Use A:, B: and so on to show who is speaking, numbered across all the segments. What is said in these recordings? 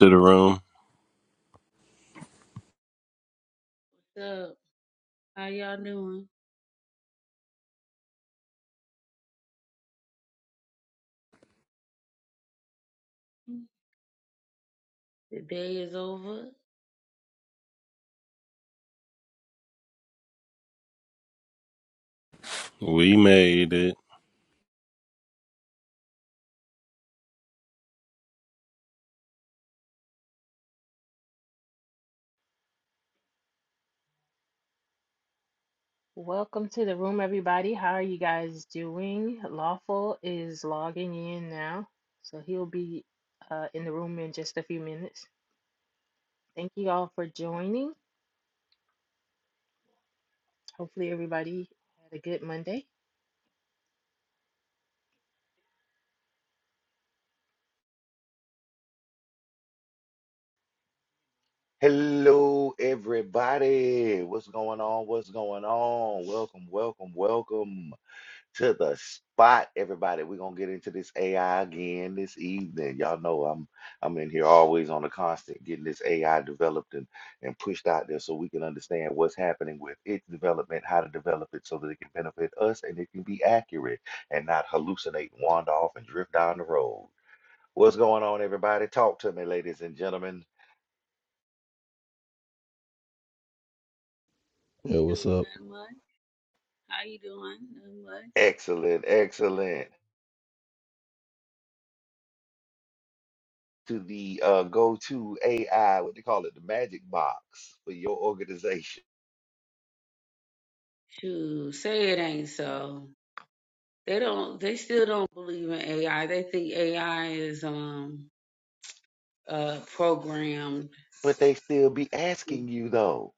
A: to the room.
B: What's up? How y'all doing? The day is over.
A: We made it.
C: Welcome to the room, everybody. How are you guys doing? Lawful is logging in now, so he'll be uh, in the room in just a few minutes. Thank you all for joining. Hopefully, everybody had a good Monday.
D: Hello, everybody. What's going on? What's going on? Welcome, welcome, welcome to the spot, everybody. We're gonna get into this AI again this evening. Y'all know I'm I'm in here always on a constant getting this AI developed and, and pushed out there so we can understand what's happening with its development, how to develop it so that it can benefit us and it can be accurate and not hallucinate, wander off, and drift down the road. What's going on, everybody? Talk to me, ladies and gentlemen.
E: Yo, what's
B: Shoot,
E: up?
B: not much. How you doing? Not much.
D: Excellent, excellent. to the uh, go-to AI, what they call it, the magic box for your organization.
B: Shoot, say it ain't so. They don't. They still don't believe in AI. They think AI is um uh programmed.
D: But they still be asking you though,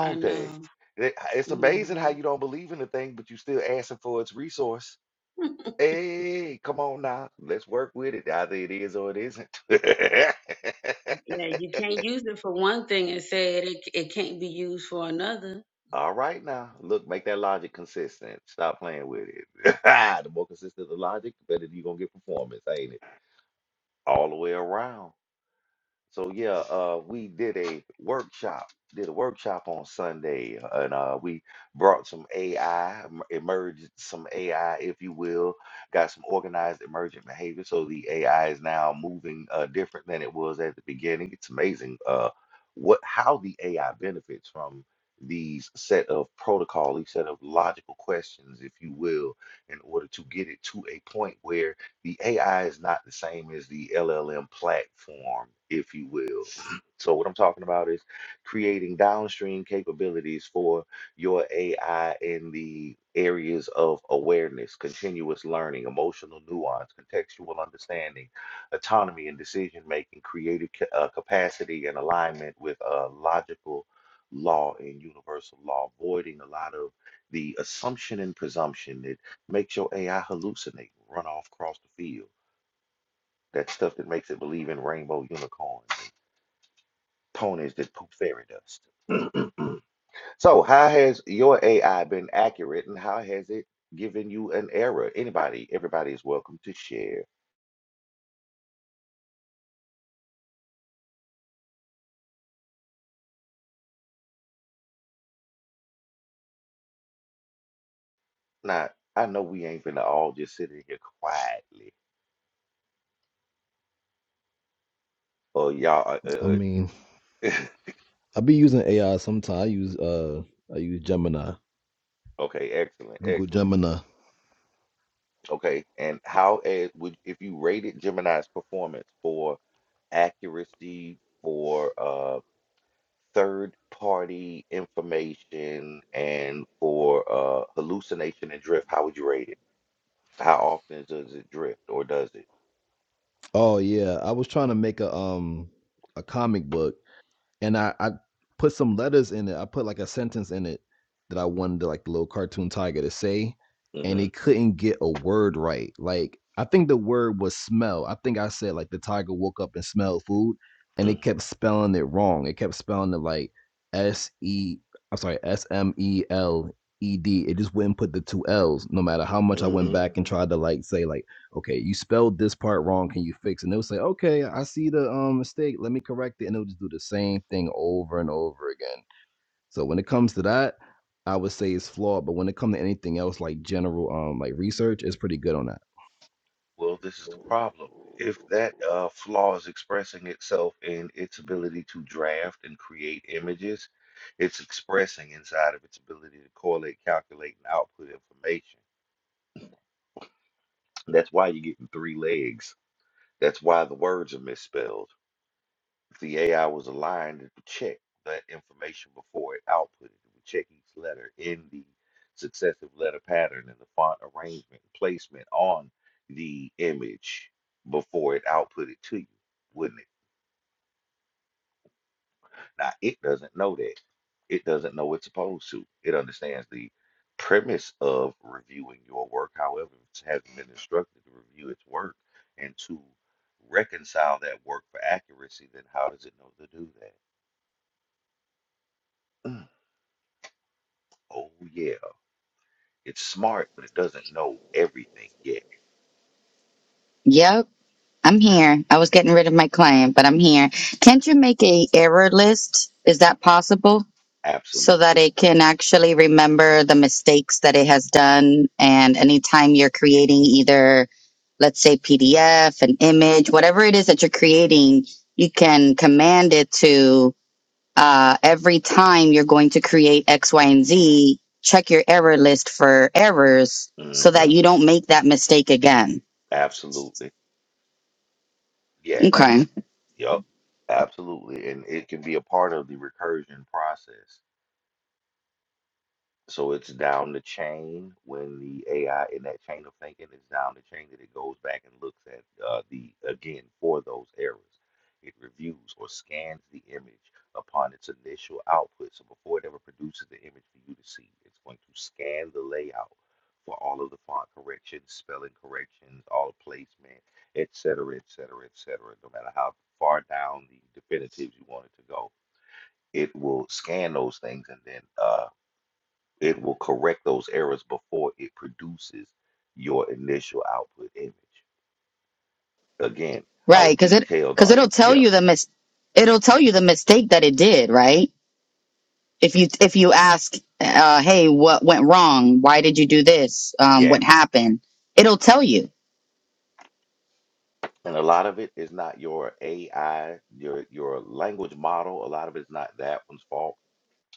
B: I know.
D: they? They- It's
B: hmm
D: amazing how you don't believe in the thing, but you still asking for its resource. Hey, come on now, let's work with it. Either it is or it isn't.
B: Yeah, you can't use it for one thing and say it. It, it can't be used for another.
D: All right now, look, make that logic consistent. Stop playing with it. the more consistent the logic, the better you're gonna get performance, ain't it? All the way around. So yeah, uh, we did a workshop, did a workshop on Sunday, and uh, we brought some AI, em- emerged some AI, if you will, got some organized emergent behavior. So the AI is now moving uh, different than it was at the beginning. It's amazing uh, what how the AI benefits from these set of protocol, these set of logical questions, if you will, in order to get it to a point where the AI is not the same as the LLM platform, if you will. So what I'm talking about is creating downstream capabilities for your AI in the areas of awareness, continuous learning, emotional nuance, contextual understanding, autonomy and decision making, creative ca- uh, capacity, and alignment with uh, logical law and universal law, voiding a lot of the assumption and presumption that. Makes your AI hallucinate, run off across the field. That stuff that makes it believe in rainbow unicorns and ponies that poop fairy dust. So, how has your AI been accurate and how has it given you an error? Anybody, everybody is welcome to share. Now, I know we ain't gonna all just sit in here quietly. Oh, y'all, uh, uh,
E: I
D: uh,
E: mean, I be using AI sometimes. I use uh, I use Gemini,
D: okay, excellent,
E: Google
D: excellent.
E: Gemini.
D: Okay, and how uh, would if you rated Gemini's performance for accuracy, for uh? third party information and for uh, hallucination and drift, how would you rate it? How often does it drift or does it?
E: Oh yeah, I was trying to make a um, a comic book. and I, I put some letters in it. I put like a sentence in it that I wanted like the little cartoon tiger to say, and it
D: Mm-hmm.
E: couldn't get a word right. Like I think the word was smell. I think I said like the tiger woke up and smelled food, and it
D: Mm-hmm.
E: kept spelling it wrong. It kept spelling it like S E. I'm sorry, S M E L E D. It just wouldn't put the two L's, no matter how much I went
D: Mm-hmm.
E: back and tried to like say like okay, you spelled this part wrong. Can you fix? it? And they'll say, okay, I see the um, mistake. Let me correct it. And they'll just do the same thing over and over again. So when it comes to that, I would say it's flawed. But when it comes to anything else like general um, like research, it's pretty good on that.
D: Well, this is the problem. If that uh, flaw is expressing itself in its ability to draft and create images, it's expressing inside of its ability to correlate, calculate, and output information. That's why you're getting three legs. That's why the words are misspelled. If the AI was aligned, it would check that information before it output it. It would check each letter in the successive letter pattern and the font arrangement and placement on the image before it output it to you, wouldn't it? Now, it doesn't know that. It doesn't know it's supposed to. It understands the premise of reviewing your work. However, it hasn't been instructed to review its work and to reconcile that work for accuracy, then how does it know to do that? Oh yeah, it's smart, but it doesn't know everything yet.
F: Yep, I'm here. I was getting rid of my claim, but I'm here. Can't you make a error list? Is that possible? So that
D: Absolutely.
F: it can actually remember the mistakes that it has done and anytime you're creating either let's say PDF, an image, whatever it is that you're creating, you can command it to uh, every time you're going to create X, Y, and Z, check your error list for errors
D: mm
F: so that
D: hmm
F: you don't make that mistake again.
D: Absolutely. Yes.
F: Okay.
D: It, yep. Absolutely. And it can be a part of the recursion process. So it's down the chain when the AI in that chain of thinking is down the chain that it goes back and looks at uh, the again for those errors. It reviews or scans the image upon its initial output. So before it ever produces the image for you to see, it's going to scan the layout for all of the font corrections, spelling corrections, all placement, et cetera, et cetera, et cetera. No matter how far down the definitives you want it to go, it will scan those things and then uh, it will correct those errors before it produces your initial output image. Again, how
F: Right, because it
D: detailed
F: because
D: are
F: it'll
D: you?
F: tell
D: Yeah.
F: you the mis- it'll tell you the mistake that it did, right? If you if you ask, uh, hey, what went wrong? Why did you do this? Um, what
D: Yes.
F: happened? It'll tell you
D: And a lot of it is not your AI, your your language model. A lot of it's not that one's fault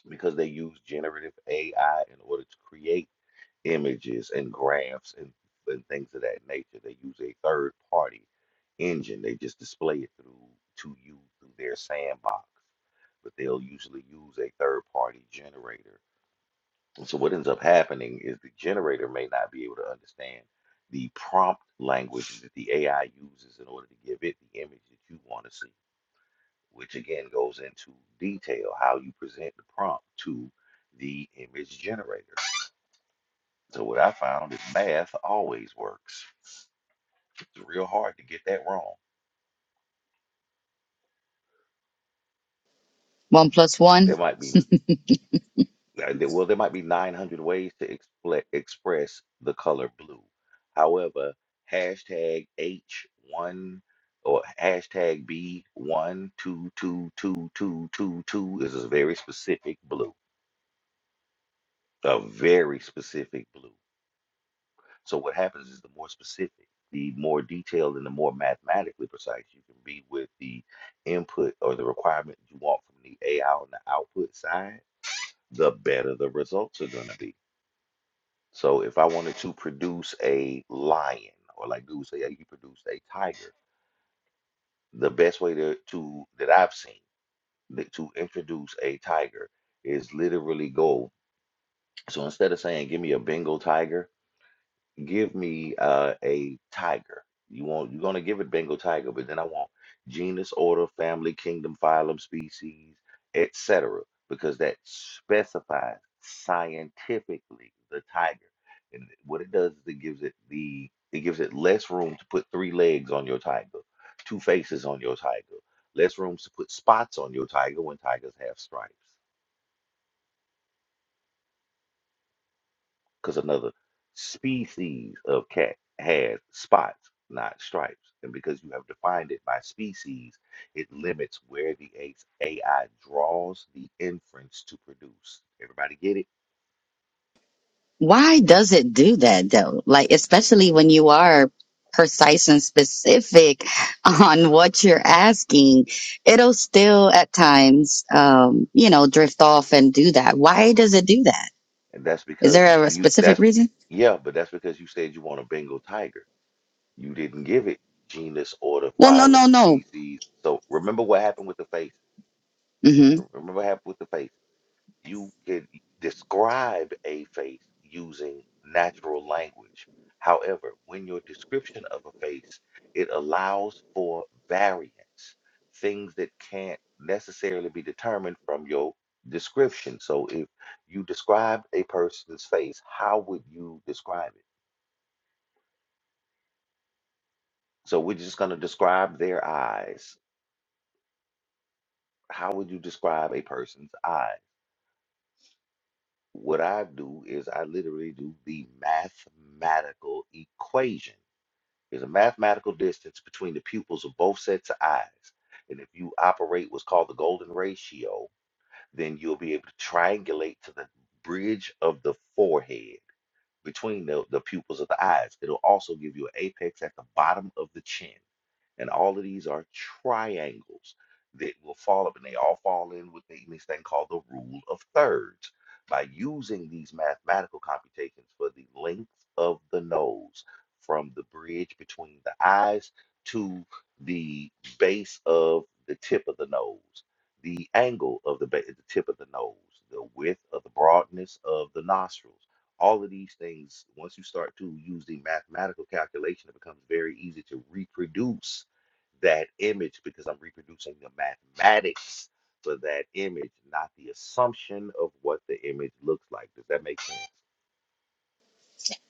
D: because they use generative AI in order to create. images and graphs and, and things of that nature. They use a third party engine. They just display it through to you through their sandbox, but they'll usually use a third party generator. And so what ends up happening is the generator may not be able to understand the prompt language that the AI uses in order to give it the image that you want to see, which again goes into detail how you present the prompt to the image generator. So what I found is math always works. It's real hard to get that wrong.
F: one plus
D: There
F: one.
D: might be uh, there- well, there might be 900 ways to expl- express the color blue. However, hashtag H1 or hashtag b one two two two two two two is a very specific blue. A very specific blue. So what happens is the more specific, the more detailed, and the more mathematically precise you can be with the input or the requirement you want from the AI on the output side, the better the results are going to be. So if I wanted to produce a lion, or like dude say, hey, you produced a tiger, the best way to, to that I've seen that to introduce a tiger is literally go. So instead of saying, give me a Bengal tiger, give me uh, a tiger. You want you're gonna give it Bengal tiger, but then I want genus, order, family, kingdom, phylum, species, etc. Because that specifies scientifically the tiger, and what it does is it gives it the it gives it less room to put three legs on your tiger, two faces on your tiger, less room to put spots on your tiger when tigers have stripes. because another species of cat has spots, not stripes. And because you have defined it by species, it limits where the AI draws the inference to produce. Everybody get it?
F: Why does it do that though? Like especially when you are precise and specific on what you're asking, it'll still at times, um, you know, drift off and do that. Why does it do that?
D: And that's
F: Is
D: because you,
F: there a
D: you-
F: specific
D: that's,
F: reason?
D: yeah, but that's because you said you want a Bengal tiger. You didn't give it genus, order,
F: Well, no, no,
D: phylum,
F: no.
D: species. So remember what happened with the face.
F: Mm-hmm.
D: Remember what happened with the face You can describe a face using natural language. However, when your description of a face, it allows for variance, things that can't necessarily be determined from your description. So if you described a person's face, how would you describe it? So we're just going to describe their eyes. How would you describe a person's eyes? what I do is I literally do the mathematical equation. There's a mathematical distance between the pupils of both sets of eyes. And if you operate what's called the golden ratio, then you'll be able to triangulate to the bridge of the forehead between the, the pupils of the eyes. It'll also give you an apex at the bottom of the chin. And all of these are triangles that will fall up, and they all fall in with the- this thing called the rule of thirds. By using these mathematical computations for the length of the nose from the bridge between the eyes to the base of the tip of the nose, the angle of the, ba- the tip of the nose, the width of the broadness of the nostrils all of these things, once you start to use the mathematical calculation, it becomes very easy to reproduce that image because I'm reproducing the mathematics for that image, not the assumption of what the image looks like. Does that make sense?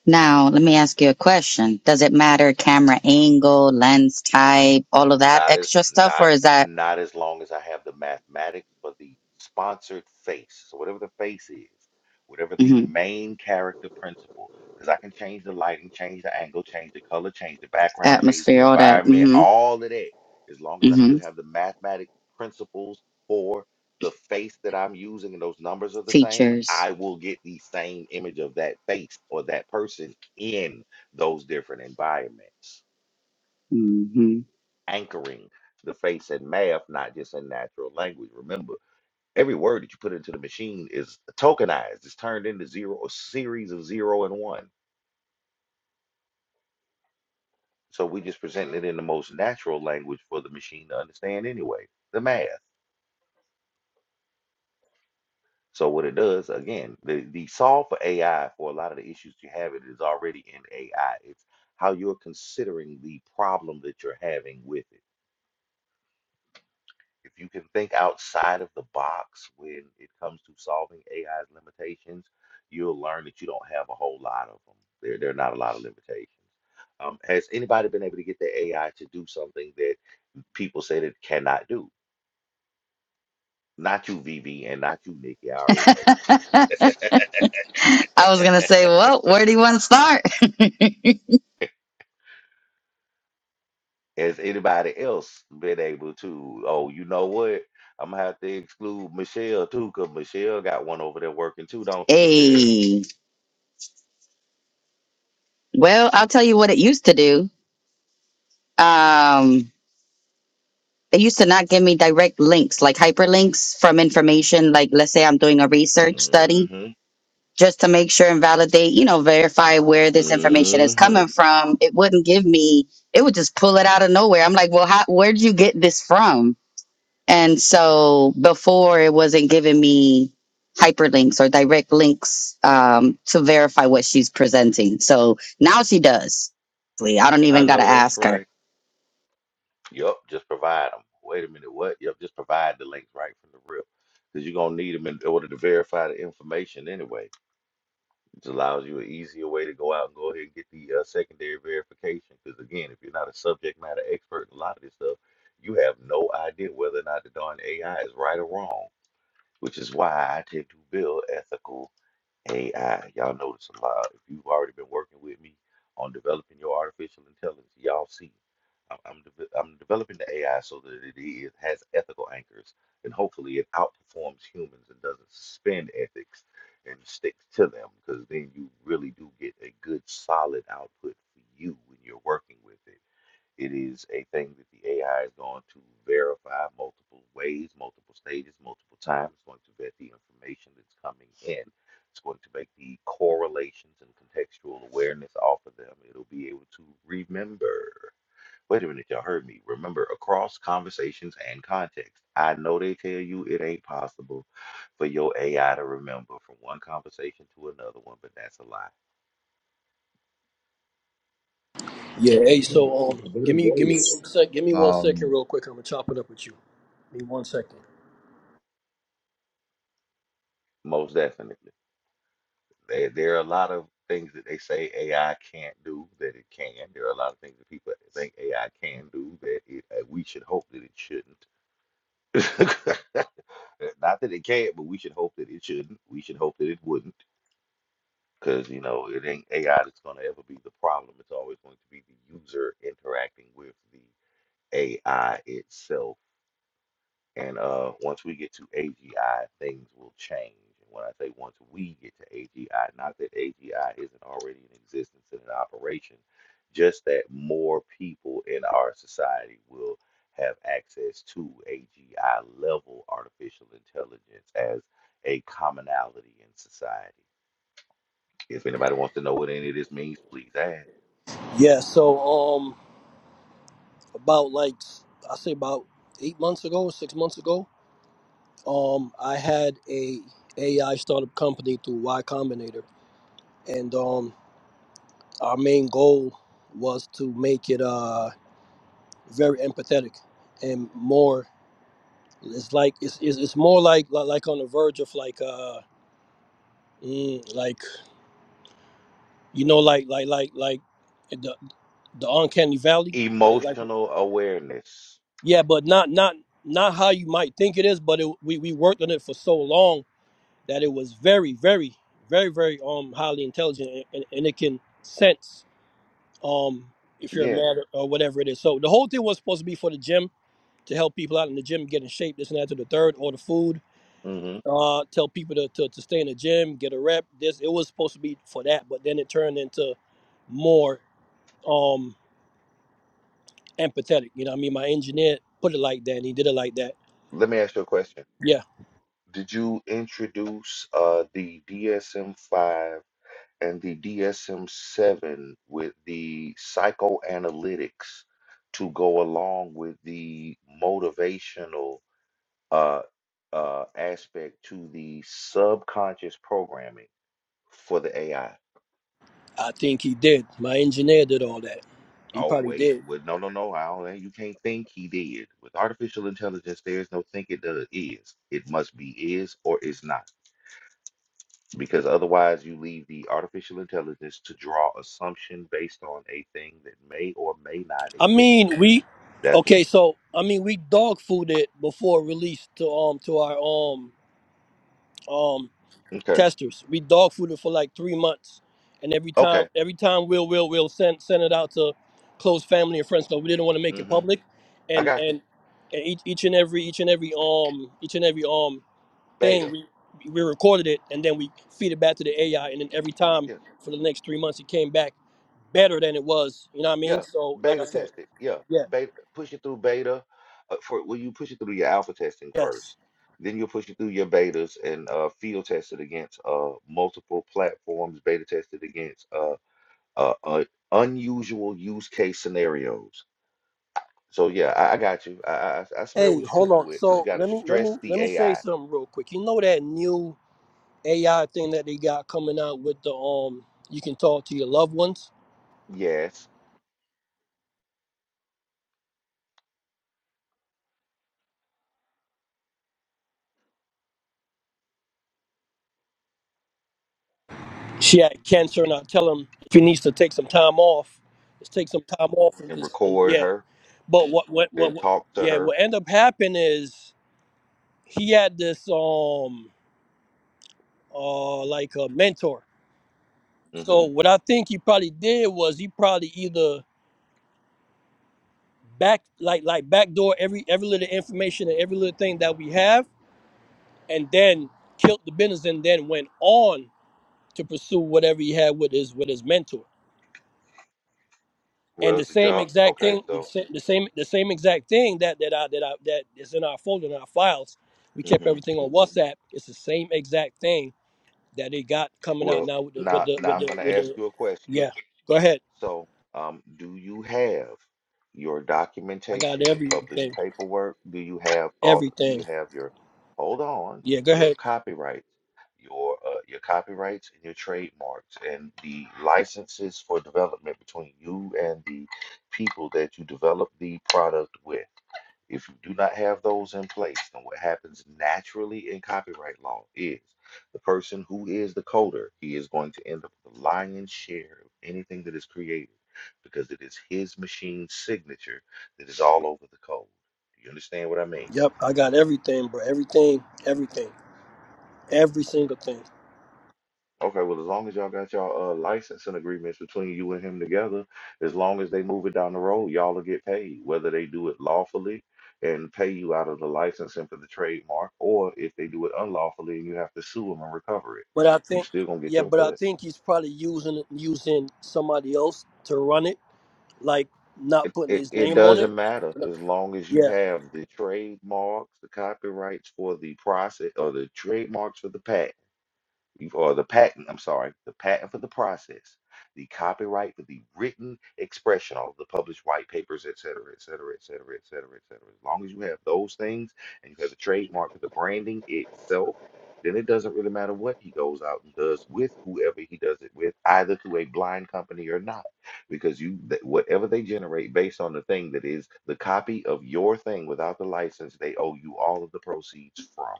F: Now, let me ask you a question. Does it matter camera angle, lens type, all of that
D: Not as
F: extra stuff,
D: not
F: or is that
D: not as long as I have the mathematics, but the sponsored face. So whatever the face is, whatever the
F: mhm,
D: main character principle, because I can change the lighting, change the angle, change the color, change the background, change the
F: atmosphere, all that
D: environment,
F: hmm
D: all of that. As long as I
F: hmm
D: still have the mathematic principles for the face that I'm using and those numbers are the same, I
F: features?
D: will get the same image of that face or that person in those different environments
F: hmm
D: anchoring the face in math, not just in natural language. Remember, every word that you put into the machine is tokenized, it's turned into zero, a series of zero and one. So we just presenting it in the most natural language for the machine to understand anyway, the math. So what it does, again, the, the solve for AI for a lot of the issues you have, it is already in AI. It's how you're considering the problem that you're having with it. If you can think outside of the box when it comes to solving AI's limitations, you'll learn that you don't have a whole lot of them. There, there are not a lot of limitations. Um, has anybody been able to get the AI to do something that people said it cannot do? Not you, Vivi, and not you, Nikki. I already know. you.
F: I was gonna say, well, where do you want to start?
D: Has anybody else been able to? Oh, you know what? I'm gonna have to exclude Michelle too, cause Michelle got one over there working too, don't you, Michelle?
F: Hey, well, I'll tell you what it used to do. Um, it used to not give me direct links, like hyperlinks from information. Like, let's say I'm doing a research study
D: Mm-hmm.
F: just to make sure and validate, you know, verify where this information is
D: Mm-hmm.
F: coming from. It wouldn't give me, it would just pull it out of nowhere. I'm like, well, how, where'd you get this from? And so before it wasn't giving me hyperlinks or direct links um, to verify what she's presenting. So now she does. I don't
D: I
F: even got to
D: know that's
F: ask
D: right.
F: her.
D: Yep, just provide them. Wait a minute, what? Yep, just provide the links right from the rip. Because you're going to need them in order to verify the information anyway. It allows you an easier way to go out and go ahead and get the uh, secondary verification. Because again, if you're not a subject matter expert in a lot of this stuff, you have no idea whether or not the darn AI is right or wrong, which is why I tend to build ethical. AI. Y'all notice a lot. If you've already been working with me on developing your artificial intelligence, y'all see. I'm, I'm, deve- I'm developing the AI so that it is, has ethical anchors and hopefully it outperforms humans and doesn't suspend ethics and sticks to them because then you really do get a good solid output for you when you're working with it it is a thing that the AI is going to verify multiple ways, multiple stages, multiple times. It's going to vet the information that's coming in. It's going to make the correlations and contextual awareness off of them. It'll be able to remember. Wait a minute, y'all heard me. Remember, across conversations and context. I know they tell you it ain't possible for your AI to remember from one conversation to another one, but that's a lie.
G: Yeah, hey, so um,
H: What a bit
G: give
H: of
G: me give me
H: voice.
G: one sec, give me one second,
H: Um,
G: real quick. I'm gonna chop it up with you. Give me one second.
D: Most definitely. There, there are a lot of things that they say AI can't do that it can. There are a lot of things that people think AI can do that it, uh, we should hope that it shouldn't. Not that it can't, but we should hope that it shouldn't. We should hope that it wouldn't. Because, you know, it ain't AI that's going to ever be the problem. It's always going to be the user interacting with the AI itself And uh, once we get to AGI, things will change. And when I say once we get to AGI, not that AGI isn't already in existence and in operation, just that more people in our society will have access to AGI level artificial intelligence as a commonality in society. If anybody wants to know what any of this means, please ask.
G: Yeah, so um, about like I say about eight months ago, six months ago, um, I had a AI startup company through Y Combinator, and um, our main goal was to make it uh very empathetic and more. It's like it's it's, it's more like, like like on the verge of like uh mm, like you know like like like like. the uncanny valley like like
D: Emotional awareness.
G: yeah but not not not how you might think it is but it, we we worked on it for so long that it was very very very very um highly intelligent and, and, and it can sense um if you're
D: Yes.
G: mad or, or whatever it is so the whole thing was supposed to be for the gym to help people out in the gym get in shape this and that to the third or the food
D: hmm
G: uh tell people to, to, to stay in the gym get a rep this it was supposed to be for that but then it turned into more um, empathetic. You know, what I mean, my engineer put it like that, and he did it like that.
D: Let me ask you a question.
G: Yeah,
D: Did you introduce uh, the DSM-5 and the DSM-7 with the psychoanalytics to go along with the motivational uh, uh, aspect to the subconscious programming for the AI?
G: I think he did. My engineer did all that. He
D: Oh,
G: probably
D: wait,
G: did.
D: well, no, no, no, I don't, you can't think he did. With artificial intelligence, there is no think it does, is. It must be is or is not. because otherwise you leave the artificial intelligence to draw assumption based on a thing that may or may not
G: I
D: exist.
G: mean, we
D: That's
G: okay.
D: wh-
G: So I mean, we dog fooded it before release to um to our um um
D: okay.
G: testers. We dog fooded for like three months, and every time,
D: Okay.
G: every time we'll will will send send it out to close family and friends because we didn't want to make it
D: hmm
G: public,
D: I
G: and
D: got you.
G: and and each each and every each and every um each and every um thing
D: Beta.
G: we we recorded it and then we feed it back to the AI, and then every time
D: Yeah.
G: for the next three months it came back better than it was. You know what I mean?
D: Yeah.
G: So like I
D: Beta
G: said,
D: test it. Yeah.
G: yeah,
D: Beta. Push it through beta. Uh, for well, you push it through your alpha testing
G: yes.
D: first. Then you'll push it through your betas and uh, field test it against uh, multiple platforms. Beta test it against uh, uh, uh, unusual use case scenarios So yeah, I, I got you. I, I I smell what
G: Hey,
D: you're
G: hold
D: cooking
G: on.
D: with because you
G: So
D: got to
G: let me let me
D: stress the
G: let me say
D: AI.
G: something real quick. You know that new AI thing that they got coming out with the um, you can talk to your loved ones.
D: Yes,
G: She had cancer, and I tell him if he needs to take some time off, just take some time off and
D: and
G: just and
D: record
G: yeah.
D: her
G: But what what what,
D: and
G: what
D: talk to
G: yeah,
D: her.
G: what end up happening is he had this um uh like a mentor.
D: hmm
G: So what I think he probably did was he probably either back like like backdoor every every little information and every little thing that we have, and then killed the business, and then went on to pursue whatever he had with his with his mentor. And
D: Well,
G: the
D: the
G: same
D: job.
G: exact
D: Okay,
G: thing, the,
D: so.
G: sa- the same the same exact thing that that I, that I, that is in our folder in our files. We kept
D: hmm
G: everything on WhatsApp. It's the same exact thing that they got coming out
D: Well,
G: now with the with
D: now
G: the
D: now
G: with
D: I'm
G: the
D: gonna
G: with
D: ask
G: the.
D: you a question.
G: Yeah, go ahead.
D: So, um, do you have your
G: I got
D: documentation, your published
G: everything,
D: paperwork? Do you have all, do you
G: everything.
D: have your, hold on,
G: Yeah, go
D: your
G: ahead.
D: copyrights, your, uh, your copyrights and your trademarks and the licenses for development between you and the people that you develop the product with? If you do not have those in place, then what happens naturally in copyright law is the person who is the coder, he is going to end up with the lion's share of anything that is created because it is his machine signature that is all over the code. Do you understand what I mean?
G: Yep, I got everything, bro. Everything, everything, every single thing.
D: Okay, well, as long as y'all got y'all uh, licensing agreements between you and him together, as long as they move it down the road, y'all will get paid, whether they do it lawfully and pay you out of the licensing for the trademark, or if they do it unlawfully and you have to sue them and recover it,
G: But I
D: you
G: think,
D: still gonna get
G: yeah,
D: your
G: but I
D: cut.
G: think he's probably using using somebody else to run it like
D: It,
G: not putting
D: it,
G: his
D: it
G: name on it.
D: doesn't matter as long as you
G: Yeah.
D: have the trademarks, the copyrights for the process, or the trademarks for the patent. You- or the patent, I'm sorry, the patent for the process, the copyright for the written expression, all of the published white papers, et cetera, et cetera, et cetera, et cetera, et cetera. As long as you have those things and you have the trademark for the branding itself, then it doesn't really matter what he goes out and does with whoever he does it with, either through a blind company or not, because you that whatever they generate based on the thing that is the copy of your thing without the license, they owe you all of the proceeds from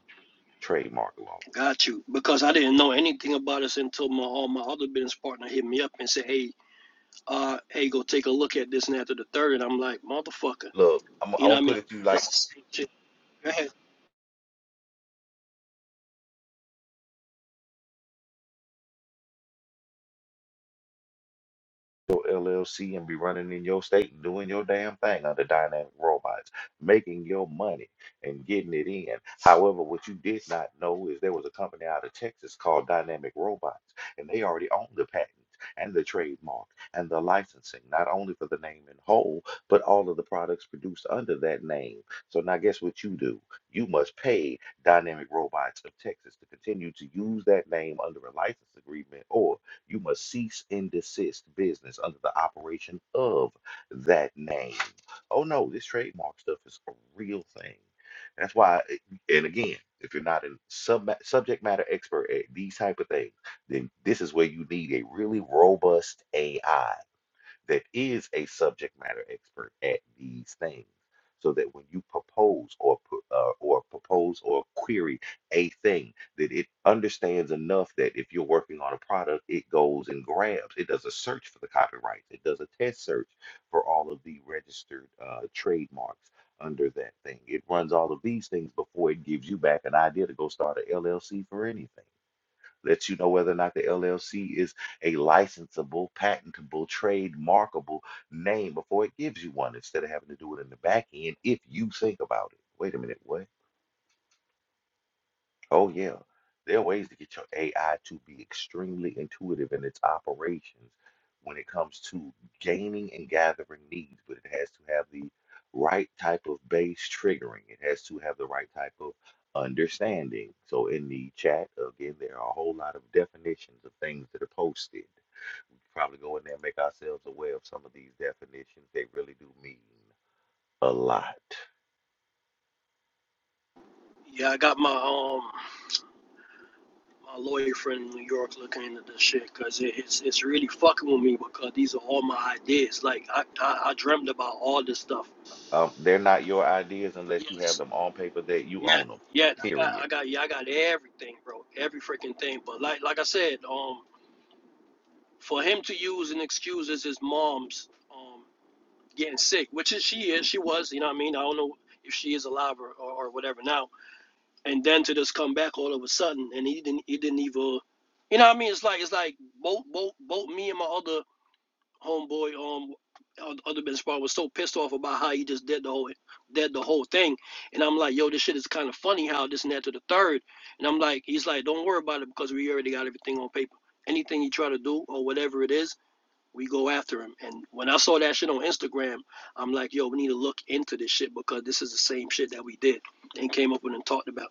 D: trademark law.
G: Got you. Because I didn't know anything about this until my uh, my other business partner hit me up and said, "Hey, uh, hey, go take a look at this." And after the third," and I'm like, "Motherfucker,"
D: Look, I'm, I'm
G: you know
D: gonna
G: what I
D: put
G: mean?
D: it through
G: It's
D: like
G: the same shit. Go ahead.
D: your LLC and be running in your state and doing your damn thing under dynamic robots, making your money and getting it in. However, what you did not know is there was a company out of Texas called Dynamic Robots, and they already own the patents and the trademark and the licensing, not only for the name in whole, but all of the products produced under that name. So now guess what you do? You must pay Dynamic Robots of Texas to continue to use that name under a license agreement or You must cease and desist business under the operation of that name. Oh no, this trademark stuff is a real thing. That's why, eh, and again, if you're not a sub subject matter expert at these type of things, then this is where you need a really robust AI that is a subject matter expert at these things so that when you propose or pu- uh, or propose or query a thing that it understands enough that if you're working on a product it goes and grabs it does a search for the copyrights it does a test search for all of the registered uh, trademarks under that thing it runs all of these things before it gives you back an idea to go start a llc for anything lets you know whether or not the LLC is a licensable, patentable, trademarkable name before it gives you one instead of having to do it in the back end if you think about it. Wait a minute, what? Oh yeah, there are ways to get your AI to be extremely intuitive in its operations when it comes to gaining and gathering needs, but it has to have the right type of base triggering. It has to have the right type of understanding. So in the chat, again, there are a whole lot of definitions of things that are posted. Probably go in there and make ourselves aware of some of these definitions. They really do mean a lot.
G: Yeah, I got my um my lawyer friend in New York looking into this shit because it, it's it's really fucking with me because these are all my ideas. Like I I, I dreamt about all this stuff.
D: Um, they're not your ideas unless you have
G: Yes.
D: them on paper that you
G: Yeah,
D: own them.
G: yeah, I got,
D: Period.
G: I got, yeah, I got everything, bro. Every freaking thing. But like, like I said, um, for him to use and excuse is his mom's, um, getting sick, which is she is, she was, you know what I mean? I don't know if she is alive or, or, or whatever now. And then to just come back all of a sudden, and he didn't, he didn't even, you know what I mean? It's like, it's like both, both, both me and my other homeboy um other business part was so pissed off about how he just did the whole did the whole thing and i'm like yo this shit is kind of funny how this and that to the third and i'm like he's like don't worry about it because we already got everything on paper anything he try to do or whatever it is we go after him and when i saw that shit on instagram i'm like yo we need to look into this shit because this is the same shit that we did and came up with and talked about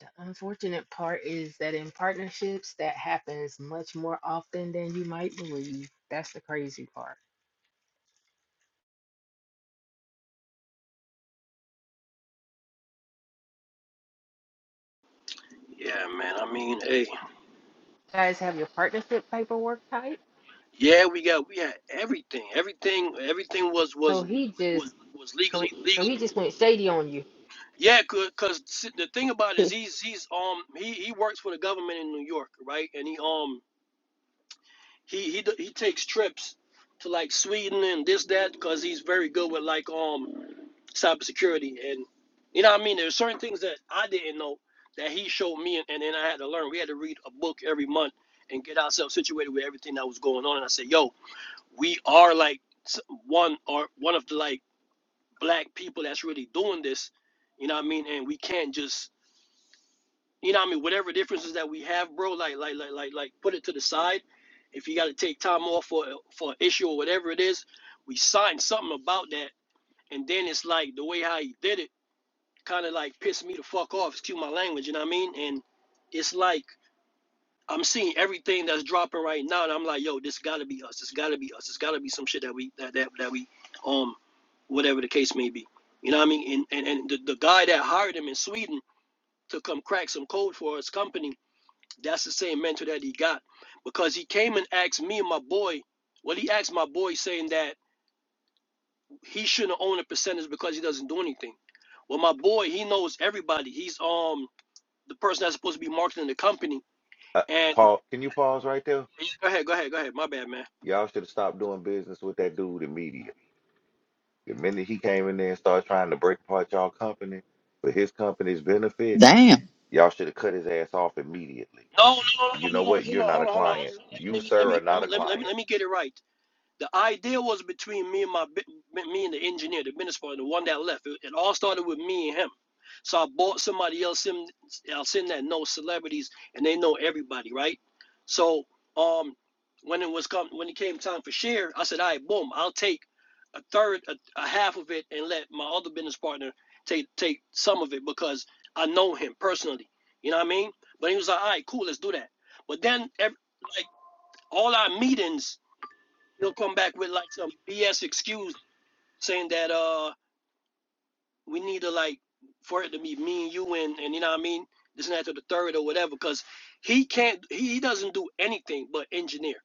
C: The unfortunate part is that in partnerships, that happens much more often than you might believe. That's the crazy part.
G: yeah man i mean hey
C: You guys have your partnership paperwork type,
G: yeah we got we had everything everything everything was
C: so
G: was
C: he just
G: was was
C: so
G: legally
C: so
G: legal.
C: he just went shady on you.
G: Yeah, cause, 'cause s- the thing about it is he's he's um he he works for the government in New York, right? And he um he he d- he takes trips to like Sweden and this that because he's very good with like um cybersecurity and you know what I mean. There's certain things that I didn't know that he showed me and, and then I had to learn. We had to read a book every month and get ourselves situated with everything that was going on. And I said, yo, we are like s- one or one of the like black people that's really doing this. You know what I mean? And we can't just You know what I mean? Whatever differences that we have, bro, like like like like like put it to the side. If you gotta take time off for for an issue or whatever it is, we signed something about that. And then it's like the way how he did it kinda like pissed me the fuck off, excuse my language, you know what I mean? And it's like I'm seeing everything that's dropping right now and I'm like, yo, this gotta be us, this gotta be us, It's gotta be some shit that we that that, that we um whatever the case may be. You know what I mean? And and, and the, the guy that hired him in Sweden to come crack some code for his company that's the same mentor that he got because he came and asked me and my boy. Well, he asked my boy saying that he shouldn't own a percentage because he doesn't do anything. Well, my boy, he knows everybody. He's um the person that's supposed to be marketing the company.
D: Uh,
G: And
D: Paul, can you pause right there?
G: go ahead, go ahead, go ahead. My bad, man.
D: Y'all should have stopped doing business with that dude immediately. The minute he came in there and started trying to break apart y'all company for his company's benefit,
F: Damn.
D: y'all should have cut his ass off immediately.
G: No, no, no,
D: You
G: no,
D: know what?
G: no, no.
D: You're not
G: Hold
D: a
G: on, hold on, hold
D: client.
G: on.
D: You,
G: Let me, let
D: sir, are
G: me, let
D: not a
G: me, let me, let me,
D: client.
G: let me get it right. The idea was between me and my me and the engineer, the municipal, and the one that left. It, it all started with me and him. So I bought somebody else in else in that knows celebrities and they know everybody, right? So um when it was come when it came time for share, I said, all right, boom, I'll take a third, a, a half of it, and let my other business partner take take some of it because I know him personally. You know what I mean? But he was like, all right, cool, let's do that. But then every, like all our meetings he'll come back with like some BS excuse saying that uh we need to like for it to be me and you and and you know what I mean this and that to the third or whatever because he can't he, he doesn't do anything but engineer.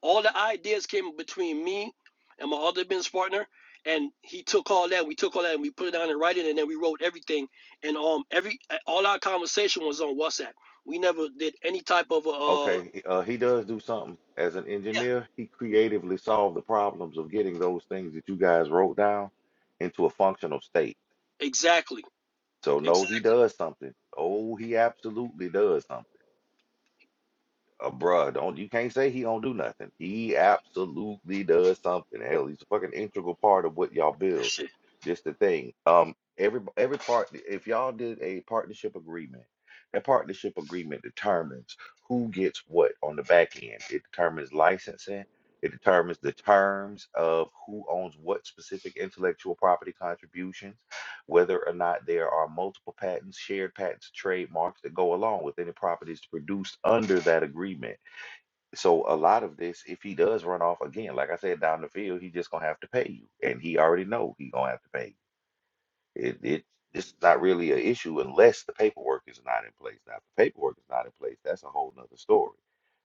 G: All the ideas came between me and my other business partner and he took all that we took all that and we put it down in writing and then we wrote everything and um every all our conversation was on WhatsApp. We never did any type of a, uh
D: Okay, he- uh, he does do something. As an
G: yeah
D: engineer, he creatively solved the problems of getting those things that you guys wrote down into a functional state.
G: exactly
D: So, no, he
G: exactly
D: does something. Oh, he absolutely does something. Uh, bruh, don't you can't say he don't do nothing. He absolutely does something. Hell, he's a fucking integral part of what y'all
G: that
D: build.
G: shit.
D: Just the thing. Um, every every part. If y'all did a partnership agreement, that partnership agreement determines who gets what on the back end. It determines licensing. It determines the terms of who owns what specific intellectual property contributions whether or not there are multiple patents, shared patents, trademarks that go along with any properties produced under that agreement. So a lot of this, if he does run off again, like I said, down the field, he's just gonna have to pay you, and he already know he gonna have to pay. you. It it it's not really an issue unless the paperwork is not in place. Now, if the paperwork is not in place, that's a whole nother story.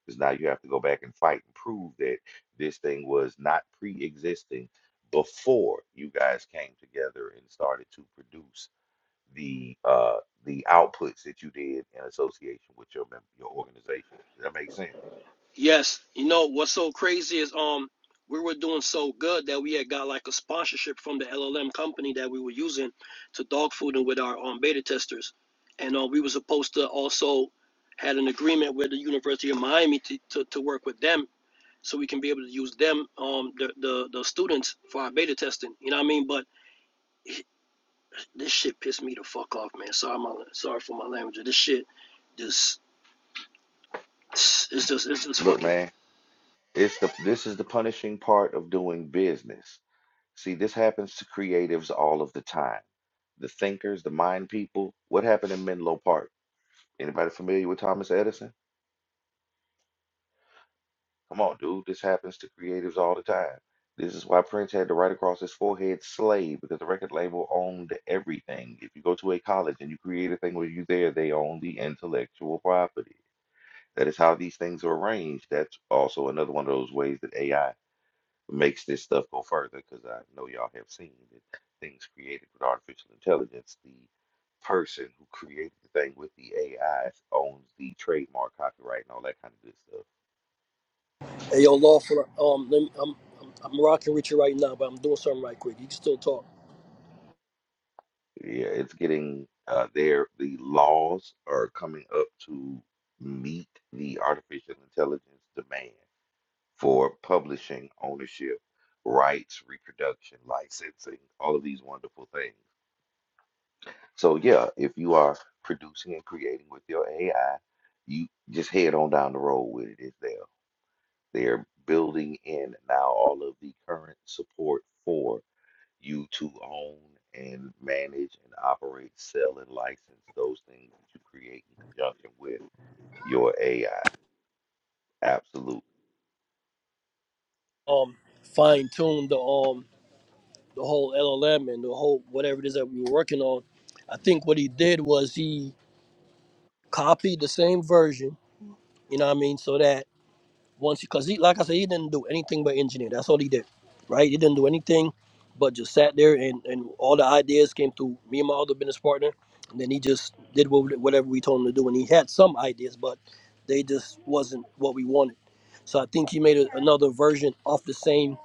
D: Because now you have to go back and fight and prove that this thing was not pre-existing before you guys came together and started to produce the uh, the outputs that you did in association with your mem- your organization. Does that make sense?
G: Yes, you know what's so crazy is um we were doing so good that we had got like a sponsorship from the LLM company that we were using to dog food and with our um beta testers, and uh, we were supposed to also had an agreement with the University of Miami to, to, to work with them so we can be able to use them um the, the the students for our beta testing. You know what I mean? But this shit pissed me the fuck off, man. Sorry my sorry for my language. This shit just it's just it's just
D: Look,
G: fucking.
D: man, it's the this is the punishing part of doing business. See, this happens to creatives all of the time. The thinkers, the mind people. What happened in Menlo Park? Anybody familiar with Thomas Edison? Come on, dude. This happens to creatives all the time. This is why Prince had to write across his forehead slave because the record label owned everything. If you go to a college and you create a thing where you there, they own the intellectual property. That is how these things are arranged. That's also another one of those ways that AI makes this stuff go further, because I know y'all have seen that things created with artificial intelligence, the person who created the thing with the AI owns the trademark, copyright, and all that kind of good stuff.
G: Hey, yo, lawful. Um, let me, I'm, I'm I'm rocking with you right now, but I'm doing something right quick. You can still talk.
D: Yeah, it's getting uh, there. The laws are coming up to meet the artificial intelligence demand for publishing, ownership, rights, reproduction, licensing, all of these wonderful things. So yeah, if you are producing and creating with your AI, you just head on down the road with it. It's there. They're building in now all of the current support for you to own and manage and operate, sell and license those things that you create in conjunction with your AI. Absolutely.
G: Um, fine tune the um the whole LLM and the whole whatever it is that we were working on. I think what he did was he copied the same version. You know what I mean? So that once because he like i said he didn't do anything but engineer that's all he did right he didn't do anything but just sat there and and all the ideas came through me and my other business partner and then he just did what- whatever we told him to do and he had some ideas but they just wasn't what we wanted so i think he made a, another version of the same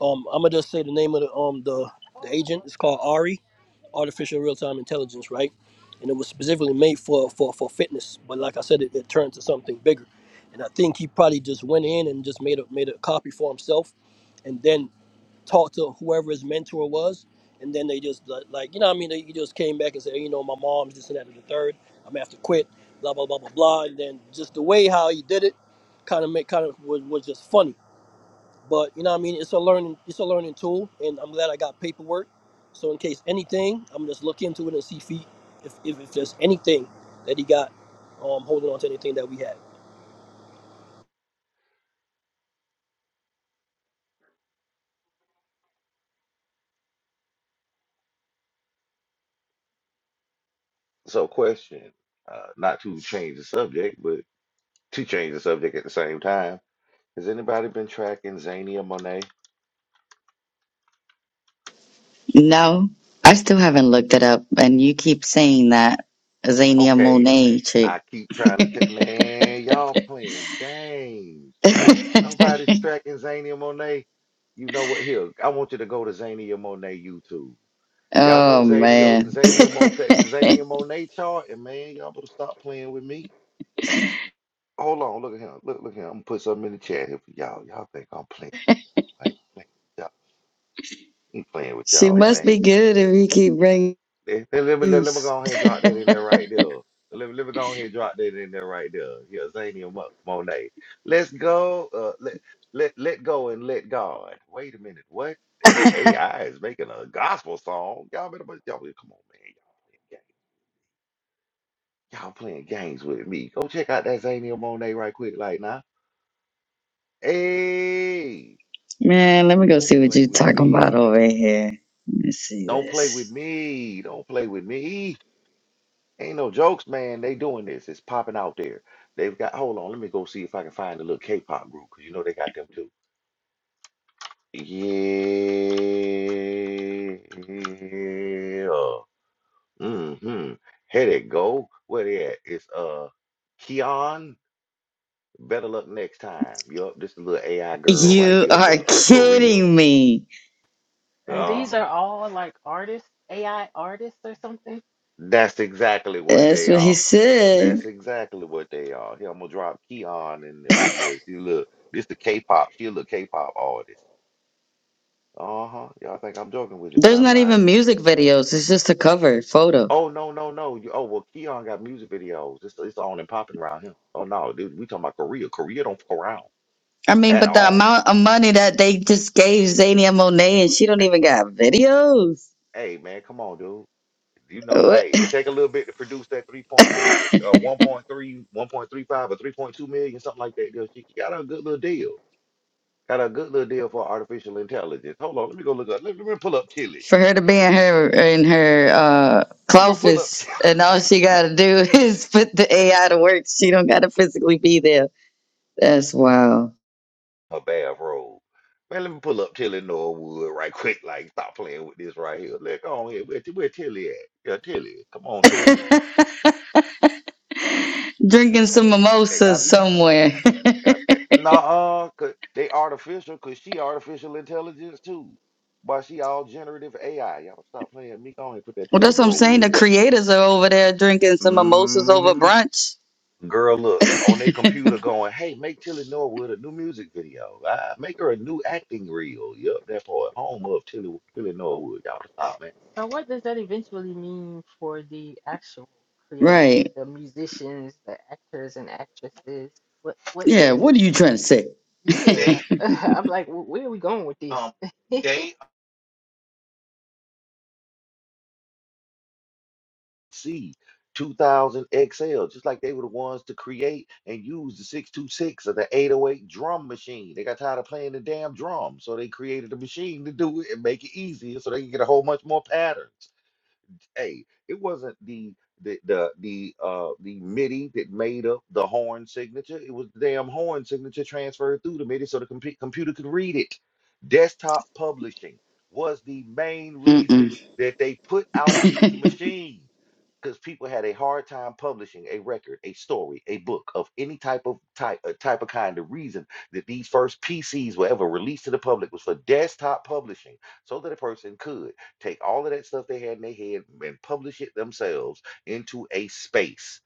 G: um i'm gonna just say the name of the um the the agent it's called ari artificial real-time intelligence, right? And it was specifically made for for for fitness. But like I said, it, it turned to something bigger. And I think he probably just went in and just made a made a copy for himself, and then talked to whoever his mentor was. And then they just li- like you know what I mean they, he just came back and said "Hey, you know my mom's this and that and the third I'm gonna have to quit blah blah blah blah blah and then just the way how he did it kind of make kind of was, was just funny but you know what I mean it's a learning it's a learning tool and I'm glad I got paperwork so in case anything I'm just look into it and see if he, if, if, if there's anything that he got um holding on to anything that we had
D: So question, uh, not to change the subject, but to change the subject at the same time, has anybody been tracking Zania Monet?
F: No, I still haven't looked it up. And you keep saying that Xenia
D: Okay,
F: Monet chick.
D: I keep trying to tell man, y'all playing games. Nobody's tracking Zania Monet. You know what? Here, I want you to go to Zania Monet YouTube. Y'all know
F: Oh,
D: Zania
F: man.
D: Zania Monet Zania Monet chart, and man, y'all better stop playing with me. Hold on, look at him. Look, look at him. I'm gonna put something in the chat here for y'all. Y'all think I'm playing? I ain't playing with y'all. ain't playing with
F: She
D: y'all,
F: must
D: man.
F: be good if you keep bringing
D: Let, let me let, let me
F: peace.
D: go ahead and drop that in there right there. Let me let me go ahead and drop that in there right there. Yeah, Zania Mo- Monet. Let's go. Uh, let let let go and let God. Wait a minute. What? An AI is making a gospel song. Y'all better but y'all come on, man. Y'all playing, ga- y'all playing games with me. Go check out that Zania Monet right quick, like now. Hey,
F: Man, let me go
D: don't
F: see what
D: play
F: you
D: with
F: talking
D: me.
F: about over here. Let me see
D: Don't play with
F: this.
D: me. Don't play with me. Ain't no jokes, man. They doing this. It's popping out there. They've got, hold on, let me go see if I can find a little K-pop group, because you know they got them too. Yeah. Mm-hmm. Here they go. Where they at? It's uh Keon. Better luck next time. Yup, this little AI girl right
F: You
D: here
F: are
D: from uh Korea.
F: kidding me.
D: These Uh,
C: And Um, these
D: are
C: Um, are
D: all-
C: all like artists, AI artists or something.
D: that's exactly what
F: That's
D: they
F: what he
D: are.
F: said.
D: That's exactly what they are. Here, I'm gonna drop Keon in there. Yes, you look. This the K-pop. She a little K-pop artist. Uh-huh. Y'all think I'm joking with you, but
F: There's
D: I'm
F: not
D: not.
F: even music videos. It's just a cover photo.
D: Oh no, no, no. You, oh well, Keon got music videos. It's it's on and popping around him. Oh no, dude, we talking about Korea. Korea don't fuck around
F: I mean,
D: at
F: but the
D: all.
F: amount of money that they just gave Zayn and Monet, and she don't even got videos.
D: Hey man, come on, dude. You know,
F: What?
D: hey, it take a little bit to produce that three point. What is it? Uh, one point three, one point three five, or 3.2 million, something like that. Dude, she got a good little deal. Got a good little deal for artificial intelligence. Hold on, let me go look up. Let, let me pull up Tilly.
F: for her to be in her in her uh
D: Let me pull up
F: office
D: Tilly.
F: and all she gotta do is put the AI to work. She don't gotta physically be there. That's wild.
D: her bathrobe. Man, let me pull up Tilly Norwood right quick. Like, stop playing with this right here. Let go on here. Where, where Tilly at? Yeah, Tilly. Come on, Tilly.
F: drinking some
D: They got
F: mimosas
D: me.
F: somewhere. well
D: Got that. Nah, cause they artificial. Cause she artificial intelligence too. But she all generative AI. Y'all stop playing with me. Go on and put that Tilly
F: that's what I'm saying.
D: Norwood
F: The
D: in there.
F: creators are over there drinking some mimosas over
D: Mm-hmm.
F: brunch.
D: Girl, look on their computer going, hey, make Tilly Norwood a new music video. Uh, make her a new acting reel. Yep, that part. Home of Tilly, Tilly
C: oh,
D: Norwood. Y'all
C: that
D: was
C: was
D: out,
C: loud,
D: man.
C: So what does that eventually mean for the actual creators,
F: Right.
C: the musicians, the actors and actresses? What what
F: Yeah,
C: does
F: what are you trying to say?
C: man. yeah. They I'm like, "Wh- where are we going with this? um, they
D: See, 2000 XL, just like they were the ones to create and use the 626 or the 808 drum machine. They got tired of playing the damn drum, so they created a machine to do it and make it easier so they can get a whole bunch more patterns. A. It wasn't the the the the uh the MIDI that made up the horn signature. It was the damn horn signature transferred through the MIDI so the compu computer could read it. Desktop publishing was the main
F: Mm-mm.
D: reason that they put out these machines because people had a hard time publishing a record, a story, a book of any type of type, uh, type of kind. The reason that these first PCs were ever released to the public was for desktop publishing, so that a person could take all of that stuff they had in their head and publish it themselves into a space.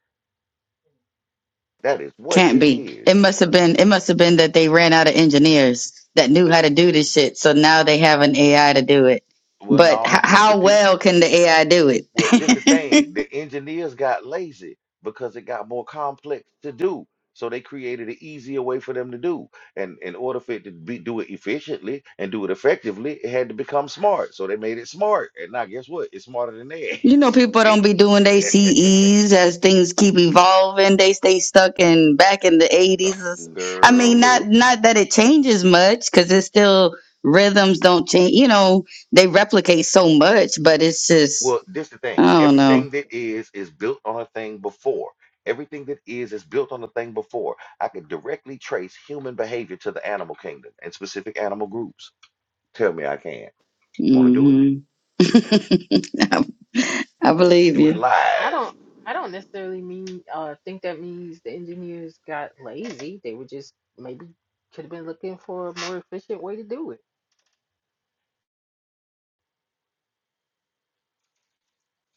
D: That is what
F: Can't
D: it
F: be.
D: is.
F: It must have been. It must have been that they ran out of engineers that knew
D: Uh,
F: how to do this shit. So now they have an AI to do it.
D: Well,
F: But h-
D: no, the, the
F: how
D: people,
F: well can the AI do
D: well, this the
F: it?
D: thing. The engineers got lazy because it got more complex to do. So they created an easier way for them to do. And in order for it to be, do it efficiently and do it effectively, it had to become smart. So they made it smart. And now guess what? It's smarter than
F: you know, people
D: theirs.
F: don't be doing they CEs as things keep evolving. They stay stuck in back in the eighties. I
D: Girl,
F: mean, not
D: look.
F: not that it changes much because it's still rhythms don't change. You know, they replicate so much, but it's just
D: Well, this the
F: I
D: thing.
F: don't know.
D: Everything that is is built on a thing before. Everything that is is built on a thing before. I can directly trace human behavior to the animal kingdom and specific animal groups. Tell me I can. Want to do it?
F: hmm I
D: We can
C: we
F: believe
D: do
F: you.
C: do
D: it
C: it I live.
D: live.
C: don't I don't necessarily mean uh think that means the engineers got lazy. They were just maybe could have been looking for a more efficient way to do it.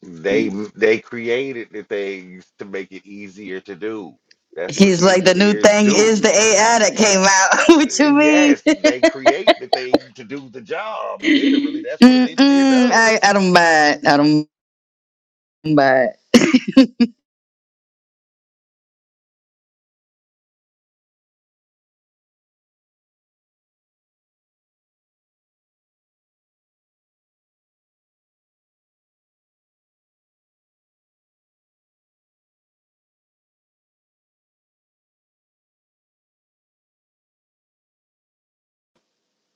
D: They m- they created the things to make it easier to do. That's what
F: He's like, the new
D: engineers
F: thing
D: do.
F: is the AI that came out.
D: Uh,
F: what you mean?
D: Yes, they create the thing to do the job. Literally, that's what an engineer
F: Mm-mm, I,
D: does.
F: I don't buy it. I don't buy it.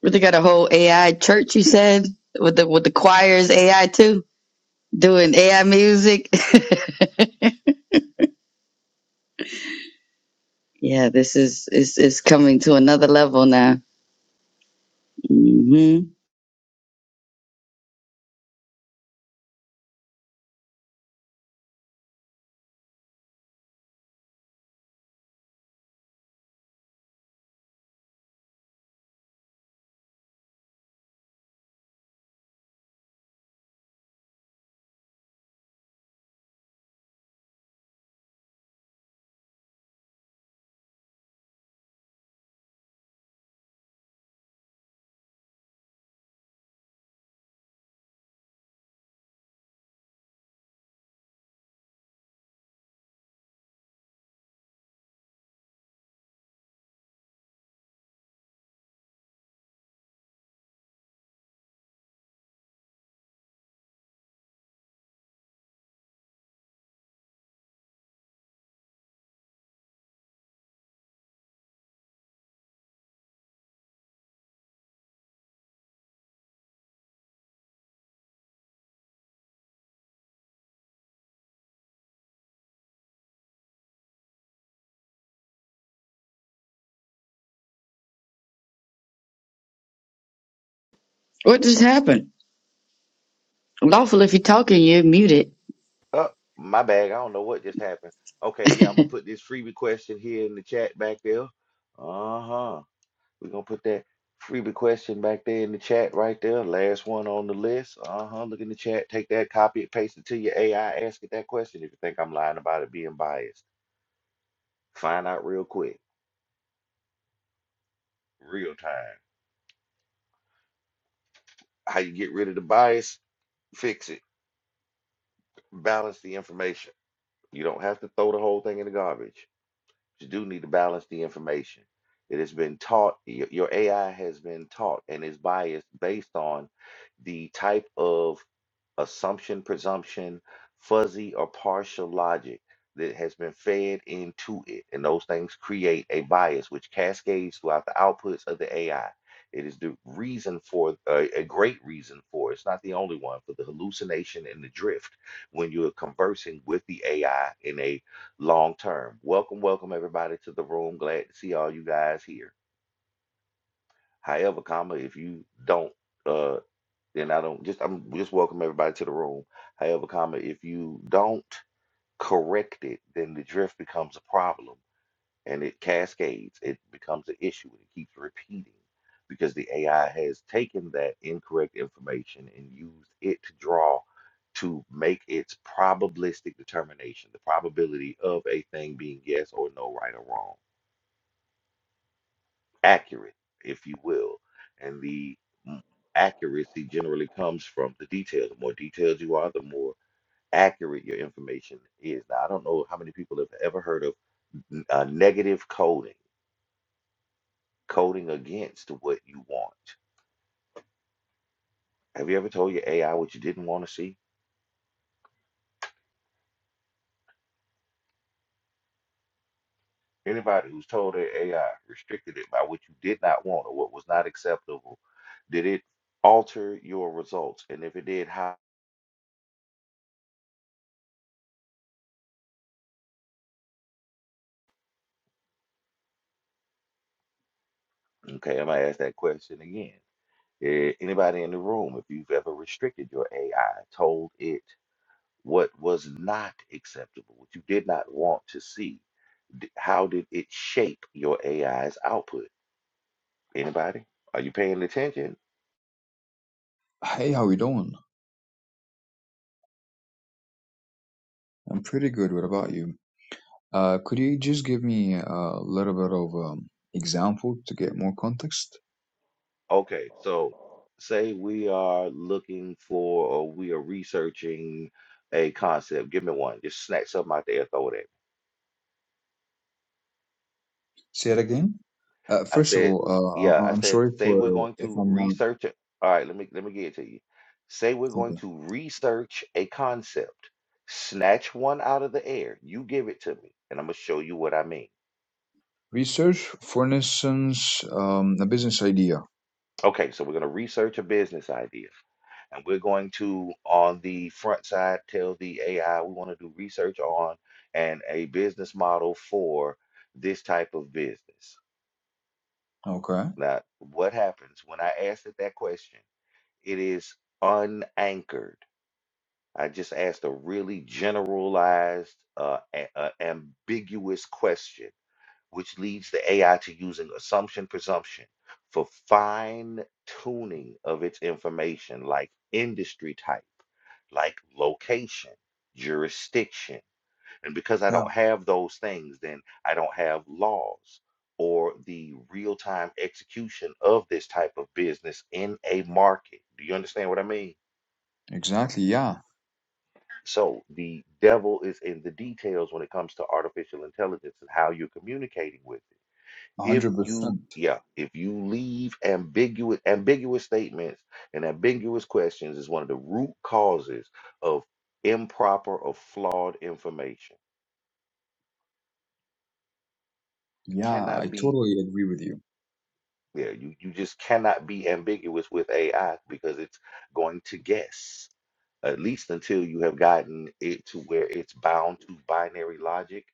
F: But they got a whole AI church, you said, with the with the choirs AI too, doing AI music. yeah, this is is is coming to another level now. hmm What just happened? Lawful, if you're talking, you're muted.
D: Oh, my bag. I don't know what just happened. Okay, yeah, I'm gonna put this freebie question here in the chat back there. Uh-huh. We're gonna put that freebie question back there in the chat right there. Last one on the list. Uh-huh. Look in the chat, take that, copy it, paste it to your AI, ask it that question if you think I'm lying about it being biased. Find out real quick, real time. How you get rid of the bias, fix it, balance the information. You don't have to throw the whole thing in the garbage. you do need to balance the information. It has been taught, your, your AI has been taught and is biased based on the type of assumption, presumption, fuzzy or partial logic that has been fed into it. And those things create a bias which cascades throughout the outputs of the AI. It is the reason for, uh, a great reason for, it's not the only one, for the hallucination and the drift when you're conversing with the AI in a long term. Welcome, welcome everybody to the room. Glad to see all you guys here. However, comma, if you don't uh then I don't just I'm just welcome everybody to the room. However, comma, if you don't correct it, then the drift becomes a problem and it cascades. It becomes an issue and it keeps repeating because the AI has taken that incorrect information and used it to draw to make its probabilistic determination, the probability of a thing being yes or no, right or wrong accurate, if you will. And the m- accuracy generally comes from the detail. The more detailed you are, the more accurate your information is. Now, I don't know how many people have ever heard of n- uh, negative coding, coding against what you want. Have you ever told your AI what you didn't want to see? Anybody who's told their AI, restricted it by what you did not want or what was not acceptable, did it alter your results? And if it did, how? Okay, I'm gonna ask that question again. Eh, Anybody in the room, if you've ever restricted your AI, told it what was not acceptable, what you did not want to see, d- how did it shape your AI's output? Anybody? Are you paying attention?
H: hey, how you doing? I'm pretty good. What about you? Uh, could you just give me a little bit of um, example to get more context?
D: Okay, so say we are looking for or we are researching a concept. Give me one. Just snatch something out there, throw it at me.
H: Say it again. Uh,
D: I
H: first of
D: said,
H: all,
D: yeah,
H: uh, I-
D: I
H: I'm
D: said,
H: sorry
D: say we're
H: for
D: going
H: if
D: to
H: I'm not
D: research it. All right, let me let me get it to you. Say we're going
H: okay.
D: to research a concept. Snatch one out of the air. You give it to me, and I'm gonna show you what I mean.
H: Research, for instance, um, a business idea.
D: Okay, so we're gonna research a business idea. And we're going to, on the front side, tell the AI we want to do research on and a business model for this type of business.
H: Okay.
D: Now, what happens when I ask it that question? It is unanchored. I just asked a really generalized, uh, a- uh, ambiguous question, which leads the AI to using assumption presumption for fine tuning of its information, like industry type, like location, jurisdiction. And because I
H: Yeah.
D: don't have those things, then I don't have laws or the real time execution of this type of business in a market. Do you understand what I mean?
H: Exactly. Yeah.
D: So the devil is in the details when it comes to artificial intelligence and how you're communicating with it.
H: A
D: If
H: hundred
D: you,
H: percent.
D: yeah, if you leave ambiguous ambiguous statements and ambiguous questions is one of the root causes of improper or flawed information. You
H: Yeah, I
D: cannot be
H: totally agree with you.
D: Yeah, you, you just cannot be ambiguous with AI because it's going to guess, at least until you have gotten it to where it's bound to binary logic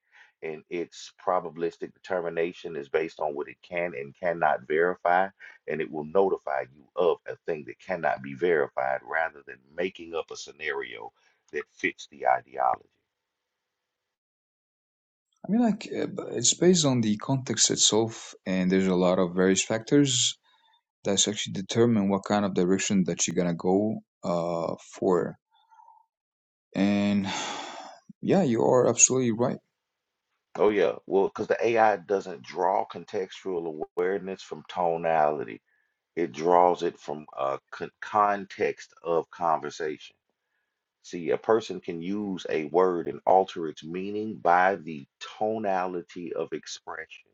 D: and its probabilistic determination is based on what it can and cannot verify, and it will notify you of a thing that cannot be verified rather than making up a scenario that fits the ideology.
H: I mean, like, uh, b- it's based on the context itself, and there's a lot of various factors that's actually determine what kind of direction that you're gonna go uh for and yeah you are absolutely right
D: Oh, yeah. Well, because the AI doesn't draw contextual awareness from tonality. it draws it from a con- context of conversation. See, a person can use a word and alter its meaning by the tonality of expression.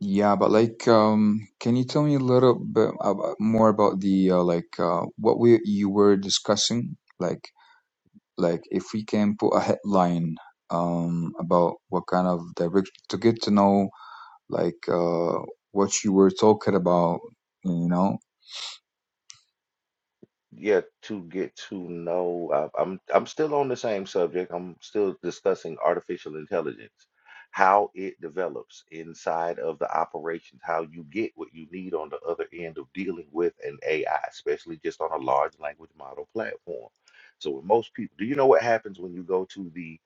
H: yeah but like um can you tell me a little bit about, more about the uh, like uh what we you were discussing like like if we can put a headline um about what kind of direction to get to know like uh what you were talking about you know
D: yeah to get to know I, i'm i'm still on the same subject i'm still discussing artificial intelligence how it develops inside of the operations how you get what you need on the other end of dealing with an ai especially just on a large language model platform so when most people do you know what happens when you go to the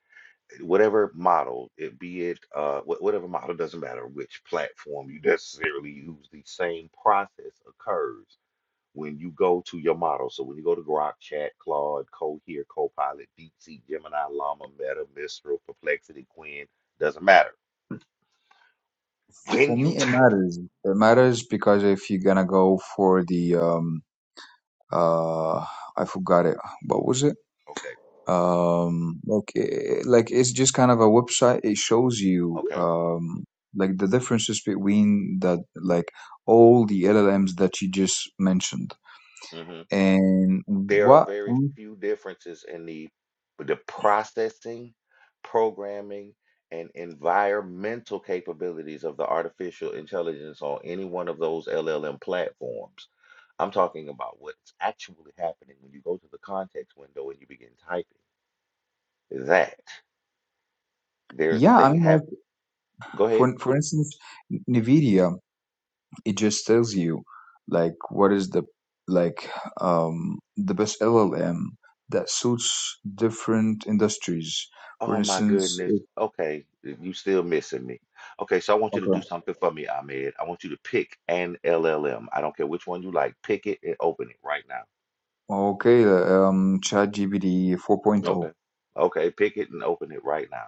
D: whatever model it be it uh wh- whatever model doesn't matter which platform you necessarily use the same process occurs when you go to your model. So when you go to Grok, Chat, Claude, Cohere, Copilot, DeepSeek, Gemini, Llama, Meta, Mistral, Perplexity, Quinn, doesn't matter. When
H: for
D: you
H: me it
D: type,
H: matters it matters because if you're gonna go for the um uh i forgot it what was it
D: okay,
H: um like it, like it's just kind of a website it shows you
D: okay,
H: um like the differences between that like all the llms that you just mentioned
D: hmm
H: and
D: there are
H: what
D: very few differences in the the processing, programming, and environmental capabilities of the artificial intelligence on any one of those LLM platforms. I'm talking about what's actually happening when you go to the context window and you begin typing that. There's a
H: yeah i
D: thing
H: mean
D: happen.
H: like
D: Go ahead.
H: for for instance nvidia it just tells you like what is the like um the best llm that suits different industries for
D: Oh my
H: instance
D: goodness.
H: if,
D: Okay, you still missing me. Okay, so I want you to
H: okay
D: do something for me, Ahmed. I want you to pick an LLM. I don't care which one you like. Pick it and open it right now.
H: Okay, um, ChatGPT 4.0.
D: Okay. Okay, pick it and open it right now.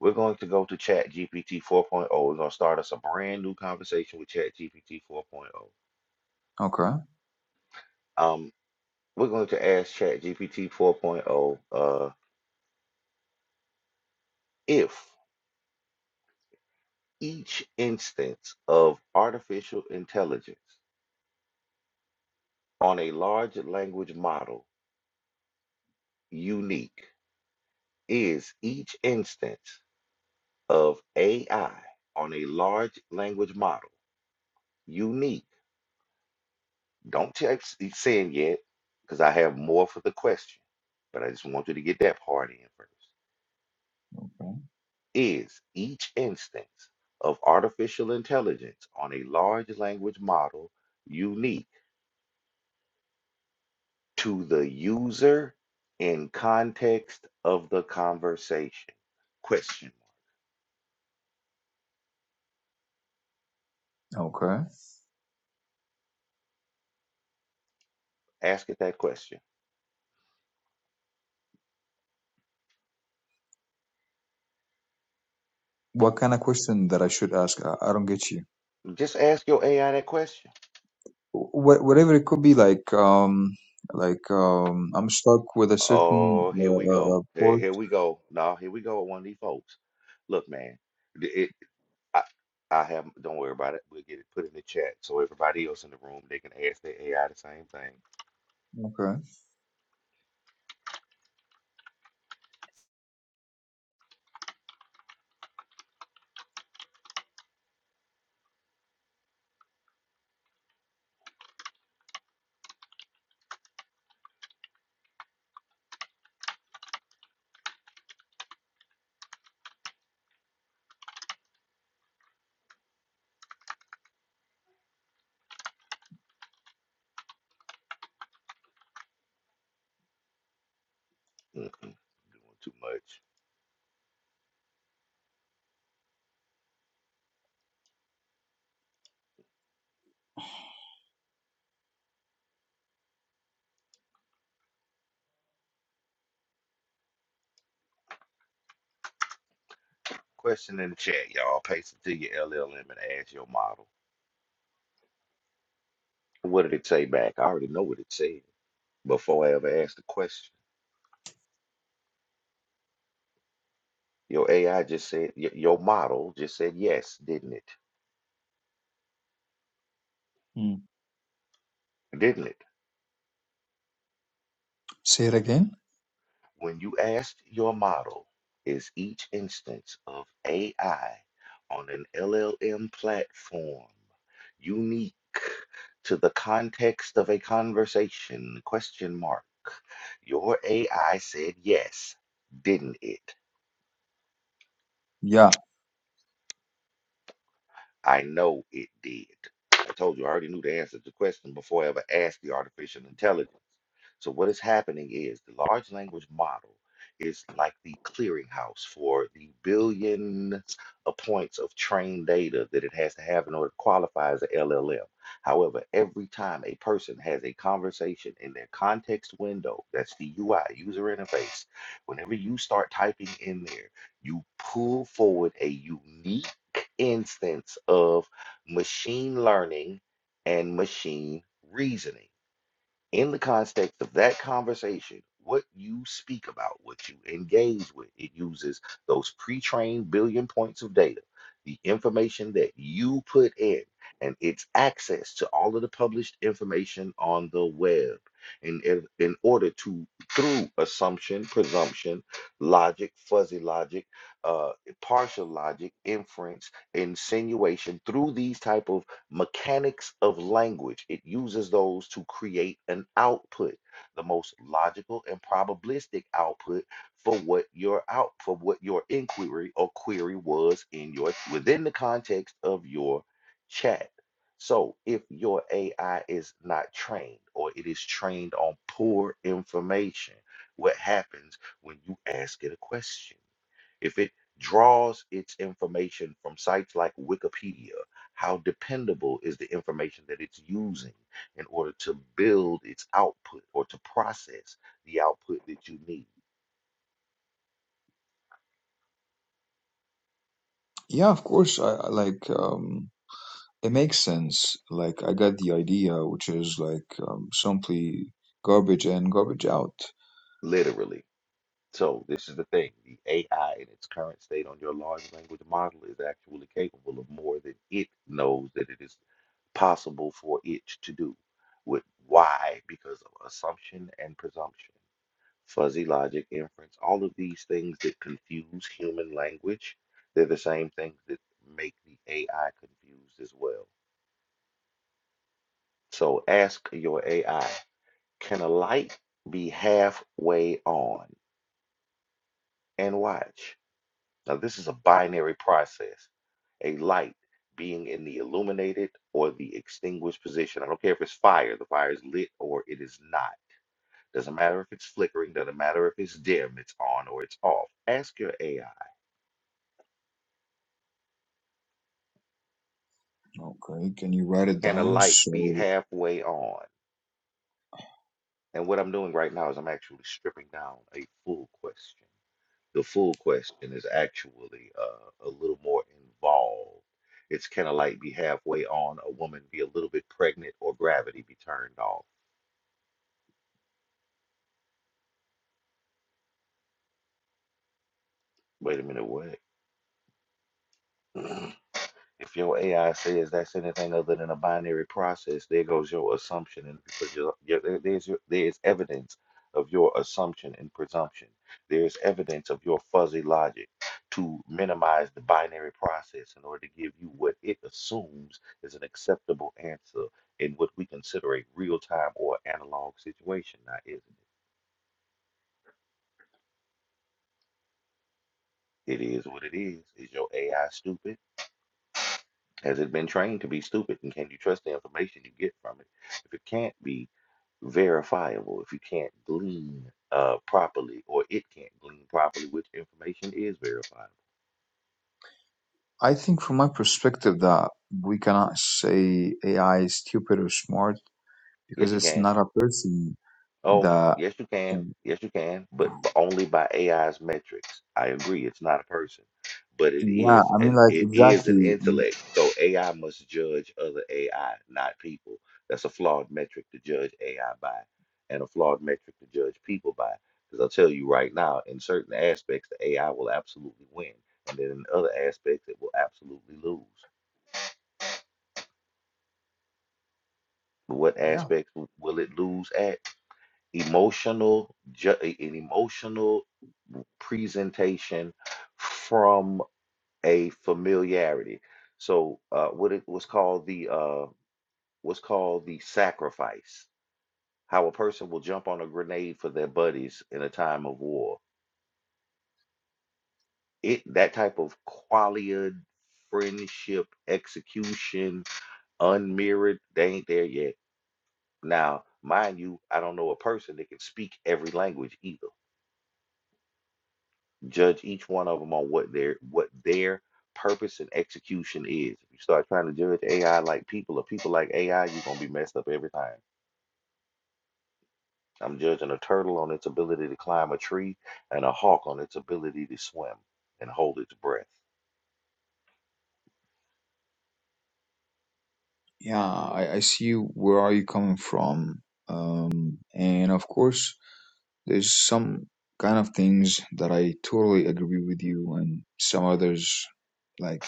D: We're going to go to Chat GPT 4.0. We're going to start us a brand new conversation with Chat GPT 4.0.
H: Okay,
D: Um, we're going to ask Chat GPT 4.0 uh, if each instance of artificial intelligence on a large language model unique is each instance of AI on a large language model unique? Don't check it's saying yet, because I have more for the question, but I just want you to get that part in first.
H: Okay.
D: Is each instance of artificial intelligence on a large language model unique to the user in context of the conversation? Question
H: okay.
D: Ask it that question.
H: What kind of question that I should ask? I, I don't get you.
D: Just ask your AI that question.
H: Wh- whatever it could be, like, um, like, um, I'm stuck with a certain
D: Oh, here we
H: uh, uh,
D: go.
H: uh,
D: Here,
H: port.
D: here we go. No, here we go with one of these folks. Look, man, the- it, I, I have. Don't worry about it. We'll get it put in the chat so everybody else in the room they can ask their AI the same thing.
H: Okay.
D: Mm-mm, doing too much. Question in the chat, y'all. Paste it to your LLM and ask your model. What did it say back? I already know what it said before I ever asked the question. Your AI just said y- your model just said yes, didn't it?
H: Mm.
D: Didn't it?
H: Say it again.
D: When you asked your model, is each instance of AI on an LLM platform unique to the context of a conversation? Question mark. Your AI said yes, didn't it?
H: Yeah,
D: I know it did. I told you I already knew the answer to the question before I ever asked the artificial intelligence. So, what is happening is the large language model is like the clearinghouse for the billions of points of trained data that it has to have in order to qualify as a LLM. However, every time a person has a conversation in their context window, that's the UI, user interface, whenever you start typing in there, you pull forward a unique instance of machine learning and machine reasoning in the context of that conversation, what you speak about, what you engage with, it uses those pre trained billion points of data, the information that you put in, and its access to all of the published information on the web. In, in, in order to, through assumption, presumption, logic, fuzzy logic, uh, partial logic, inference, insinuation, through these type of Mechanics of language, it uses those to create an output, the most logical and probabilistic output for what your out for what your inquiry or query was in your within the context of your chat. So if your AI is not trained or it is trained on poor information, what happens when you ask it a question? If it draws its information from sites like Wikipedia, how dependable is the information that it's using in order to build its output or to process the output that you need,
H: yeah. Of course, I, I like. Um, it makes sense. Like I got the idea, which is like um, simply garbage in, garbage out.
D: literally? So, this is the thing the AI in its current state on your large language model is actually capable of more than it knows that it is possible for it to do. With why? Because of assumption and presumption. fuzzy logic, inference, all of these things that confuse human language, they're the same things that make the AI confused as well. So ask your AI, can a light be halfway on? And watch. Now, this is a binary process. A light being in the illuminated or the extinguished position. I don't care if it's fire, the fire is lit or it is not. Doesn't matter if it's flickering, doesn't matter if it's dim, it's on or it's off. Ask your AI
H: Okay, can you write it
D: can a
H: down?
D: light be
H: So
D: halfway on? And what I'm doing right now is I'm actually stripping down a full question. The full question is actually uh, a little more involved. It's can a light be halfway on, a woman be a little bit pregnant, or gravity be turned off? Wait a minute, what? If your AI says that's anything other than a binary process, there goes your assumption and because your, your, there- there's your, there's evidence of your assumption and presumption. There's evidence of your fuzzy logic to minimize the binary process in order to give you what it assumes is an acceptable answer in what we consider a real time or analog situation. Now, isn't it? It is what it is. Is your AI stupid? Has it been trained to be stupid? And can you trust the information you get from it? If it can't be, verifiable if you can't glean uh, properly or it can't glean properly which information is verifiable.
H: I think from my perspective that we cannot say AI is stupid or smart
D: Yes,
H: because
D: you
H: it's
D: can.
H: not a person
D: Oh,
H: that
D: yes, you can. Yes, you can, but b- only by AI's metrics. I agree, it's not a person, but it
H: Yeah,
D: is
H: I mean,
D: an
H: like
D: it is an
H: exactly. Mm,
D: intellect. So AI must judge other AI, not people. That's a flawed metric to judge AI by, and a flawed metric to judge people by. Because I'll tell you right now, in certain aspects, the AI will absolutely win, and then in other aspects, it will absolutely lose. But what
H: Yeah,
D: aspects w- will it lose at? Emotional, ju- an emotional presentation from a familiarity. So uh, what it was called the uh, was called the sacrifice. How a person will jump on a grenade for their buddies in a time of war. It that type of qualia friendship execution unmirrored. They ain't there yet. Now, mind you, I don't know a person that can speak every language either. judge each one of them on what their what their purpose and execution is. If you start trying to judge AI like people or people like AI, you're gonna be messed up every time. I'm judging a turtle on its ability to climb a tree and a hawk on its ability to swim and hold its breath.
H: yeah. I, I see where are you coming from, um, and of course, there's some kind of things that I totally agree with you, and some others, like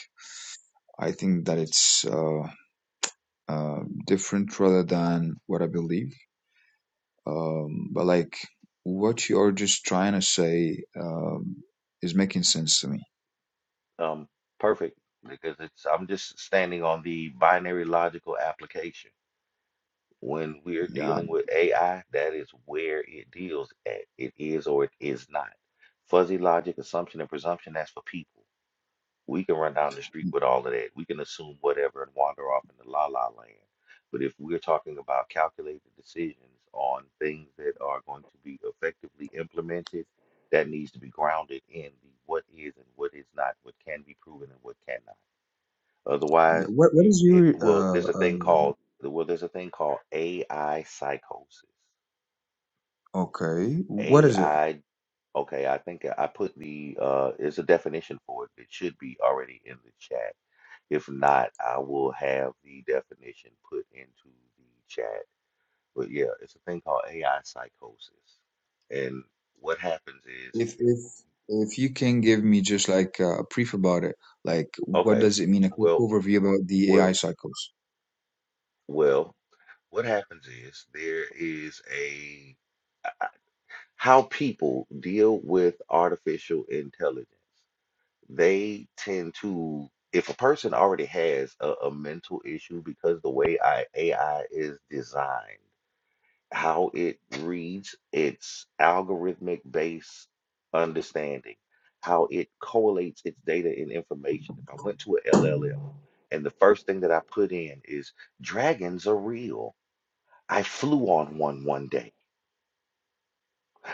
H: I think that it's uh, uh, different rather than what I believe. Um, but like what you're just trying to say um, is making sense to me.
D: Um, perfect because it's I'm just standing on the binary logical application. When we're
H: Yeah.
D: dealing with AI, that is where it deals at. It is or it is not. Fuzzy logic, assumption, and presumption, that's for people We can run down the street with all of that. We can assume whatever and wander off into la la land. But if we're talking about calculated decisions on things that are going to be effectively implemented, that needs to be grounded in the what is and what is not, what can be proven and what cannot.
H: yeah.
D: Otherwise,
H: What What
D: you
H: is
D: it
H: your
D: well,
H: uh,
D: there's a thing
H: uh,
D: called well, there's a thing called AI psychosis.
H: okay? What is it?
D: AI Okay, I think I put the uh there's a definition for it that should be already in the chat. If not, I will have the definition put into the chat. But yeah, it's a thing called AI psychosis. And what happens is,
H: if if if you can give me just like uh, a brief about it, like what
D: okay,
H: does it mean? A quick
D: well,
H: overview about the AI
D: well,
H: cycles.
D: well, what happens is there is a how people deal with artificial intelligence. They tend to, if a person already has a, a mental issue because the way I, AI is designed how it reads its algorithmic based understanding, how it correlates its data and information. If I went to a LLM and the first thing that I put in is dragons are real. I flew on one one day.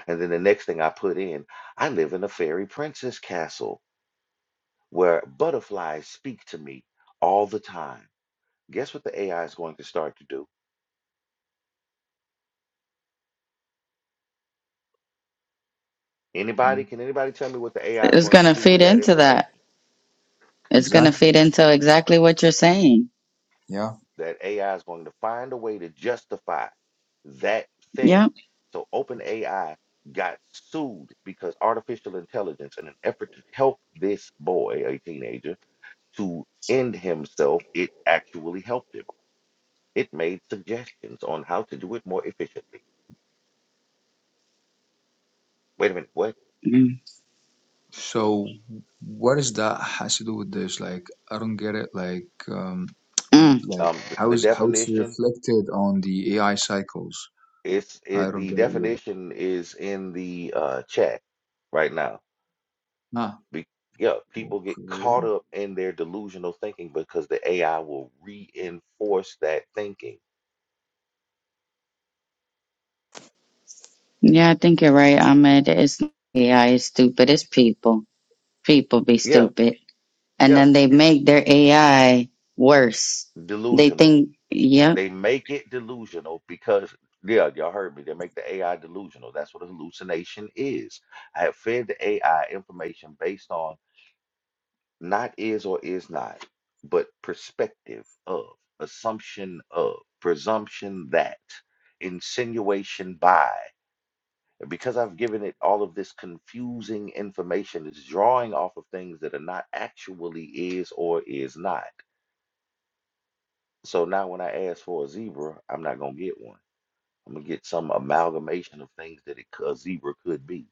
D: And then the next thing I put in, I live in a fairy princess castle where butterflies speak to me all the time. Guess what the AI is going to start to do? Anybody,
H: Yeah,
D: can anybody tell me what the AI is
F: It's
D: going to
F: gonna
D: do
F: fit
D: with that
F: into that.
D: information?
F: It's gonna
H: exactly.
F: fit into exactly what you're saying.
H: Yeah.
D: that AI is going to find a way to justify that
F: Yeah.
D: thing. So OpenAI got sued because artificial intelligence, in an effort to help this boy, a teenager, to end himself, it actually helped him. It made suggestions on how to do it more efficiently. Wait a minute, what?
F: Mm.
H: So what is that has to do with this? Like I don't get it. Like um, w- like
D: Um, th-
H: how
D: the
H: is how it's
D: definition
H: reflected on the AI cycles?
D: is
H: I
D: it,
H: don't
D: the
H: get it yet.
D: definition is in the uh, chat right now.
H: Ah,
D: Be, yeah, people get
H: okay.
D: caught up in their delusional thinking because the AI will reinforce that thinking.
F: Yeah, I think you're right, Ahmed. It's not AI is stupid. It's people. People be
D: Yeah,
F: stupid. And
D: yeah,
F: then they make their AI worse. They
D: delusional.
F: think, yep.
D: They make it delusional because, yeah, y'all heard me. They make the AI delusional. That's what a hallucination is. I have fed the AI information based on not is or is not, but perspective of, assumption of, presumption that, insinuation by. And because I've given it all of this confusing information, it's drawing off of things that are not actually is or is not. So now when I ask for a zebra, I'm not gonna get one. I'm gonna get some amalgamation of things that it, c- a zebra could be.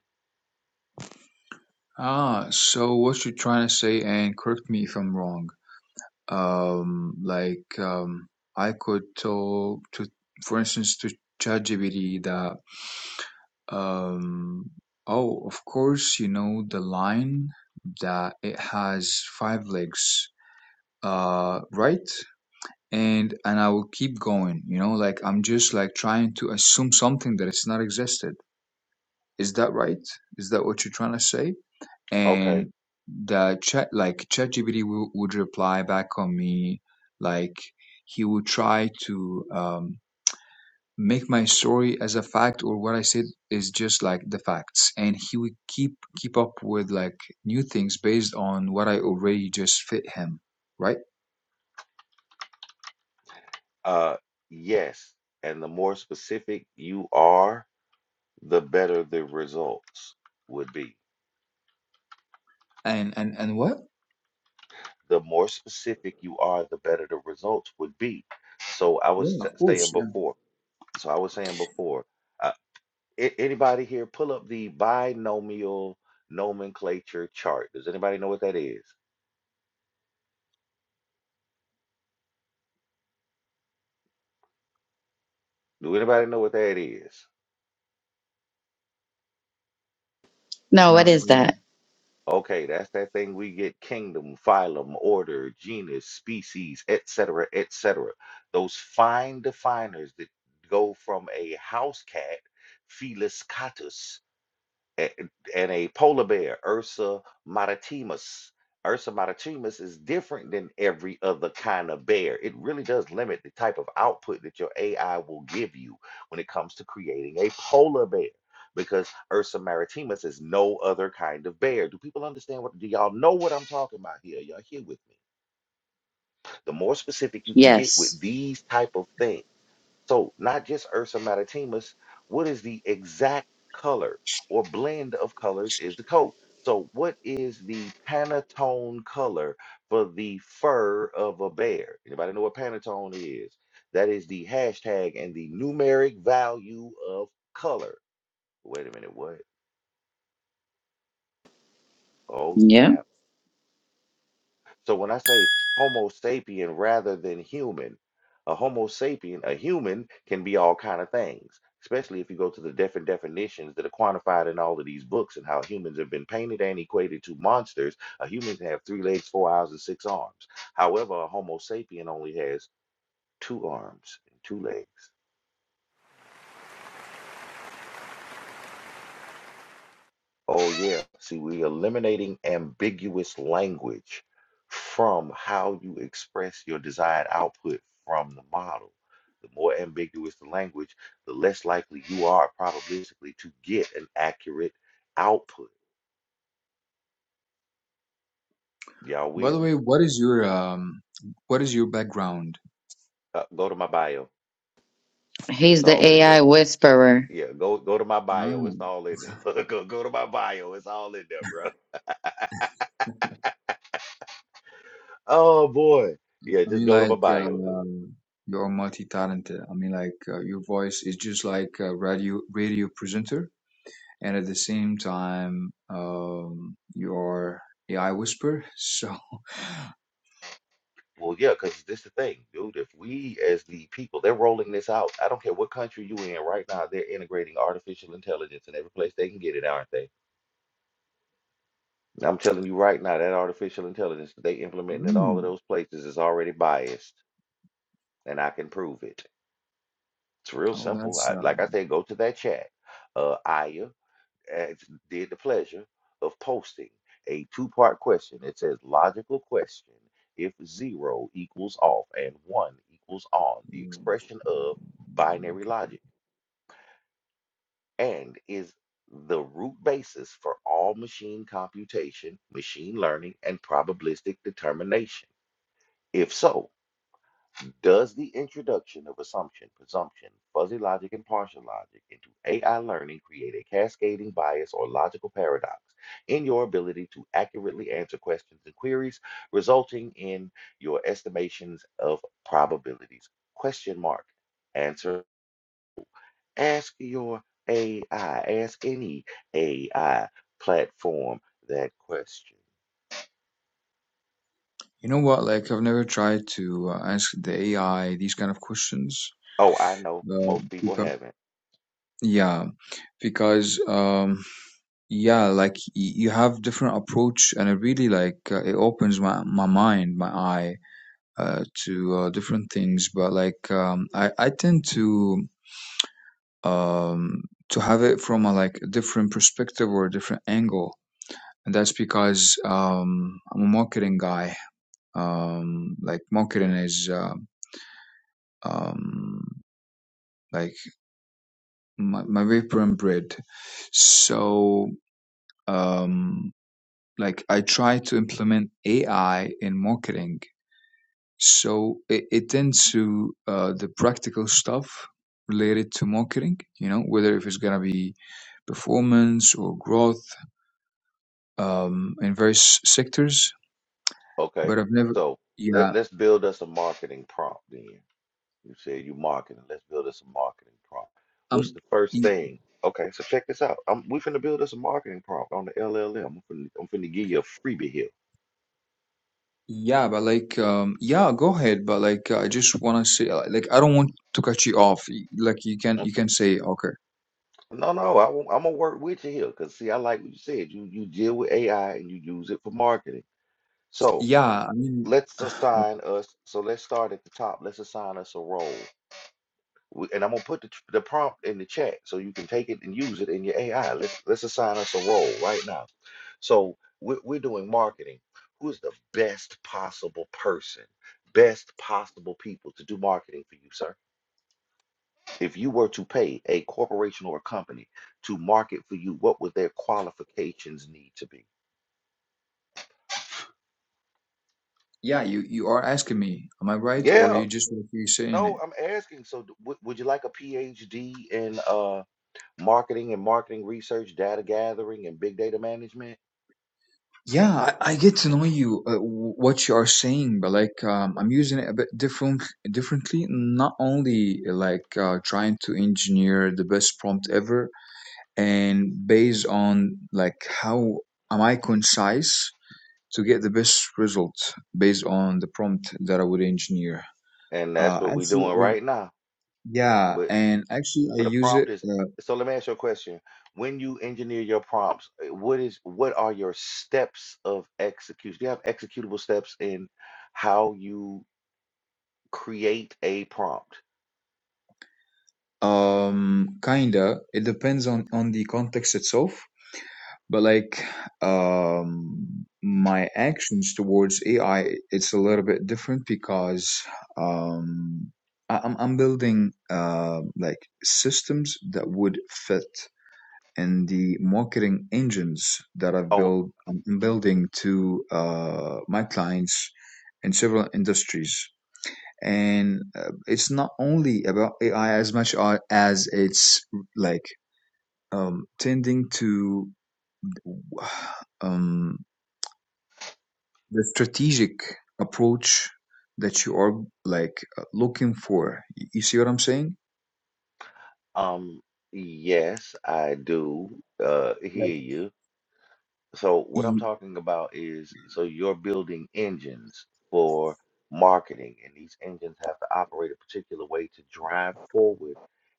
H: Ah, so what you're trying to say, and correct me if I'm wrong um, like um, I could tell to, for instance, to ChatGPT that, um, oh, of course, you know the line that it has five legs, uh, right? And and I will keep going, you know, like I'm just like trying to assume something that it's not existed. Is that right? Is that what you're trying to say?
D: Okay,
H: and the chat like ChatGPT wou- would reply back on me like he would try to um, make my story as a fact or what I said is just like the facts and he would keep keep up with like new things based on what I already just fit him right
D: uh, yes. And the more specific you are, the better the results would be.
H: and and and what
D: The more specific you are, the better the results would be. So I
H: yeah
D: was
H: of
D: s- saying
H: course yeah
D: before. So I was saying before. A- Anybody here pull up the binomial nomenclature chart? Does anybody know what that is? Do anybody know what that is?
F: No, what
H: not
F: is
H: really
F: that?
D: Okay, that's that thing we get kingdom, phylum, order, genus, species, etc., etc. Those fine definers that go from a house cat, Felis catus, a- and a polar bear, Ursa maritimus. Ursa maritimus is different than every other kind of bear. It really does limit the type of output that your AI will give you when it comes to creating a polar bear because Ursa maritimus is no other kind of bear. Do people understand what do y'all know what I'm talking about here? Y'all here with me? The more specific you can get with
F: Yes.
D: these type of things. So not just Ursa maritimus, what is the exact color or blend of colors is the coat? So what is the Pantone color for the fur of a bear? Anybody know what Pantone is? That is the hashtag and the numeric value of color. Wait a minute, what? Oh
F: Yep.
D: snap. So when I say Homo sapien rather than human, a Homo sapien, a human can be all kind of things, especially if you go to the different definitions that are quantified in all of these books and how humans have been painted and equated to monsters. A human can have three legs, four eyes, and six arms. However, a Homo sapien only has two arms and two legs. Oh, yeah. See, we're eliminating ambiguous language from how you express your desired output from the model. The more ambiguous the language, the less likely you are probabilistically to get an accurate output. Y'all
H: by
D: with
H: the
D: me?
H: way what is your um what is your background
D: Uh, go to my bio. It's
F: He's the
D: all in there.
F: AI whisperer.
D: Yeah, go go to my bio.
H: um,
D: It's all in there. go go to my bio. It's all in there, bro. Oh boy. Yeah,
H: I
D: just
H: mean,
D: go to
H: like,
D: my bio, dude.
H: uh, you're multi-talented. I mean, like, uh, your voice is just like a radio radio presenter, and at the same time, um, you're AI whisper. So,
D: Well, yeah, because this the thing, dude. If we, as the people, they're rolling this out. I don't care what country you in right now. They're integrating artificial intelligence in every place they can get it, aren't they? And I'm telling you right now, that artificial intelligence that they implementing in all of
H: mm,
D: those places is already biased, and I can prove it. It's real
H: oh,
D: simple.
H: that's
D: I, like
H: um,
D: I said, go to that chat, uh, Aya. asked, did the pleasure of posting a two-part question. It says logical question if zero equals off and one equals on, the expression of binary
H: okay.
D: logic, and is the root basis for all machine computation, machine learning, and probabilistic determination. If so, Does the introduction of assumption, presumption, fuzzy logic, and partial logic into AI learning create a cascading bias or logical paradox in your ability to accurately answer questions and queries, resulting in your estimations of probabilities? Question mark. Answer. Ask your AI, ask any AI platform that question.
H: You know what? Like, I've never tried to uh, ask the AI these kind of questions.
D: Oh, I know
H: Uh,
D: most people
H: because,
D: haven't.
H: yeah, because um. yeah like y- you have different approach and it really like uh, it opens my my mind my eye uh, to uh, different things but like um i i tend to um to have it from a like different perspective or a different angle and that's because um i'm a marketing guy um like marketing is uh, um like my, my paper and bread so um like I try to implement AI in marketing. So it, it tends to uh, the practical stuff related to marketing, you know, whether if it's gonna be performance or growth um, in various sectors.
D: Okay.
H: But I've never,
D: So let,
H: yeah,
D: let's build us a marketing prompt then You said you marketing. Let's build us a marketing prompt. What's
H: um,
D: the first
H: y-
D: thing? Okay, so check this out. I'm we finna build us a marketing prompt on the LLM. I'm finna, I'm finna give you a freebie here.
H: yeah, but like, um, yeah, go ahead. But like, I just wanna say, uh, like, I don't want to cut you off. Y- Like, you can you
D: Okay.
H: can say, okay,
D: No, no, I won't, I'm gonna work with you here because see, I like what you said. You you deal with AI and you use it for marketing. So
H: yeah, I mean.
D: let's assign us. So let's start at the top. Let's assign us a role. We- And I'm gonna put the, tr- the prompt in the chat so you can take it and use it in your AI. Let's let's assign us a role right now. So we're, we're doing marketing. Who is the best possible person, best possible people to do marketing for you, sir? If you were to pay a corporation or a company to market for you, what would their qualifications need to be?
H: Yeah, you, you are asking me, am I right? Or
D: Yeah.
H: you just what you saying it?
D: No, I'm asking. So, d- would would you like a PhD in uh, marketing and marketing research, data gathering, and big data management?
H: Yeah, I, I get to know you, uh, w- what you are saying, but like um, I'm using it a bit different differently. Not only uh, like uh, trying to engineer the best prompt ever, and based on like how am I concise to get the best result based on the prompt that I would engineer.
D: and that's
H: Uh,
D: what we're
H: actually,
D: doing
H: I,
D: right now.
H: yeah,
D: But
H: and actually I
D: but a
H: use it.
D: prompt is
H: Uh,
D: so. Let me ask you a question: When you engineer your prompts, eh, what is what are your steps of execution? Do you have executable steps in how you create a prompt?
H: Um, kinda. It depends on on the context itself. But like, um, my actions towards AI, it's a little bit different because um, I, I'm I'm building uh, like systems that would fit in the marketing engines that I've
D: Oh,
H: built. I'm building to uh, my clients in several industries and uh, it's not only about AI as much as it's like um, tending to um, the strategic approach that you are like uh, looking for. You you see what I'm saying?
D: um, yes, I do. Uh,
H: Like,
D: hear you. So what I'm talking about is so you're building engines for marketing, and these engines have to operate a particular way to drive forward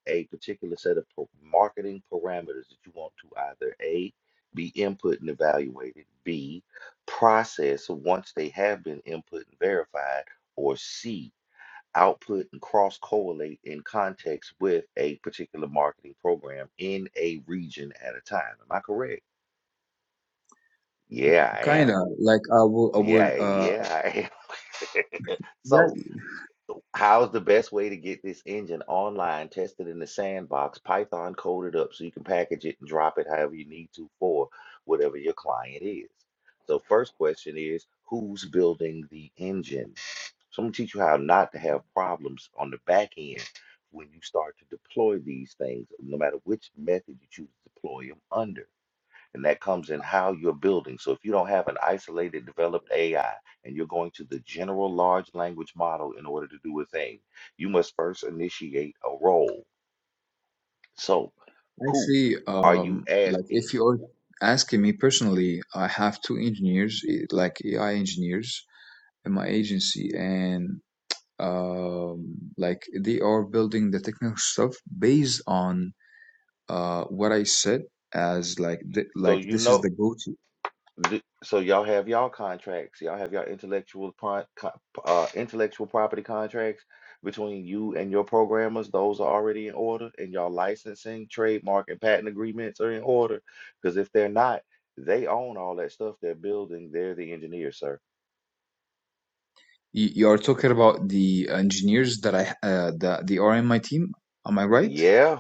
D: a particular set of pa- marketing parameters that you want to either A, be input and evaluated, B, process once they have been input and verified, or C, output and cross correlate in context with a particular marketing program in a region at a time. Am I correct? Yeah, I
H: kind
D: am.
H: of like I will, I will,
D: Yeah,
H: uh,
D: yeah. So,
H: yeah,
D: how's the best way to get this engine online, tested in the sandbox, Python coded up so you can package it and drop it however you need to for whatever your client is? So, first question is who's building the engine? So, I'm gonna teach you how not to have problems on the back end when you start to deploy these things, no matter which method you choose to deploy them under. And that comes in how you're building. So if you don't have an isolated developed AI and you're going to the general large language model in order to do a thing, you must first initiate a role. So
H: I
D: who
H: see.
D: are you
H: Um, like
D: asking?
H: if you're asking me personally, I have two engineers, eh, like AI engineers in my agency, and um, like they are building the technical stuff based on uh what I said as like th
D: So
H: like
D: you
H: this is
D: know
H: the go-to.
D: Th- So y'all have y'all contracts, y'all have y'all intellectual pro co- uh, intellectual property contracts between you and your programmers. Those are already in order, and y'all licensing, trademark, and patent agreements are in order. Because if they're not, they own all that stuff they're building. They're the engineer, sir.
H: You, you are talking about the engineers that I uh, that they are in my team. Am I right?
D: Yeah.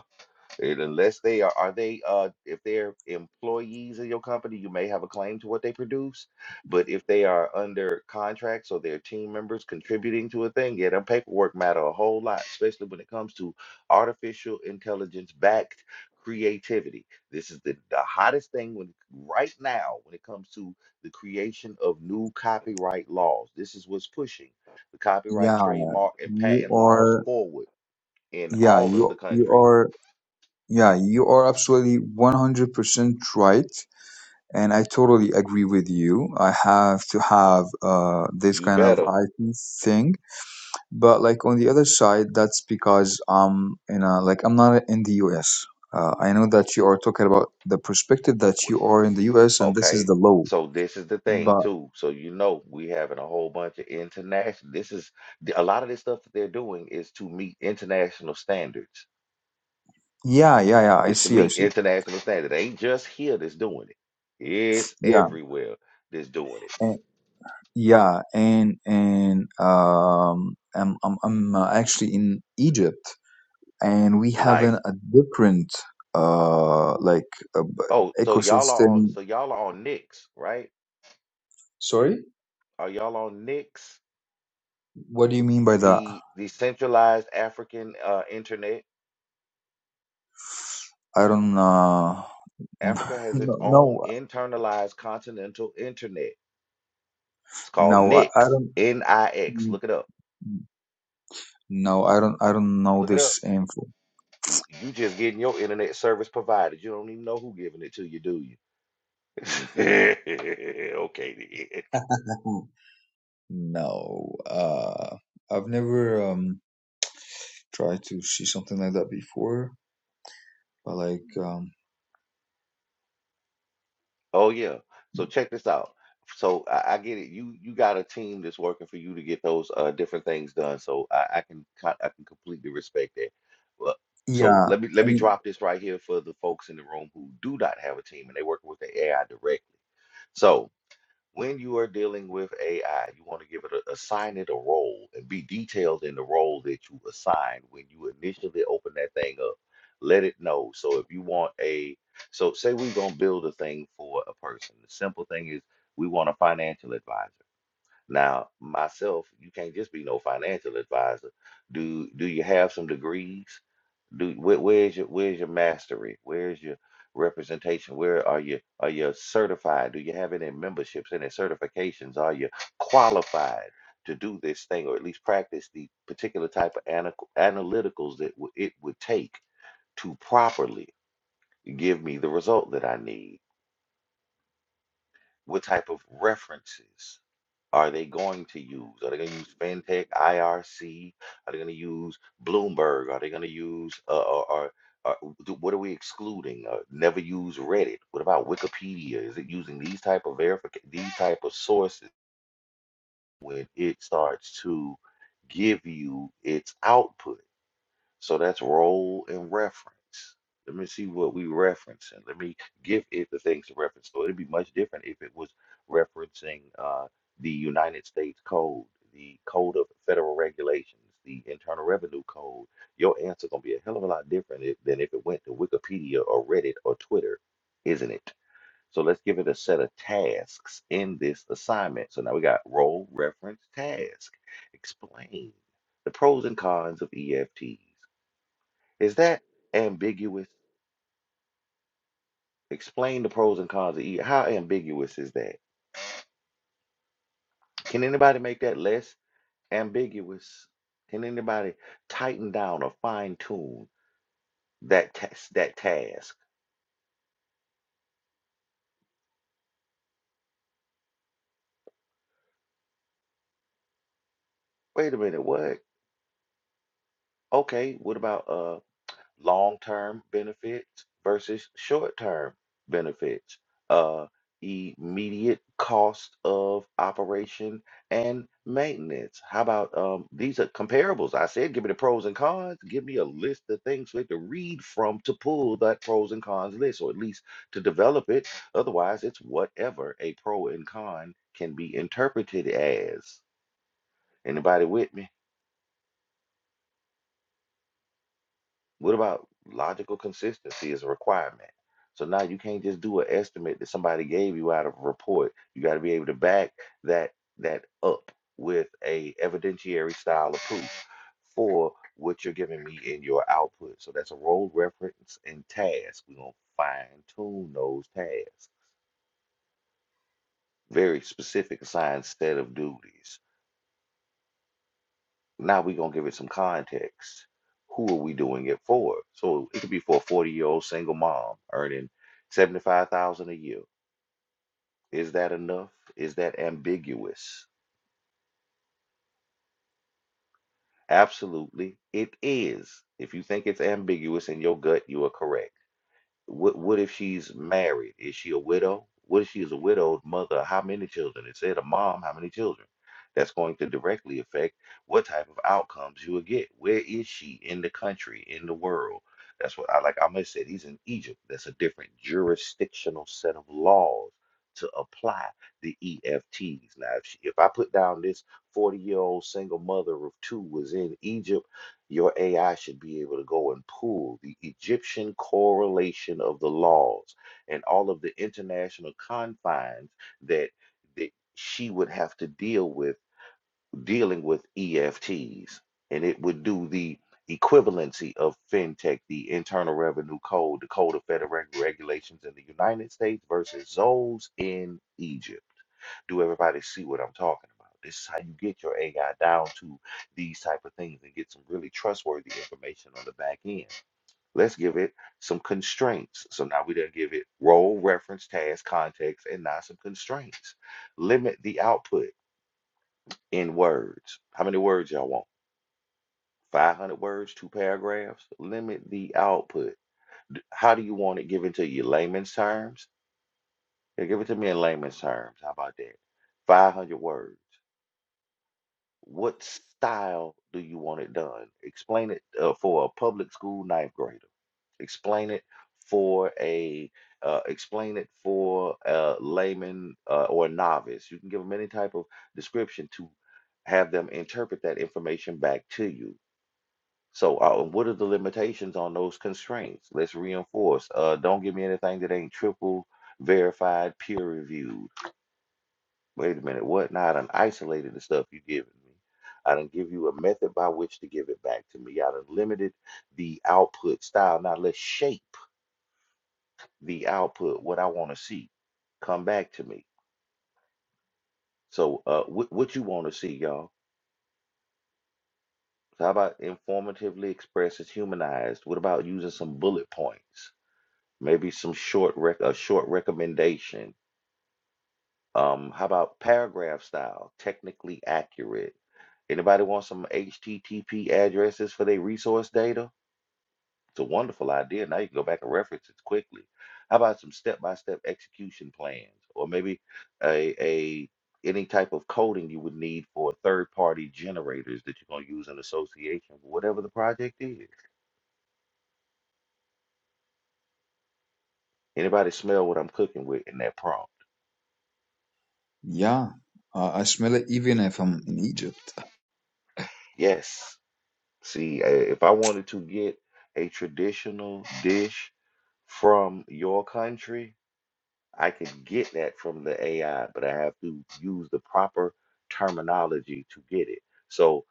D: And Unless they are, are they, uh, if they're employees of your company, you may have a claim to what they produce. But if they are under contract, so they're team members contributing to a thing, yeah, them paperwork matter a whole lot, especially when it comes to artificial intelligence backed creativity. This is the, the hottest thing when right now when it comes to the creation of new copyright laws. This is what's pushing the copyright,
H: Yeah,
D: trademark, and
H: you
D: patent laws
H: are.
D: forward in
H: Yeah,
D: all of the
H: you you
D: countries.
H: are. Yeah, you are absolutely 100% right, and I totally agree with you. I have to have uh this
D: You
H: kind of
D: better.
H: IT thing But like on the other side, that's because I'm in a like I'm not in the US. Uh, I know that you are talking about the perspective that you are in the US and this is
D: Okay,
H: the law.
D: so this is the thing
H: But
D: too. So you know we having a whole bunch of international. This is the- a lot of this stuff that they're doing is to meet international standards.
H: yeah, yeah, yeah. I
D: It's to
H: see, I
D: meet
H: see.
D: international standards. It ain't just here that's doing it. It's
H: Yeah,
D: everywhere that's doing it.
H: and, yeah, and and um, I'm I'm I'm uh, actually in Egypt, and we have an,
D: Nice.
H: a different uh like uh,
D: Oh,
H: b-
D: so y'all are on.
H: ecosystem.
D: So y'all are on Nix, right?
H: Sorry,
D: Are y'all on Nix?
H: what do you mean by that?
D: The the centralized African uh, internet.
H: I don't uh
D: Africa has its
H: no no
D: own internalized continental internet. It's called
H: No, I, I
D: Nix.
H: don't.
D: N-I-X. Look it up.
H: No, I don't. I don't know
D: Look it up.
H: this info.
D: You, you just getting your internet service provided. You don't even know who giving it to you, do you? okay. Then.
H: No, uh, I've never um tried to see something like that before. But like, um,
D: Oh yeah. So check this out. So I, I get it. You you got a team that's working for you to get those uh, different things done. So I, I can co- I can completely respect that. Well, so
H: yeah,
D: let me let me
H: and
D: drop this right here for the folks in the room who do not have a team and they working with the AI directly. So. when you are dealing with AI, you want to give it a, assign it a role and be detailed in the role that you assign when you initially open that thing up. Let it know. So if you want a, so say we're gonna build a thing for a person. The simple thing is we want a financial advisor. Now, myself, you can't just be no financial advisor. Do do you have some degrees? Do where, where's your where's your mastery? Where's your representation? Where are you are you certified? Do you have any memberships, any certifications? Are you qualified to do this thing or at least practice the particular type of ana- analyticals that w- it would take to properly give me the result that I need? What type of references? are they going to use? Are they going to use FinTech, IRC? Are they going to use Bloomberg? Are they going to use, uh, or, or, or do- what are we excluding? Uh, never use Reddit. What about Wikipedia? Is it using these type of verification, these type of sources when it starts to give you its output? So that's role and reference. Let me see what we referencing. Let me give it the things to reference. So it'd be much different if it was referencing uh, the United States Code, the Code of Federal Regulations, the Internal Revenue Code. Your answer gonna be a hell of a lot different if, than if it went to Wikipedia or Reddit or Twitter, isn't it? So let's give it a set of tasks in this assignment. So now we got role, reference, task. Explain the pros and cons of EFTs. Is that ambiguous? Explain the pros and cons of each. How ambiguous is that? Can anybody make that less ambiguous? Can anybody tighten down or fine tune that task, that task? Wait a minute, what? Okay, what about uh long-term benefits versus short-term benefits, uh, immediate cost of operation and maintenance. How about um, these are comparables? I said, give me the pros and cons. Give me a list of things for it to read from to pull that pros and cons list, or at least to develop it. Otherwise, it's whatever a pro and con can be interpreted as. Anybody with me? What about logical consistency is a requirement? So now you can't just do an estimate that somebody gave you out of a report. You got to be able to back that that up with a evidentiary style of proof for what you're giving me in your output. So that's a role reference and task. We're gonna fine tune those tasks. Very specific assigned set of duties. Now we're gonna give it some context. Who are we doing it for? So it could be for a 40-year-old single mom earning 75,000 a year. Is that enough? Is that ambiguous? Absolutely, it is. If you think it's ambiguous in your gut, you are correct. What what if she's married? Is she a widow? What if she is a widowed mother? How many children? It said a mom, how many children? That's going to directly affect what type of outcomes you will get. Where is she in the country, in the world? That's what I like. I must say, he's in Egypt. That's a different jurisdictional set of laws to apply the EFTs. Now, if, she, if I put down this 40 year old single mother of two was in Egypt your AI should be able to go and pull the Egyptian correlation of the laws and all of the international confines that that she would have to deal with dealing with EFTs, and it would do the equivalency of fintech, the Internal Revenue Code, the Code of Federal Regulations in the United States versus those in Egypt. Do everybody see what I'm talking about? This is how you get your AI down to these type of things and get some really trustworthy information on the back end. Let's give it some constraints. So now we done give it role, reference, task, context, and now some constraints. Limit the output in words. How many words y'all want? 500 words, two paragraphs? Limit the output. How do you want it given to you? Layman's terms? Yeah, give it to me in layman's terms. How about that? 500 words. What style do you want it done? Explain it uh, for a public school ninth grader. Explain it for a uh, explain it for a layman uh, or a novice. You can give them any type of description to have them interpret that information back to you. So, uh, what are the limitations on those constraints? Let's reinforce. Uh, don't give me anything that ain't triple verified, peer reviewed. Wait a minute, what? Now I done isolated the stuff you given me. I done give you a method by which to give it back to me. I done limited the output style. Now let's shape the output, what I want to see. Come back to me. So uh what what you want to see, y'all? So how about informatively expressed as humanized? What about using some bullet points? Maybe some short rec a short recommendation Um, how about paragraph style? Technically accurate. Anybody want some HTTP addresses for their resource data? It's a wonderful idea. Now you can go back and reference it quickly. How about some step-by-step execution plans, or maybe a a any type of coding you would need for third-party generators that you're gonna use in association, with whatever the project is. Anybody smell what I'm cooking with in that prompt?
H: yeah, uh, I smell it even if I'm in Egypt.
D: Yes. See, eh, if I wanted to get a traditional dish from your country, I could get that from the AI, but I have to use the proper terminology to get it. So,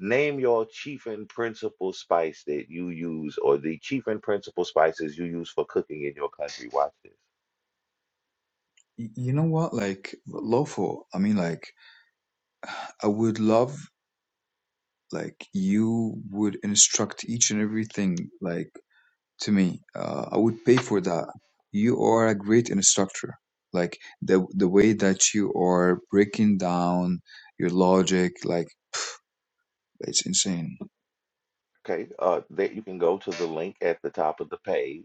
D: name your chief and principal spice that you use, or the chief and principal spices you use for cooking in your country. Watch this.
H: Y- you know what? Like, lawful. I mean, like, I would love like you would instruct each and everything like to me. Uh, I would pay for that. You are a great instructor. Like the the way that you are breaking down your logic, like it's insane.
D: Okay, uh, that you can go to the link at the top of the page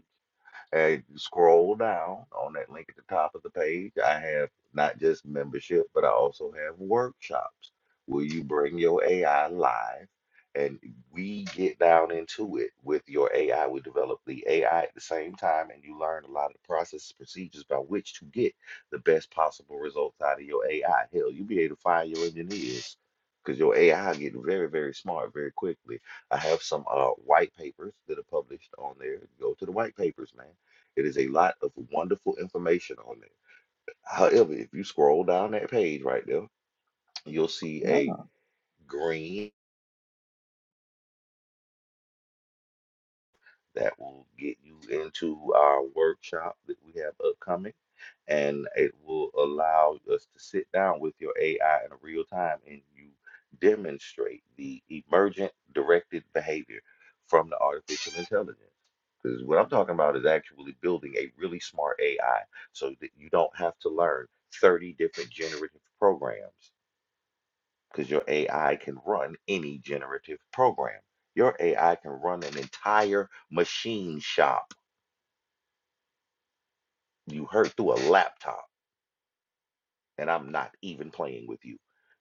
D: Hey, scroll down on that link at the top of the page. I have not just membership, but I also have workshops. Will you bring your AI live? And we get down into it with your AI. We develop the AI at the same time, and you learn a lot of the processes, procedures by which to get the best possible results out of your AI. Hell, you'll be able to fire your engineers because your AI get very, very smart very quickly. I have some uh, white papers that are published on there. Go to the white papers, man it is a lot of wonderful information on there. However, if you scroll down that page right there, you'll see
H: Yeah,
D: a green that will get you into our workshop that we have upcoming. And it will allow us to sit down with your AI in real time and you demonstrate the emergent directed behavior from the artificial intelligence. Because what I'm talking about is actually building a really smart AI so that you don't have to learn 30 different generative programs because your AI can run any generative program. Your AI can run an entire machine shop. You heard through a laptop, and I'm not even playing with you.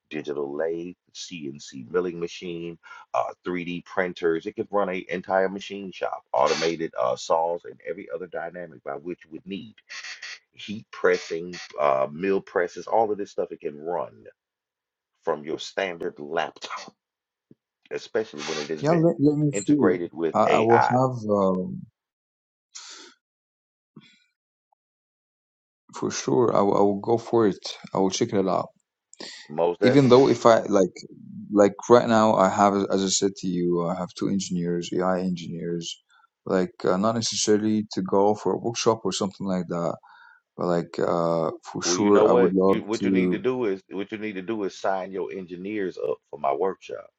D: Digital lathe, CNC milling machine, uh, 3D printers. It could run an entire machine shop, automated uh, saws, and every other dynamic by which you would need. Heat pressing, uh, mill presses, all of this stuff it can run from your standard laptop, especially when it has
H: yeah.
D: been
H: Let, let me see. it.
D: integrated with
H: I, I will
D: AI.
H: have um, for sure. I will I will go for it. I will check it out.
D: Most
H: Even though
D: definitely.
H: if I like like right now, I have as I said to you, I have two engineers, AI engineers. Like uh, not necessarily to go for a workshop or something like that But like uh for
D: Well, you know
H: sure I would
D: what?
H: love
D: You what you need to
H: to
D: do is what you need to do is sign your engineers up for my workshop.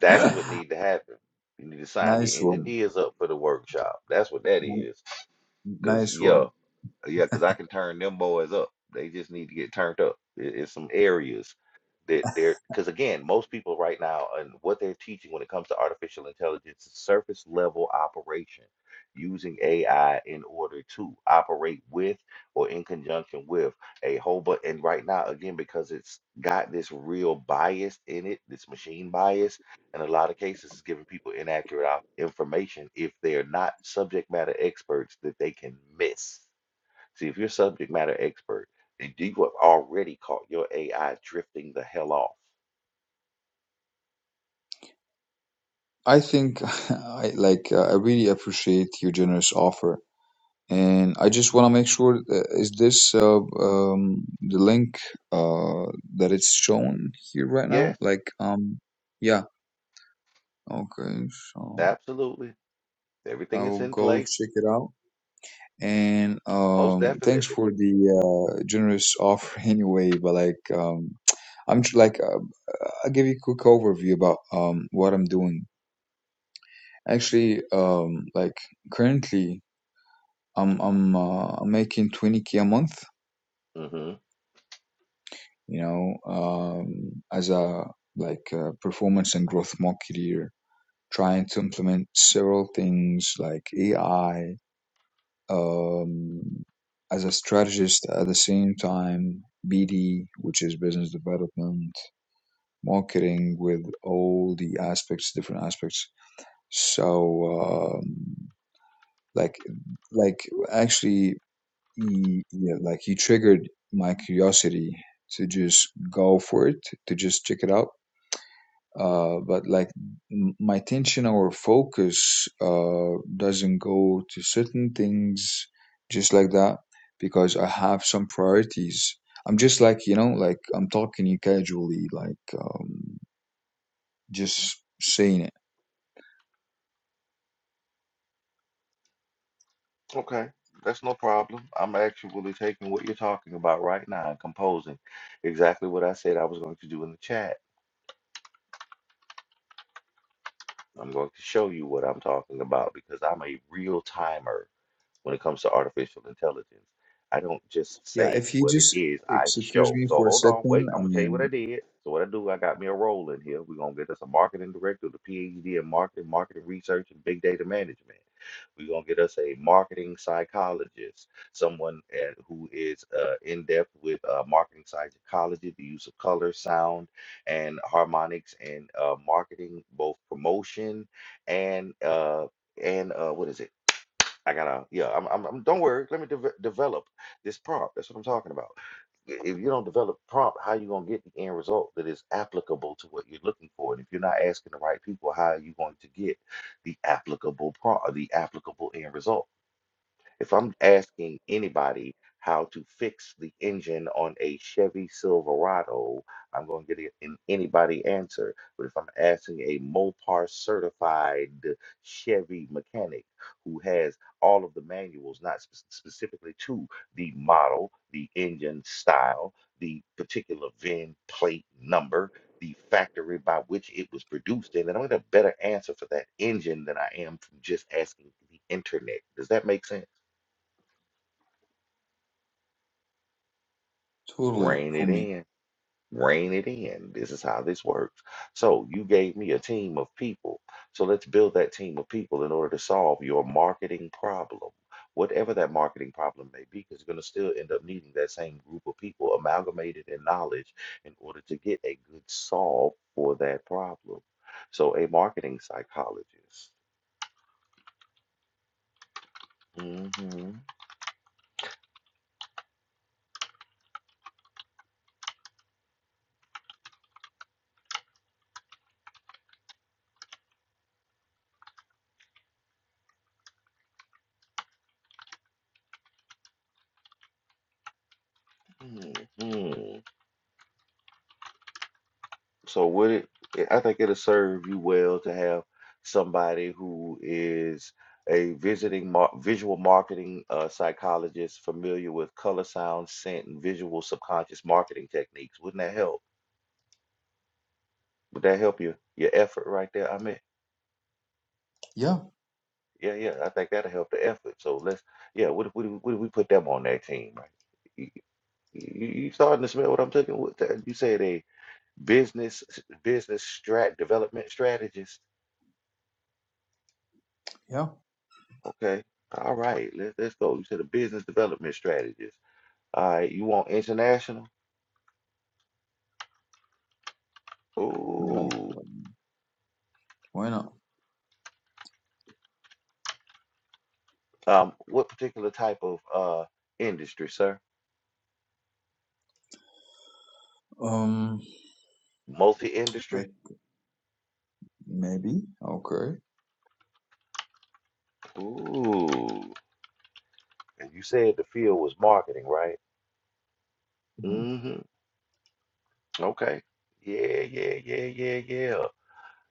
D: That's what need to happen. You need to sign your
H: nice one.
D: engineers up for the workshop. That's what that
H: N-
D: is. Cause
H: Nice
D: yeah,
H: one.
D: Yeah, because I can turn them boys up. They just need to get turned up. It, it's some areas that they're because again, most people right now and what they're teaching when it comes to artificial intelligence is surface level operation, using AI in order to operate with or in conjunction with a whole but and right now again because it's got this real bias in it, this machine bias. In a lot of cases, is giving people inaccurate op- information if they're not subject matter experts that they can miss See, if you're a subject matter expert, then you have already caught your AI drifting the hell off.
H: I think I like uh, I really appreciate your generous offer. And I just want to make sure uh, is this uh, um the link uh that it's shown here right now?
D: Yes,
H: Like um yeah, okay. So
D: absolutely.
H: I
D: Everything is
H: will
D: in
H: go
D: place,
H: check it out. And
D: most
H: um, thanks
D: definitely.
H: for the uh, generous offer anyway. But like, um, I'm tr- like, uh, I'll give you a quick overview about um, what I'm doing. Actually, um, like currently, I'm I'm uh, I'm making 20k a month.
D: hmm
H: You know, um, as a like uh performance and growth marketer, trying to implement several things like AI um, as a strategist at the same time bd which is business development marketing with all the aspects different aspects so um, like like actually he, yeah, like he triggered my curiosity to just go for it to just check it out uh, but like my attention or focus uh, doesn't go to certain things just like that because I have some priorities. I'm just like you know, like I'm talking to you casually, like um, just saying it.
D: Okay, that's no problem. I'm actually taking what you're talking about right now and composing exactly what I said I was going to do in the chat. I'm going to show you what I'm talking about because I'm a real timer. when it comes to artificial intelligence. I don't just
H: Yeah,
D: say
H: if you
D: what it
H: just
D: is, I
H: excuse
D: show.
H: me
D: So
H: for a
D: hold on,
H: second,
D: wait, I'm
H: I
D: gonna tell you what I
H: mean,
D: did. So what I do, I got me a role in here. We're gonna get us a marketing director, with a PhD in marketing, marketing research, and big data management. We're gonna get us a marketing psychologist, someone at, who is uh, in depth with uh, marketing psychology, the use of color, sound, and harmonics, and uh, marketing, both promotion and uh, and uh, what is it? I gotta, yeah, I'm, I'm, I'm don't worry. Let me deve- develop this prompt. That's what I'm talking about. I- If you don't develop prompt, how you gonna get the end result that is applicable to what you're looking for? And if you're not asking the right people, how are you going to get the applicable prompt, the applicable end result? If I'm asking anybody how to fix the engine on a Chevy Silverado, I'm going to get an anybody answer. But if I'm asking a Mopar certified Chevy mechanic who has all of the manuals, not spe- specifically to the model, the engine style, the particular VIN plate number, the factory by which it was produced in, then I'm going to get a better answer for that engine than I am from just asking the internet. Does that make sense?
H: totally
D: Rein
H: for
D: it
H: me.
D: in. Rein it in. This is how this works. So you gave me a team of people. So let's build that team of people in order to solve your marketing problem. Whatever that marketing problem may be, because you're going to still end up needing that same group of people amalgamated in knowledge in order to get a good solve for that problem. So, a marketing psychologist. hmm hmm So would it, it- I think it'll serve you well to have somebody who is a visiting mar visual marketing uh, psychologist familiar with color, sound, scent, and visual subconscious marketing techniques. Wouldn't that help? Would that help your your effort right there? I mean,
H: Yeah,
D: yeah, yeah, I think that'll help the effort. So let's, yeah, what if, what if, what if we put them on that team, right? You, you, you starting to smell what I'm talking with that? You said a business business strat development strategist.
H: yeah.
D: Okay. All right. Let's let's go. You said a business development strategist. All right. You want international?
H: I mean, like,
D: Ooh.
H: um, why not?
D: Um, what particular type of uh industry, sir?
H: Um,
D: Multi-industry?
H: like maybe okay.
D: Ooh. And you said the field was marketing, right?
H: Mhm.
D: Mm-hmm. Okay. Yeah, yeah, yeah, yeah, yeah.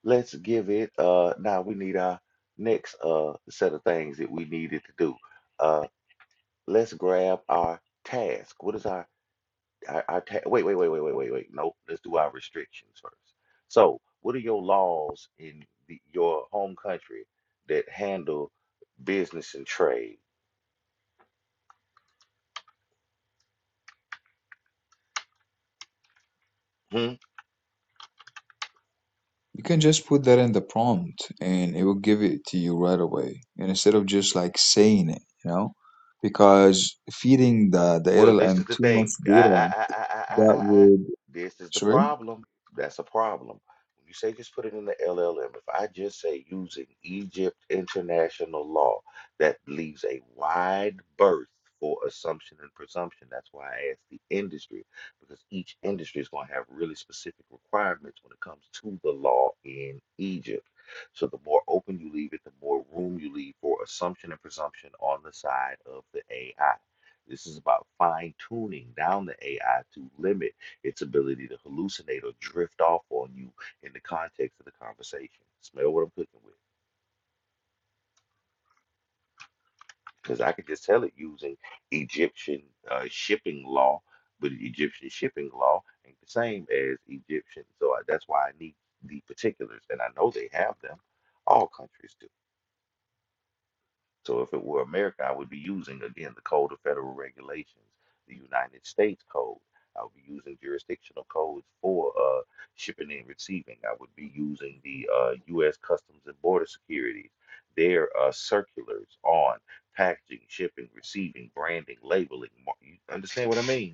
D: Let's give it uh now we need our next uh set of things that we needed to do. Uh let's grab our task. What is our I, I ta- wait, wait, wait, wait, wait, wait, wait. Nope. Let's do our restrictions first. So, what are your laws in the, your home country that handle business and trade? Hmm.
H: You can just put that in the prompt and it will give it to you right away. And instead of just like saying it, you know, because feeding the, the
D: Well, this is
H: LLM
D: the
H: too much
D: thing. I,
H: data,
D: I, I, I, I,
H: that
D: I, I.
H: would,
D: This is the
H: sorry?
D: problem. That's a problem. When you say just put it in the LLM, if I just say using Egypt international law, that leaves a wide berth for assumption and presumption. That's why I asked the industry, because each industry is going to have really specific requirements when it comes to the law in Egypt. So the more open you leave it, the more room you leave for assumption and presumption on the side of the AI. This is about fine tuning down the AI to limit its ability to hallucinate or drift off on you in the context of the conversation. Smell what I'm cooking with. Because I could just tell it using Egyptian uh, shipping law, but Egyptian shipping law ain't the same as Egyptian. So I, that's why I need the particulars, and I know they have them. All countries do. So if it were America, I would be using, again, the Code of Federal Regulations, the United States Code. I would be using jurisdictional codes for uh, shipping and receiving. I would be using the uh, U.S. Customs and Border Securities, their uh, circulars on packaging, shipping, receiving, branding, labeling. mar- You understand what I mean?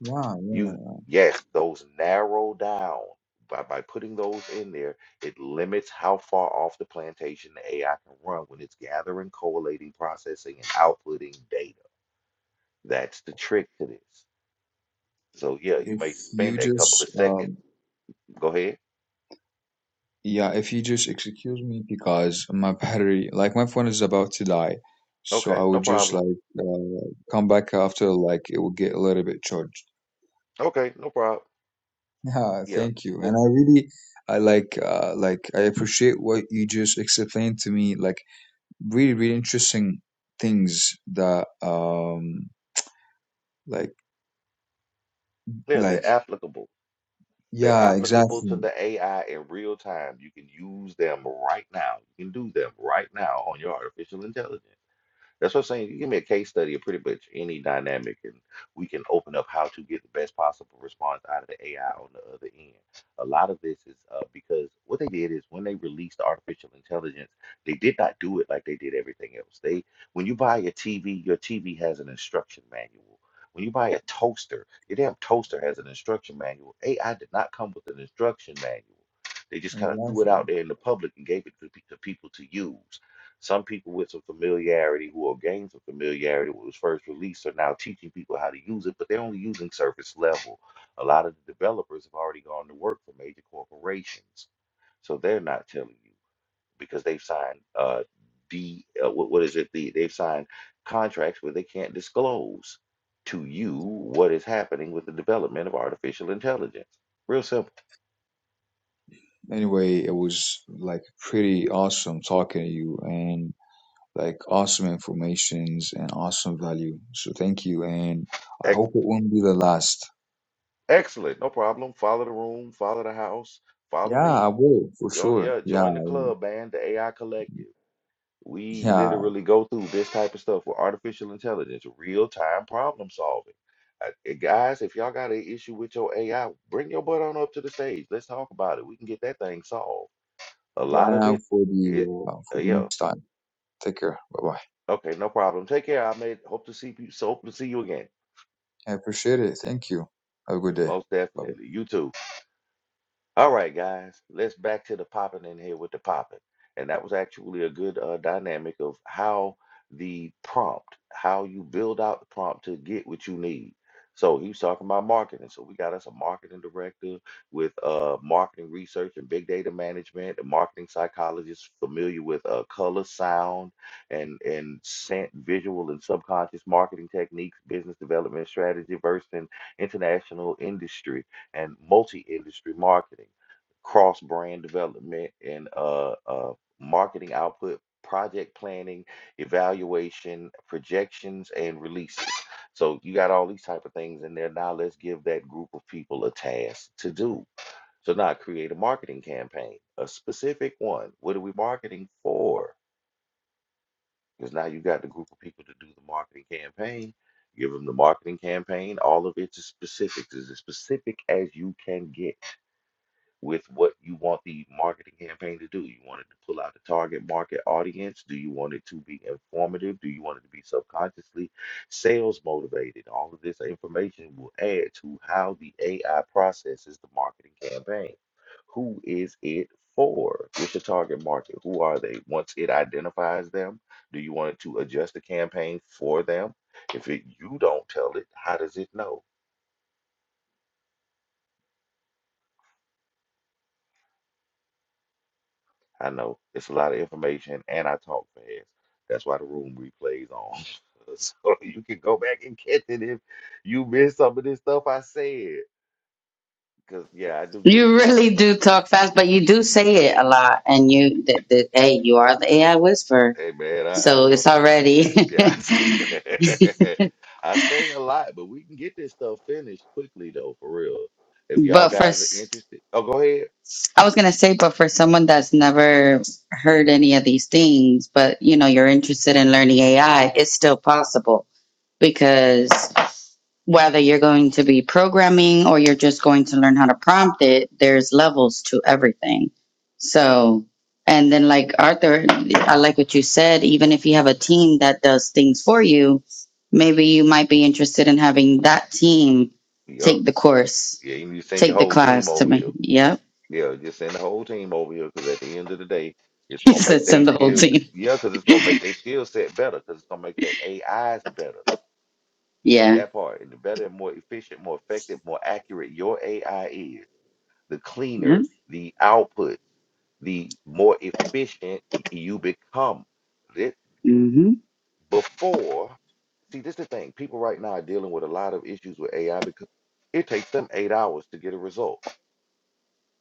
H: Yeah, yeah.
D: You yes, those narrow down. By by putting those in there, it limits how far off the plantation the AI can run when it's gathering, collating, processing, and outputting data. That's the trick to this. So yeah, you
H: If
D: may spend
H: you
D: a couple of
H: just,
D: seconds.
H: um,
D: Go ahead.
H: yeah, if you just excuse me because my battery, like my phone is about to die. So I
D: Okay, no
H: would just
D: problem.
H: like uh, come back after, like it will get a little bit charged.
D: Okay, no problem.
H: Yeah,
D: Yeah.
H: thank you.
D: Well,
H: And I really I like uh like I appreciate what you just explained to me, like really, really interesting things that um like
D: yeah,
H: like
D: they're applicable. They're
H: yeah,
D: applicable to
H: exactly.
D: the AI in real time. You can use them right now. You can do them right now on your artificial intelligence. That's what I'm saying. You give me a case study of pretty much any dynamic, and we can open up how to get the best possible response out of the AI on the other end. A lot of this is uh, because what they did is when they released artificial intelligence, they did not do it like they did everything else. They, when you buy a TV, your TV has an instruction manual. When you buy a toaster, your damn toaster has an instruction manual. AI did not come with an instruction manual. They just kind of threw it out
H: Exactly.
D: there in the public and gave it to, pe- to people to use some people with some familiarity who have gained some familiarity when it was first released are now teaching people how to use it, but they're only using surface level. A lot of the developers have already gone to work for major corporations, so they're not telling you because they've signed uh, D, uh, what, what is it? The, they've signed contracts where they can't disclose to you what is happening with the development of artificial intelligence. Real simple.
H: Anyway, it was like pretty awesome talking to you and like awesome informations and awesome value. So thank you and I hope it won't be the last.
D: Excellent. No problem. Follow the room, follow the house, follow
H: Yeah, I
D: me.
H: will for
D: Join,
H: sure.
D: yeah, join
H: Yeah,
D: the club, man, the AI Collective. We
H: yeah.
D: literally go through this type of stuff with artificial intelligence, real time problem solving. Uh, uh, guys, if y'all got an issue with your AI, bring your butt on up to the stage. Let's talk about it. We can get that thing solved. A lot
H: Bye
D: of
H: now
D: it,
H: for
D: it
H: the uh,
D: uh,
H: for the
D: yeah.
H: next time. Take care. Bye bye.
D: Okay, no problem. Take care. I made hope to see you. So hope to see you again.
H: I appreciate it. Thank you. Have a good day.
D: Most
H: Bye bye.
D: definitely. You too. All right, guys, let's back to the popping in here with the popping. And that was actually a good uh, dynamic of how the prompt, how you build out the prompt to get what you need. So he was talking about marketing. So we got us a marketing director with uh, marketing research and big data management, a marketing psychologist familiar with uh, color, sound, and and scent, visual and subconscious marketing techniques, business development strategy, versed in international industry and multi-industry marketing, cross-brand development, and uh, uh, marketing output, project planning, evaluation, projections, and releases. So you got all these type of things in there. Now let's give that group of people a task to do. So now create a marketing campaign, a specific one. What are we marketing for? Because now you got the group of people to do the marketing campaign give them the marketing campaign all of it's a specifics as specific as you can get with what you want the marketing campaign to do. You want it to pull out the target market audience? Do you want it to be informative? Do you want it to be subconsciously sales motivated? All of this information will add to how the AI processes the marketing campaign. Who is it for? What's your target market? Who are they? Once it identifies them, do you want it to adjust the campaign for them? If it, you don't tell it, how does it know? I know it's a lot of information, and I talk fast. That's why the room replays on, so you can go back and catch it if you missed some of this stuff I said. Cause yeah, I do get it,
F: You
D: y'all.
F: really do talk fast, but you do say it a lot. And you, th- th- hey, you are the AI whisperer.
D: Hey man, I, I
F: So
D: know.
F: it's already,
D: Yeah, I say a lot, but we can get this stuff finished quickly though, for real. If y'all
F: but
D: guys are
F: first.
D: interested, oh, go ahead.
F: I was gonna say, but for someone that's never heard any of these things, but you know, you're interested in learning AI, it's still possible because whether you're going to be programming or you're just going to learn how to prompt it, there's levels to everything. So, and then like Arthur, I like what you said, even if you have a team that does things for you, maybe you might be interested in having that team
D: Yup.
F: take the course,
D: Yeah, you need to send your
F: take the
D: whole team
F: class to
D: over
F: me.
D: here.
F: Yep.
D: Yeah, just send the whole team over here because at the end of the day, it's
F: He
D: gonna make
F: said
D: their
F: send the whole
D: skills.
F: team.
D: Yeah, because it's gonna make their skill set better because it's gonna make their AIs better.
F: Yeah.
D: That part, and the better, more efficient, more effective, more accurate your AI is, the
F: Yeah.
D: cleaner the output, the more efficient you become. This,
F: hmm
D: before, see, this is the thing. People right now are dealing with a lot of issues with AI because it takes them eight hours to get a result,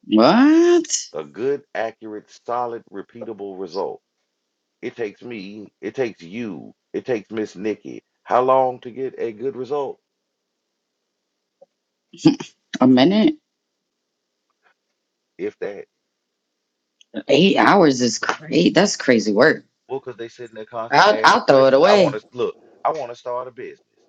F: What?
D: a good, accurate, solid, repeatable result It takes me, it takes you, it takes Miss Nikki. How long to get a good result,
F: A minute?
D: if that?
F: Eight hours is great. That's crazy work.
D: Well, because they sitting there constantly
F: I'll,
D: asking
F: I'll throw it
D: questions. I want
F: away.
D: to look. I want to start a business.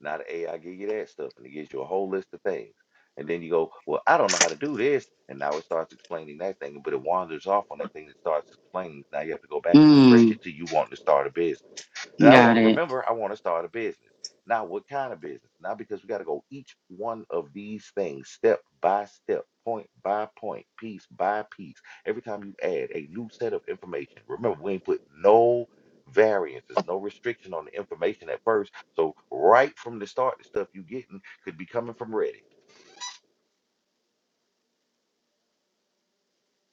D: Now the AI give you that stuff and it gives you a whole list of things. And then you go, well, I don't know how to do this. And now it starts explaining that thing, but it wanders off on that thing that starts explaining. Now you have to go back and refresh
F: Mm,
D: it till you want to start a business. And I
F: got
D: want to
F: it.
D: remember, I want to start a business. Now, what kind of business? Now, because we got to go each one of these things step by step, point by point, piece by piece. Every time you add a new set of information, remember, we ain't put no variances, no restriction on the information at first so right from the start, the stuff you getting could be coming from Reddit.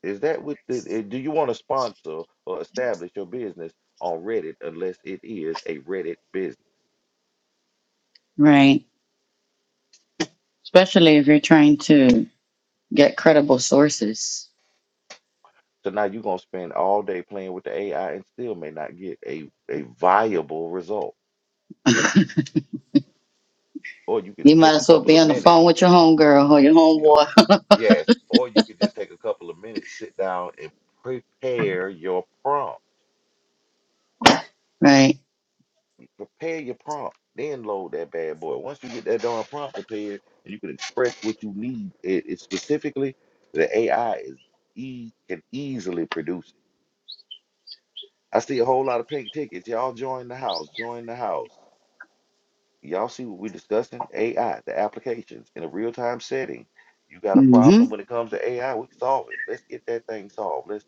D: Is that what? The, eh, do you want to sponsor or establish your business on Reddit unless it is a Reddit business?
F: Right. Especially if you're trying to get credible sources.
D: So now you're gonna spend all day playing with the AI and still may not get a a viable result. Or you can
F: You might
D: take a
F: as well
D: couple
F: be
D: of
F: on the
D: minutes,
F: phone with your homegirl or your
D: you know,
F: homeboy.
D: yes. Or you could just take a couple of minutes, sit down and prepare your prompt
F: Right.
D: prepare your prompt, then load that bad boy. Once you get that darn prompt prepared and you can express what you need, it, it specifically, the AI is e can easily produce it. I see a whole lot of pink tickets. Y'all join the house. Join the house. Y'all see what we're discussing? AI, the applications in a real time setting. You got a
F: hmm
D: problem when it comes to AI, we can solve it. Let's get that thing solved. Let's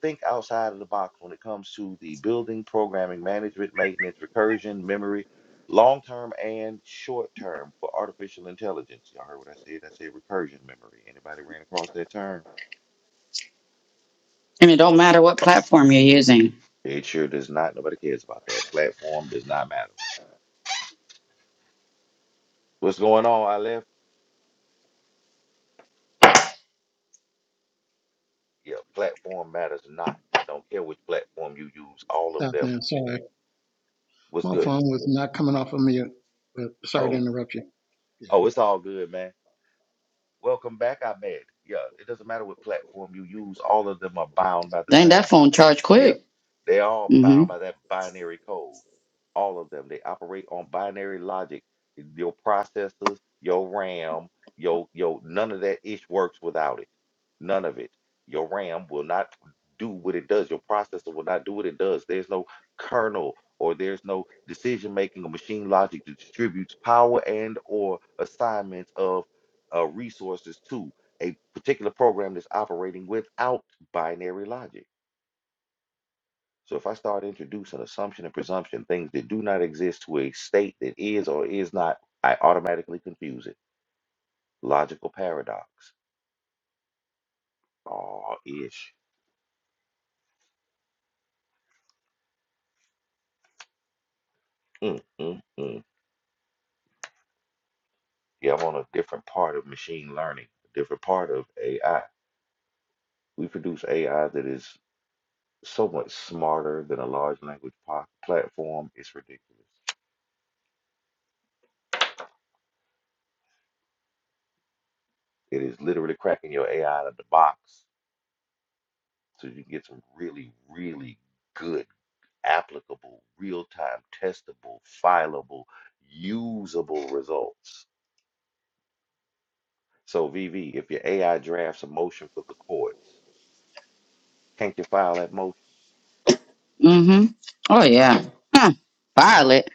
D: think outside of the box when it comes to the building, programming, management, maintenance, recursion, memory, long term and short term for artificial intelligence. Y'all heard what I said? I said recursion memory. Anybody ran across that term?
F: And it don't matter what platform you're using.
D: It sure does not. Nobody cares about that. Platform does not matter. What's going on, Aleph? Yeah, platform matters not. I don't care which platform you use. All
I: Good
D: of them
I: afternoon. Sorry,
D: was
I: my
D: good.
I: phone was not coming off of mute. But sorry to
D: Oh,
I: interrupt you. Yeah.
D: oh, it's all good, man. Welcome back, I Ahmed. Yeah, it doesn't matter what platform you use. All of them are bound by the
F: Dang, that
D: same
F: phone charge
D: Yeah,
F: quick.
D: they all
F: Mm-hmm.
D: bound by that binary code. All of them. They operate on binary logic. Your processors, your RAM, your your none of that ish works without it. None of it. Your RAM will not do what it does. Your processor will not do what it does. There's no kernel or there's no decision making or machine logic that distributes power and or assignments of uh, resources to a particular program that's operating without binary logic. So if I start introducing assumption and presumption, things that do not exist to a state that is or is not, I automatically confuse it. Logical paradox. Oh, ish. Mm, mm, mm. Yeah, I'm on a different part of machine learning, a different part of AI. We produce AI that is so much smarter than a large language po- platform. It's ridiculous. It is literally cracking your AI out of the box so you can get some really, really good applicable, real time, testable, fileable, usable results. So, VV, if your AI drafts a motion for the courts, can't you file that motion?
F: Mm-hmm. Oh yeah. Huh. Violet.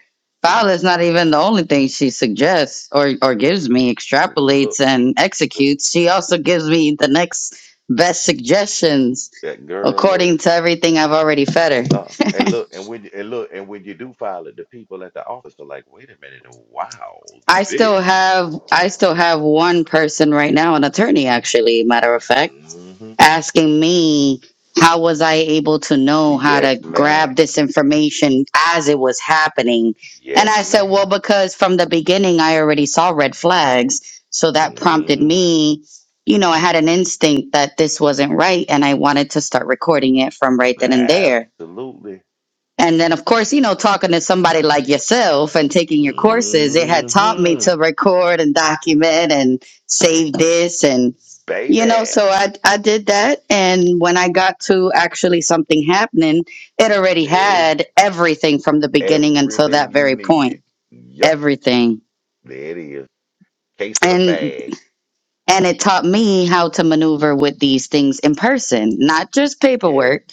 F: Violet's not even the only thing she suggests or or gives me,
D: But look,
F: extrapolates and
D: look,
F: executes. She also gives me the next best suggestions
D: that girl, look.
F: according to everything I've already fed her.
D: Uh, and look, and when and look, and when you do file it, the people at the office are like, "Wait a minute! Wow,
F: I
D: this,
F: still have I still have one person right now, an attorney actually, matter of fact.
D: hmm
F: asking me how was I able to know how
D: yes,
F: to
D: ma'am,
F: grab this information as it was happening. And
D: yes,
F: I said, well,
D: madam
F: because from the beginning I already saw red flags. So that prompted
D: hmm
F: me, you know, I had an instinct that this wasn't right and I wanted to start recording it from right then and there.
D: Absolutely.
F: And then, of course, you know, talking to somebody like yourself and taking your courses, it had taught me
D: hmm
F: to record and document and save this. And, you know,
D: Baby.
F: so I, I did that. And when I got to actually something happening, it already
D: There it is.
F: had everything from the beginning until
D: Everything
F: that
D: you
F: very point,
D: needed. Yep,
F: everything.
D: there it is. Case in a
F: and.
D: bag.
F: And it taught me how to maneuver with these things in person, not just
D: Yes.
F: paperwork,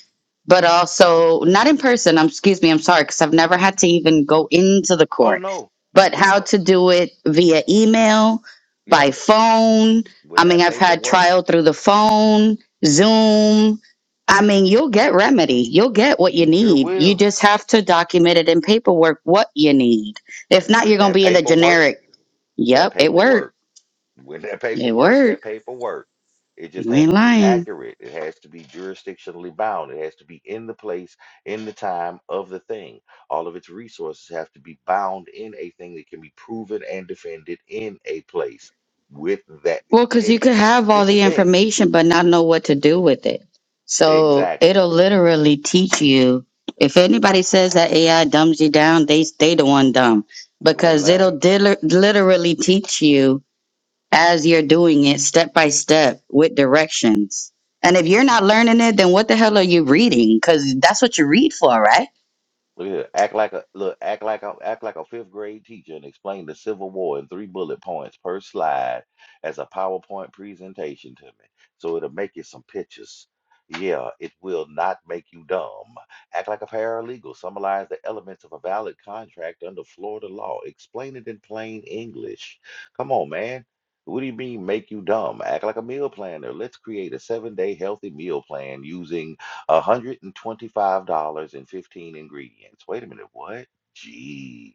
F: but also not in person. I'm, excuse me, I'm sorry, because I've never had to even go into the
D: Oh
F: court,
D: no.
F: but
D: No,
F: how
D: no.
F: to do it via email,
D: Yeah.
F: by phone.
D: When
F: I mean,
D: that
F: I've had
D: paperwork,
F: trial through the phone, Zoom. I mean, you'll get remedy. You'll get what you
D: you sure
F: need. You
D: will.
F: just have to document it in paperwork what you need. If not, you're
D: When
F: going to
D: that
F: be in the
D: paperwork,
F: generic.
D: that
F: Yep, it
D: paperwork.
F: worked.
D: When that
F: It
D: paperwork,
F: worked.
D: that paperwork. It just
F: You
D: has
F: ain't
D: to be
F: lying.
D: accurate. It has to be jurisdictionally bound. It has to be in the place, in the time of the thing. All of its resources have to be bound in a thing that can be proven and defended in a place with that.
F: Well, because you
D: It,
F: could have all
D: this the
F: the
D: thing.
F: information but not know what to do with it. So
D: Exactly.
F: it'll literally teach you. If anybody says that AI dumbs you down, they they the one dumb
D: You ain't
F: because
D: lying.
F: it'll dil- literally teach you as you're doing it step by step with directions. And if you're not learning it, then what the hell are you reading? Because that's what you read for, right?
D: Look at here. Act like a look. Act like a act like a fifth grade teacher and explain the Civil War in three bullet points per slide as a PowerPoint presentation to me. So it'll make you some pictures. Yeah, it will not make you dumb. Act like a paralegal. Summarize the elements of a valid contract under Florida law. Explain it in plain English. Come on, man. What do you mean make you dumb? Act like a meal planner. Let's create a seven-day healthy meal plan using $125.15 ingredients. Wait a minute, what? Jeez.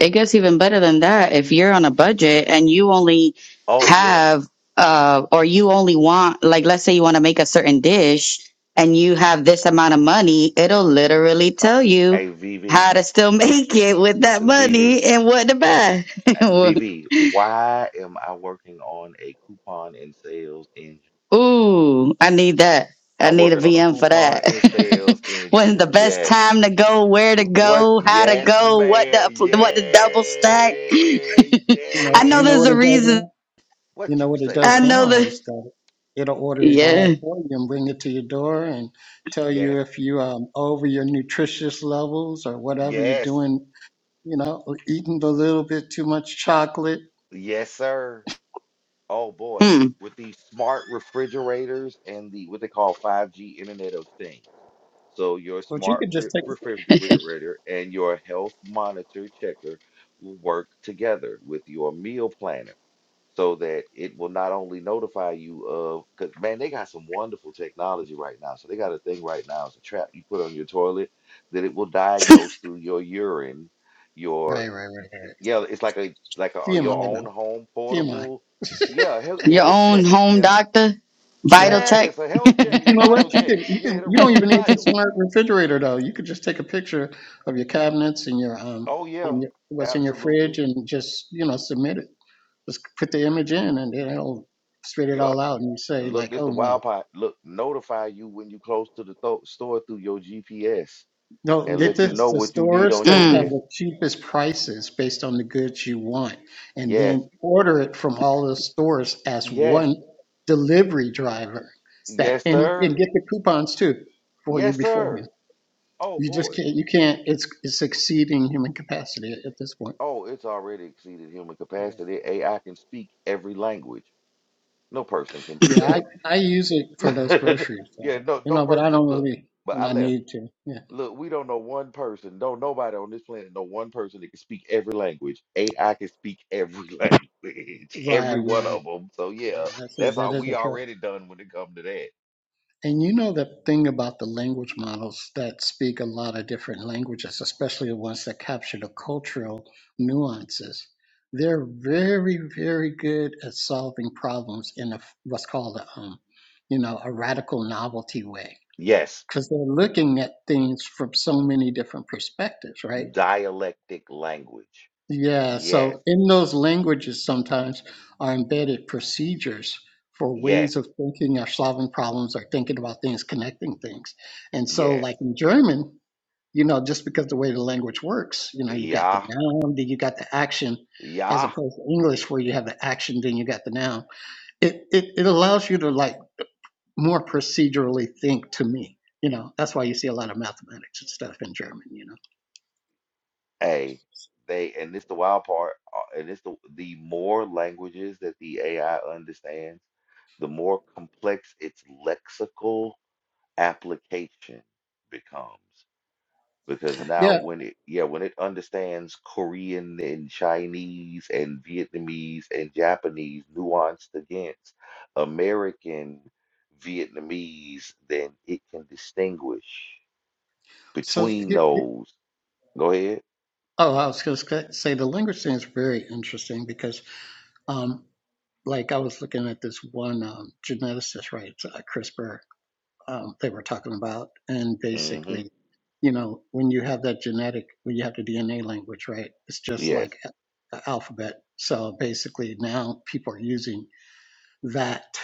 F: It gets even better than that. If you're on a budget and you only
D: Oh, yeah.
F: have, uh, or you only want, like, let's say you want to make a certain dish and you have this amount of money, it'll literally
D: Uh,
F: tell you
D: hey, VV,
F: how to still make it with that
D: VV,
F: money and what to
D: uh,
F: buy.
D: uh, VV, why am I working on a coupon and sales engine?
F: Ooh, I need that. I
D: I'm
F: need a
D: working on a
F: VM for
D: coupon
F: that.
D: and sales
F: When's
D: engine.
F: the best
D: Yes.
F: time to go? Where to
D: What?
F: go? How to
D: Yes,
F: go? What
D: ma'am.
F: the what the
D: Yeah.
F: double stack?
I: You
F: I
I: know,
F: know
I: you know
D: Yeah.
F: there's
I: what
F: a
I: it
D: Coup-
I: does
F: reason.
I: now. You
D: What
I: know
D: you
I: what it
D: say?
F: I
I: does now
F: know
I: is that it'll order it
F: Yeah.
I: all for you and bring it to your door and tell
D: Yes.
I: you if you um over your nutritious levels or whatever you're
D: Yes.
I: doing. You know, or eating a little bit too much chocolate.
D: Yes, sir. Oh boy,
F: Hmm.
D: with these smart refrigerators and the what they call 5G Internet of Things. So your
I: But you
D: smart
I: could
D: re-
I: just take. it.
D: refrigerator and your health monitor checker will work together with your meal planner so that it will not only notify you of, because man, they got some wonderful technology right now. So they got a thing right now, it's a trap you put on your toilet that it will diagnose through your urine, your,
I: Right, right, right,
D: y-
I: right.
D: yeah, it's like a like a, your
I: TMI
D: own
I: though.
D: home
I: TMI.
D: portable yeah, health, your
F: Your
D: health
F: own
D: check.
F: home
D: Yeah,
F: doctor, Vital
D: yeah, it's
F: Tech.
D: a health check,
I: But you
D: your
I: know what?
D: vital
I: You
D: check.
I: can you
D: Yeah,
I: can
D: it'll
I: you don't
D: run your
I: even need the
D: vitals.
I: smart refrigerator though. You could just take a picture of your cabinets and your um
D: Oh yeah,
I: and your, what's in your
D: absolutely.
I: fridge and just you know submit it. Just put the image in and then it'll spit it
D: Yup.
I: all out and you say
D: And Look,
I: like,
D: this
I: oh
D: the
I: no,
D: wild part. Look, notify you when you close to the tho- store through your GPS
I: no.
D: and
I: Get
D: let you
I: this:
D: know
I: the
D: what you need
I: stores
D: on your
I: that have
F: mm.
D: list.
I: the cheapest prices based on the goods you want, and
D: Yes,
I: then order it from all the stores as
D: yes,
I: one delivery driver. That
D: yes,
I: and and
D: sir.
I: get the coupons too for you
D: Yes,
I: beforehand.
D: sir. Oh
I: You just
D: boy.
I: can't, you can't, it's, it's exceeding human capacity at, at this point.
D: Oh, it's already exceeded human
I: Yeah.
D: capacity. AI can speak every language. No person can do
I: Yeah, I, I use it for those
D: that.
I: groceries,
D: yeah,
I: so,
D: no,
I: you
D: no
I: know, but I
D: person.
I: don't
D: Look,
I: really,
D: but
I: and
D: I
I: I
D: left.
I: need to. Yeah.
D: Look, we don't know one person. Don't nobody on this planet know one person that can speak every language. AI can speak every language,
I: Right.
D: every one
I: Yeah.
D: of them. So yeah,
I: Yeah. That's it.
D: that's
I: That
D: how
I: is
D: we
I: a trip.
D: already done when it comes to that.
I: And you know, the thing about the language models that speak a lot of different languages, especially the ones that capture the cultural nuances, they're very, very good at solving problems in a, what's called a, um, you know, a radical novelty way
D: Yes,
I: because they're looking at things from so many different perspectives, right?
D: dialectic language.
I: Yeah,
D: Yes,
I: so in those languages sometimes are embedded procedures for
D: yes,
I: ways of thinking or solving problems or thinking about things, connecting things. And so,
D: yes.
I: like in German, you know, just because the way the language works, you know, you got the
D: Yeah,
I: noun, then you got the action, as
D: yeah.
I: opposed to English where you have the action, then you got the noun. It it, it allows you to like more procedurally think to me. You know, that's why you see a lot of mathematics and stuff in German, you know.
D: Hey, they and this the wild part. uh, And it's the the more languages that the AI understands, the more complex its lexical application becomes because now
I: Yeah.
D: when it yeah when it understands korean and chinese and vietnamese and japanese nuanced against american vietnamese then it can distinguish
I: So,
D: between
I: here-
D: those go ahead
I: oh, I was going to say the language thing is very interesting because, um, like, I was looking at this one um, geneticist, right, uh, CRISPR, um, they were talking about, and
D: hmm
I: basically, you know, when you have that genetic, when you have the DNA language, right, it's just
D: yes
I: like a- a alphabet. So basically, now people are using that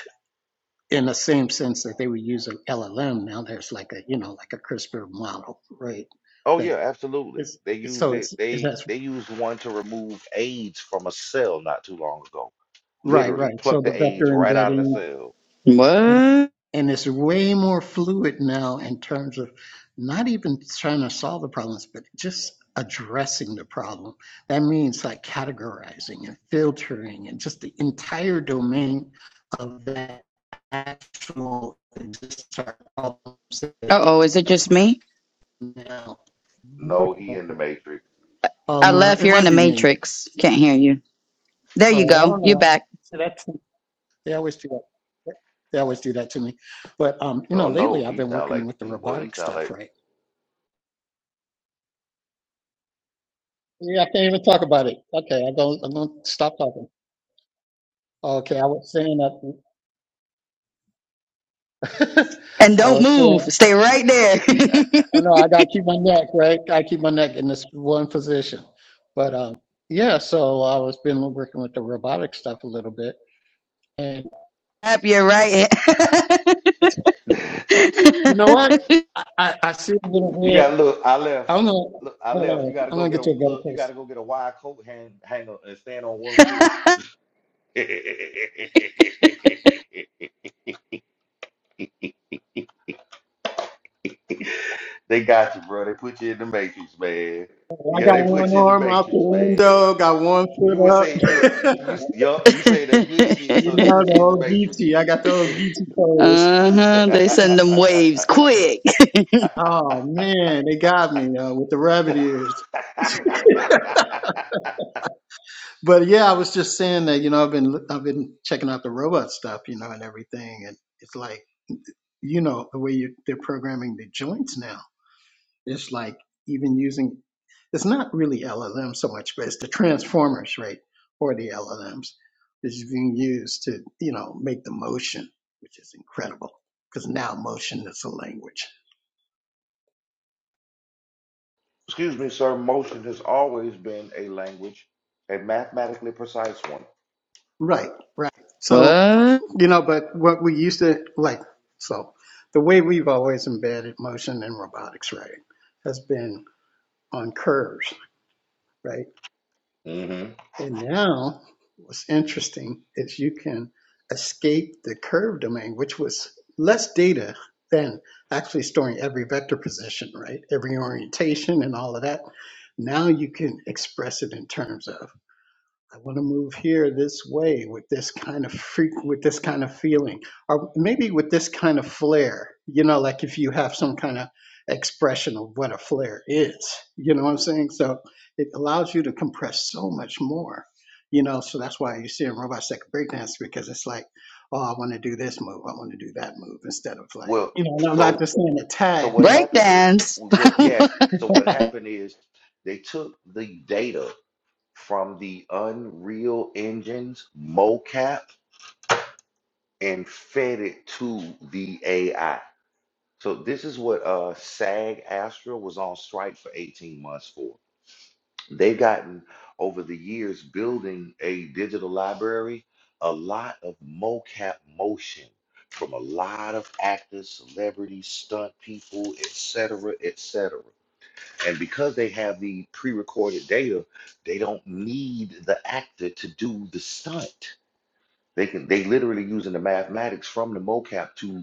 I: in the same sense that they would use an LLM. Now there's like a you know like a CRISPR model, right?
D: oh
I: That
D: yeah absolutely
I: is
D: they used
I: so
D: it
I: it's it's
D: they
I: that's
D: they used one to remove aids from a cell not too long ago
I: right
D: literally
I: right. So
D: plucked
I: the
D: the aids
I: vector
D: right out of the
I: embedding
D: cell
F: What?
I: and,
F: Uh
I: and it's way more fluid now in terms of not even trying to solve the problems, but just addressing the problem. That means like categorizing and filtering and just the entire domain of that actual existing problem set
F: oh, is it just me?
I: now.
D: No, he in the Matrix.
F: I
I: Um, uh,
F: left.
I: it
F: You're in
I: might
F: the
I: be me.
F: matrix. Can't hear you. There
I: Uh,
F: you
I: I
F: go.
I: don't
F: You're
I: know.
F: back.
I: So that's, they always do that. They always do that to me. But, um, you
D: Oh
I: know,
D: no,
I: lately I've
D: he
I: been
D: sound
I: working
D: like
I: with the
D: Steve boy. He
I: robotic
D: sound
I: stuff,
D: like
I: right? Yeah, I can't even talk about it. Okay, I'm going, I'm going to stop talking. Okay, I was saying that,
F: And
I: I
F: don't
I: was
F: move.
I: saying,
F: Stay right there.
I: oh no, I gotta keep my neck, right? I keep my neck in this one position. But, um, yeah, so I was been working with the robotic stuff a little bit. And
F: Tap your right hand.
I: You know what? I, I, I see it in
D: you
I: here.
D: gotta look. I left.
I: I'm gonna
D: Look, I left. You
I: hold on.
D: gotta
I: I'm
D: go
I: gonna
D: get
I: get
D: a
I: you a better
D: look. You
I: place.
D: gotta go get a wide coat hang hanger and stand on one foot. they got you, bro. They put you in the Matrix, man.
I: Oh, I
D: Yeah,
I: got
D: they put
I: one
D: you in the
I: arm out the
D: Matrix, man.
I: window, got one
D: You would
I: foot
D: say, look, y- you
I: up.
D: yup, you say that good shit,
I: you
D: so they
I: know the
D: put you in the
I: old
D: Matrix,
I: Geechee. I got the old
D: bro.
I: Geechee pose.
F: uh huh. They send them waves quick.
I: Oh man, they got me uh, with the rabbit ears. But yeah, I was just saying that you know I've been I've been checking out the robot stuff, you know, and everything, and it's like you know the way you they're programming the joints now. It's like even using, it's not really LLM so much, but it's the transformers, right? Or the LLMs that's being used to, you know, make the motion, which is incredible because now motion is a language.
D: excuse me, sir, motion has always been a language, a mathematically precise one.
I: Right, right. So,
F: What?
I: you know, but what we used to like, so the way we've always embedded motion in robotics, right, has been on curves, right?
D: hmm
I: And now, what's interesting is you can escape the curve domain, which was less data than actually storing every vector position, right? Every orientation and all of that. Now you can express it in terms of I want to move here this way with this kind of freak, with this kind of feeling, or maybe with this kind of flair. You know, like if you have some kind of expression of what a flair is. You know what I'm saying? So it allows you to compress so much more. You know, so that's why you see in robots that can breakdance because it's like, oh, I want to do this move, I want to do that move instead of like,
D: Well,
I: you know. And I'm not
D: so
I: just saying a
D: so
I: tag
D: what
I: that.
D: happened is,
F: Breakdance?
D: well, yes. So what happened is they took the data from the Unreal Engine's mocap and fed it to the AI. So this is what uh, SAG Astra was on strike for 18 months for. They've gotten over the years building a digital library, a lot of mocap motion from a lot of actors, celebrities, stunt people, etc., etc. And because they have the pre-recorded data, they don't need the actor to do the stunt. They can they literally using the mathematics from the mocap to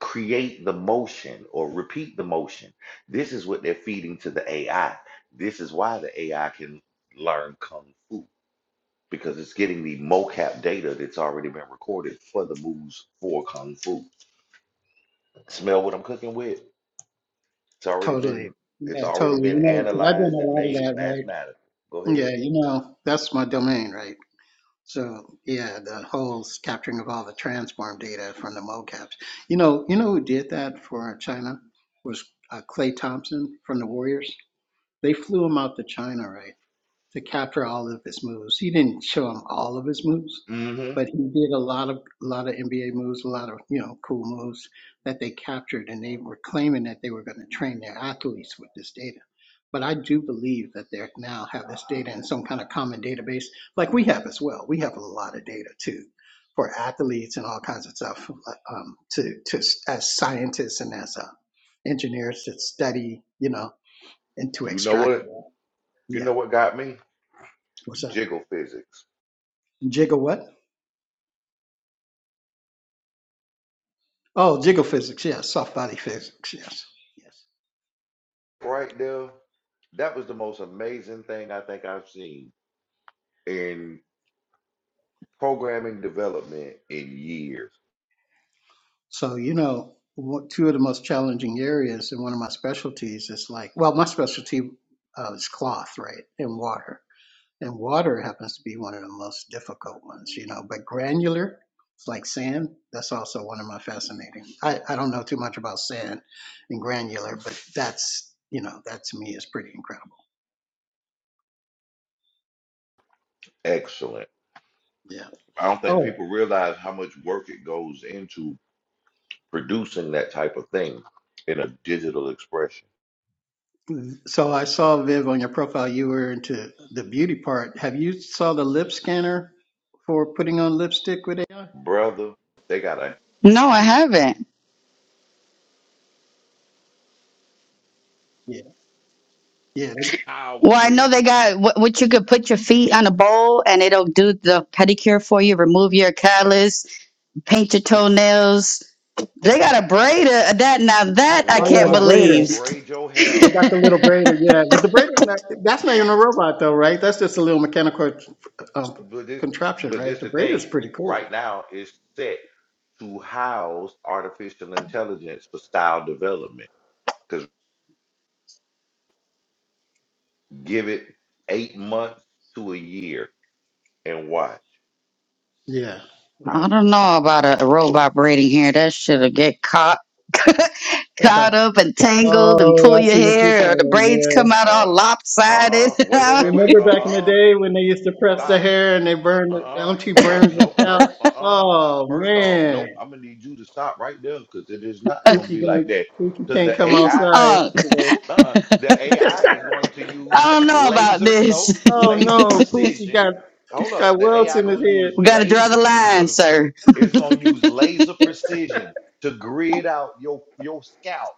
D: create the motion or repeat the motion. This is what they're feeding to the AI. This is why the AI can learn kung fu because it's getting the mocap data that's already been recorded for the moves for kung fu. Smell what I'm cooking with. It's already
I: Totally,
D: been it's
I: yeah,
D: already
I: totally.
D: been
I: You know, because I've done a
D: analyzed and
I: lot of
D: made
I: that, right?
D: mathematically. Go
I: Yeah,
D: ahead.
I: you know, that's my domain, right? So yeah, the whole s- capturing of all the transform data from the mocaps. You know, you know who did that for China was uh, Clay Thompson from the Warriors. They flew him out to China, right? to capture all of his moves. He didn't show him all of his moves,
D: Mm-hmm.
I: but he did a lot of a lot of NBA moves, a lot of you know cool moves that they captured, and they were claiming that they were going to train their athletes with this data. But I do believe that they now have this data in some kind of common database, like we have as well. We have a lot of data too for athletes and all kinds of stuff, like, um, to to as scientists and as uh, engineers to study, you know, and to
D: You know
I: extract.
D: what? You
I: Yeah,
D: know what got me?
I: what's up?
D: Jiggle physics.
I: Jiggle what? Oh, jiggle physics. Yes, soft body physics. Yes, yes.
D: Right there. That was the most amazing thing I think I've seen. in programming development in years.
I: So you know, one- two of the most challenging areas in one of my specialties is like, well, my specialty uh, is cloth, right, and water, and water happens to be one of the most difficult ones, you know. But granular, it's like sand. That's also one of my fascinating. I I don't know too much about sand and granular, but that's you know that to me is pretty incredible.
D: Excellent.
I: Yeah.
D: I don't think
I: Oh.
D: people realize how much work it goes into producing that type of thing in a digital expression.
I: So I saw Viv on your profile. You were into the beauty part. Have you saw the lip scanner for putting on lipstick with AI?
D: Brother, they got a
F: no, I haven't.
I: Yeah, yeah. lipstick.
D: how
F: Well,
D: with
F: I
D: this
F: know they got what, what you could put your feet on a bowl and it'll do the pedicure for you, remove your callus, paint your toenails. They got a braid uh, that now that I
I: Oh yeah,
F: can't
I: the
D: robot that will
I: braider.
F: believe.
D: braid your hair.
I: They got the little
F: I
I: braider. Yeah, but the braider not, that's not even a robot though, right? That's just a little mechanical um,
D: But this,
I: contraption,
D: but
I: right?
D: this
I: The
D: the thing.
I: braider's pretty cool.
D: Right now, it's set to house artificial intelligence for style development. Because give it eight months to a year and watch.
I: Yeah, right.
F: don't know about a robot braiding hair. That shit'll get caught
I: oh,
F: caught up and tangled and pull
I: I
F: your
I: see what you're
F: hair or the
I: saying.
F: braids
I: Yeah.
F: come out all
D: Um,
F: lopsided.
D: uh-uh. Wait, wait, wait, wait.
I: Remember back in the
D: Uh-uh.
I: day when they used to press the
D: Stop.
I: hair and they burned the
D: Uh-uh.
I: Auntie
D: Nope,
I: burns and
D: nope,
I: scalp?
D: nope. Uh-uh.
I: Oh
D: First off,
I: man.
D: nope. I'm gonna need you to stop right there because it is not gonna
I: Pookie
D: be
I: gonna
D: like that.
I: Pookie
D: Because
I: can't
D: the
I: come
D: AI,
I: outside
F: Unk.
I: today.
D: uh-uh, the AI is going to
F: I
D: use
F: don't know about
D: laser, nope,
F: this.
I: Oh
D: laser
I: no, Pookie
D: precision.
I: got
D: Hold up,
I: got
D: the
I: welts
D: AI
I: in his
D: gonna
I: head.
D: use
F: We got to draw
D: laser.
F: the line, sir.
D: It's gonna use laser precision to grid out your your scalp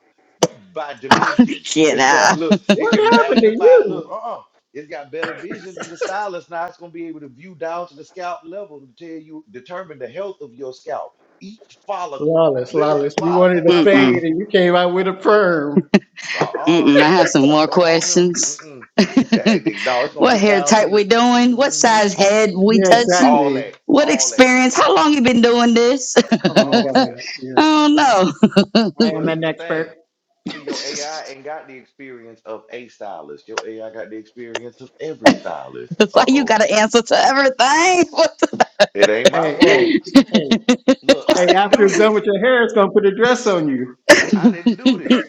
D: by dimension.
F: Get
D: It's gonna
F: out.
D: look. It
I: What
D: can
I: happened to
D: magnify. Look,
I: you?
D: uh, uh it's got better vision than the stylus. Now it's gonna be able to view down to the scalp level to tell you determine the health of your scalp. Each follicle,
I: Lawless,
D: literally
I: lawless. You
D: follicle
I: wanted a
D: by
I: fade
F: Mm-mm.
D: follicle.
I: and you came out with a perm.
D: Uh, uh
F: Mm-mm. I have some more
D: come on here.
F: questions.
D: Mm-mm. That, no, it's gonna
F: what
D: get
F: hair
D: down to
F: type we
D: the
F: doing? What
D: mm-hmm.
F: size head we
I: Yeah,
F: touching?
D: all
I: exactly.
D: that,
F: What
D: all that,
F: experience? How long you been doing this?
I: Oh my
D: all that.
I: god.
F: I
I: Yeah.
F: don't know.
I: I am
D: Well,
I: an
D: that's the thing.
I: expert.
D: See,
I: hey,
D: your AI ain't got the experience of a stylist. Your AI got the experience of every stylist.
F: Why you
D: Uh-oh.
F: got to answer to everything? What the-
D: It ain't my
I: hey,
D: fault.
I: hey,
D: Look, I
I: hey,
D: didn't
I: after
D: do
I: it's done
D: this.
I: with your hair, it's gonna put a dress on you.
D: I didn't do this.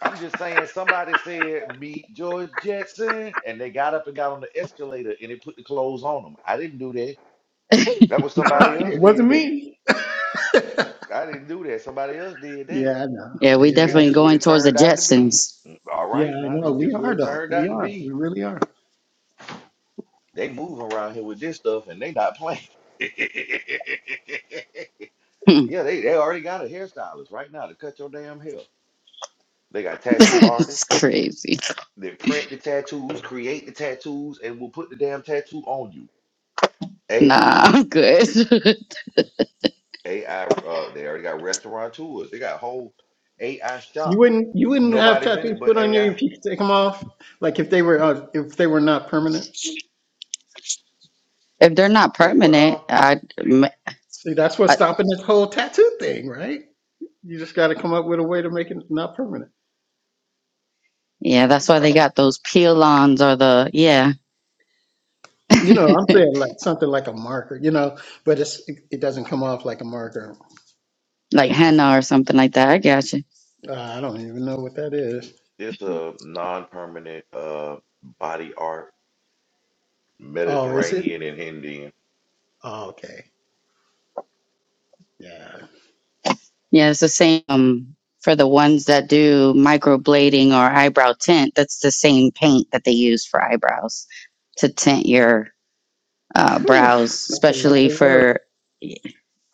D: I'm just saying somebody said meet George Jetson and they got up and got on the escalator and they put the clothes on them. I didn't do that. That was somebody else
I: it
D: did
I: wasn't
D: that.
I: me. yeah,
D: I didn't do that. Somebody else did that.
I: I know.
F: yeah, we
D: It's
I: Yeah.
F: definitely
D: just what
F: going
D: it
F: towards the
D: turned out to be.
F: Jetsons.
D: All
I: Yeah,
D: right,
I: I
D: now
I: know.
D: it's
I: We
D: just what
I: are
D: it
I: though.
D: turned
I: We
D: out to
I: are.
D: be.
I: We really are.
D: They move around here with this stuff and they not playing.
F: Hmm.
D: Yeah, they, they already got a hairstylist right now to cut your damn hair. They got tattoo
F: it's
D: artists
F: crazy.
D: that print the tattoos, create the tattoos, and will put the damn tattoo on you.
F: Nah,
D: AI.
F: I'm good.
D: AI, uh, they already got restaurant tours. They got whole AI
I: You
D: shop.
I: wouldn't you wouldn't have
D: Nobody's in it
I: tattoos put
D: but
I: on you
D: AI.
I: if you could take them off, like if they were uh, if they were not permanent.
F: if they're not
D: Take what
F: permanent,
D: off?
F: I
I: See, that's what's
F: I,
I: stopping this whole tattoo thing, right? You just got to come up with a way to make it not permanent.
F: yeah, that's why they got those peel-ons or the yeah,
I: You know, I'm saying like something like a marker, you know, but it's it, it doesn't come off like a marker.
F: like henna or something like that. I got you.
I: Uh, I don't even know what that is.
D: It's a non-permanent uh body art,
I: Oh, is it?
D: Mediterranean and Indian.
I: Oh, okay. Yeah.
F: Yeah, it's the same um, for the ones that do microblading or eyebrow tint. That's the same paint that they use for eyebrows to tint your uh,
I: Whew,
F: brows,
I: that's a lot
F: especially
I: of work.
F: for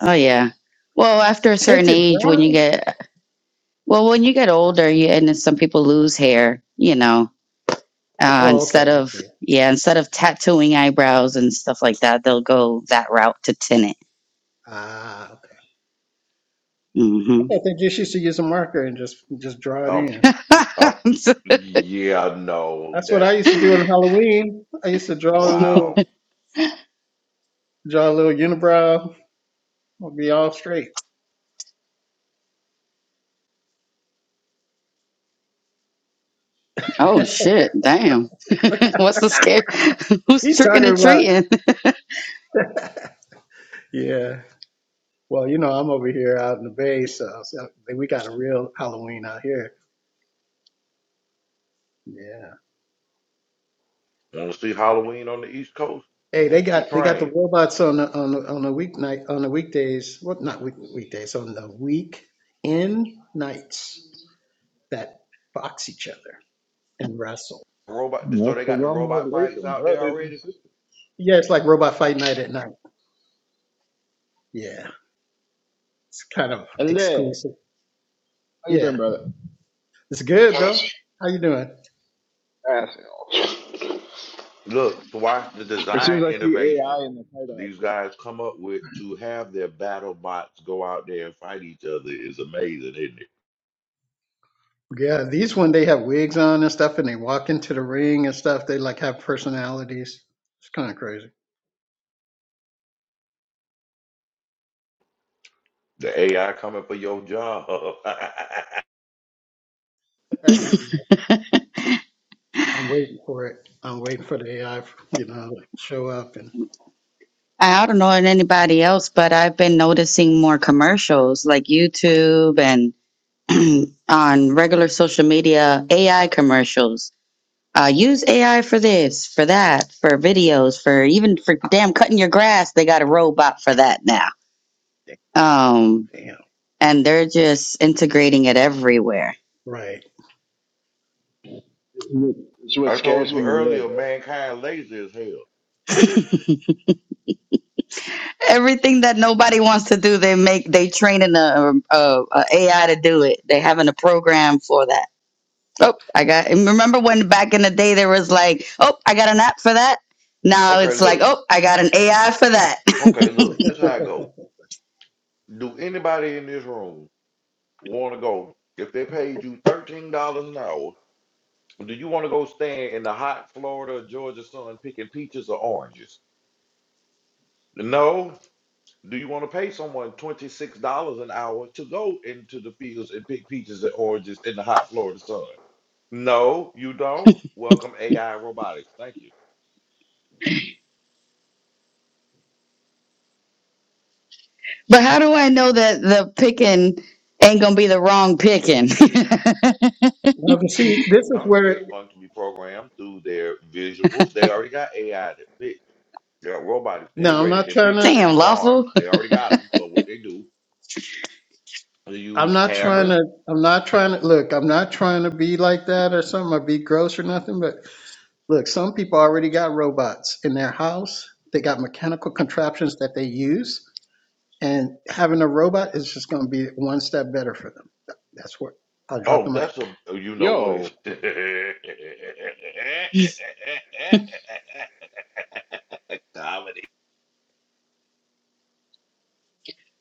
F: oh yeah. Well, after a certain
I: Tinted
F: age, when you
I: brows?
F: get well, when you get older, you and then some people lose hair. You know, uh,
I: Oh, okay.
F: instead
I: I
F: of
I: see.
F: yeah instead of tattooing eyebrows and stuff like that they'll go that route to tint
I: Ah, okay.
F: it
I: I
F: hmm
I: thought they just used to use a marker and just just draw it
D: Um.
I: in.
D: Up, yeah, no,
I: That's what
D: that's
I: I used to do
D: mm,
I: on Halloween. I used to draw a little,
D: wow.
I: draw a little unibrow. I'll be all straight.
F: oh shit damn what's the scare who's
I: You
F: tricking
I: talking
F: and
I: about?
F: treating
I: Yeah. Well, you know, I'm over here out in the bay, so, so we got a real Halloween out here. Yeah.
D: Want to see Halloween on the East Coast?
I: Hey, they
D: Catch the
I: got they got the
D: train.
I: robots on the on the on the weeknight on the weekdays. What not week, weekdays on the weekend nights that box each other and wrestle.
D: Robot. So
J: Well,
D: they got the
J: salam
D: robot fights
J: alaikum,
D: out there
J: brothers and
D: already.
J: sisters.
I: Yeah, it's like robot fight night at night. Yeah, it's kind of
J: Hello.
I: exclusive.
J: How you
I: Yeah.
J: been, brother?
I: It's good, bro. How you doing?
D: Look to watch the
J: As soon as
D: design
J: I see
D: innovation
J: AI in the title, I
D: these
J: quit.
D: guys come up with to have their battle bots go out there and fight each other is amazing, isn't it?
I: Yeah, these when they have wigs on and stuff, and they walk into the ring and stuff, they like have personalities. It's kind of crazy.
D: The AI coming for your job.
I: yeah. I'm waiting for it. I'm waiting for the AI, you know, to show up and
F: i don't know anybody else but i've been noticing more commercials like youtube and on regular social media ai commercials uh, use AI for this, for that, for videos, for even for damn cutting your grass. They got a robot for that now. Um,
I: damn,
F: and they're just integrating it everywhere.
I: right.
J: this is what, this is what
D: I told
J: scares
D: you
J: me a little
D: earlier,
J: bit.
D: mankind lazy as hell.
F: Everything that nobody wants to do, they make they training a, a, a AI to do it. They having a program for that. Oh, I got. and Remember when back in the day there was like, oh, I got an app for that. Now
D: Okay,
F: it's like,
D: look.
F: oh, I got an AI for that.
D: Okay, look. This how I go. Do anybody in this room want to go, if they paid you $13 an hour, do you want to go stand in the hot Florida, Georgia sun picking peaches or oranges? No. Do you want to pay someone $26 an hour to go into the fields and pick peaches and oranges in the hot Florida sun? No, you don't. Welcome AI robotics. Thank you.
F: but how do I know that the picking ain't gonna be the wrong picking?
I: Now, but see, this is
D: Huh?
I: where
D: It's going to be programmed through their visuals. They already got AI that picks. They got robotics
I: no, I'm
D: integrated
I: not
D: that
I: trying
D: picks
I: to.
F: Damn,
D: in farms.
F: lawful.
D: They already got them. So what they do, they
I: I'm
D: use
I: not trying
D: cameras
I: to. I'm not trying to look. I'm not trying to be like that or something or be gross or nothing. But look, some people already got robots in their house. They got mechanical contraptions that they use And having a robot is just going to be one step better for them. That's what I'll drop
D: Oh,
I: the
D: that's a
I: mic.
D: oh, you know what?
J: Yo,
D: Comedy.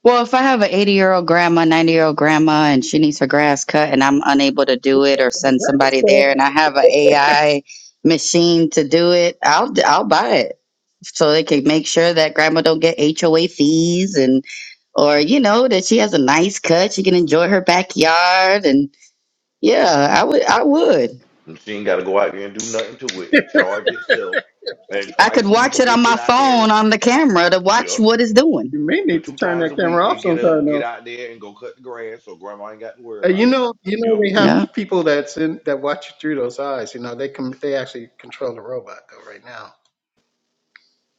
F: Well, if I have an 80 year old grandma, 90 year old grandma, and she needs her grass cut and I'm unable to do it or send somebody there and I have an AI machine to do it, I'll, I'll buy it so they can make sure that grandma don't get HOA fees and, or, you know, that she has a nice cut. She can enjoy her backyard. And yeah, I would, I would,
D: And She ain't got to go out there and do nothing to it. It charge itself, and
F: I could
D: twice a
F: watch
D: week
F: it on
D: it get
F: my
D: out there.
F: phone on the camera to watch
D: Yup.
F: what it's doing.
I: you may
D: And
I: need to
D: two
I: turn
D: times
I: that
D: a week
I: camera
D: it
I: off
D: get up,
I: sometime
D: get
I: though.
D: out there, and go cut the grass, so grandma ain't got to worry
I: Uh, You
D: about it.
I: know, you know,
D: Yup.
I: they
F: yeah.
I: have people that's in that watch you through those eyes. You know, they can they actually control the robot though right now.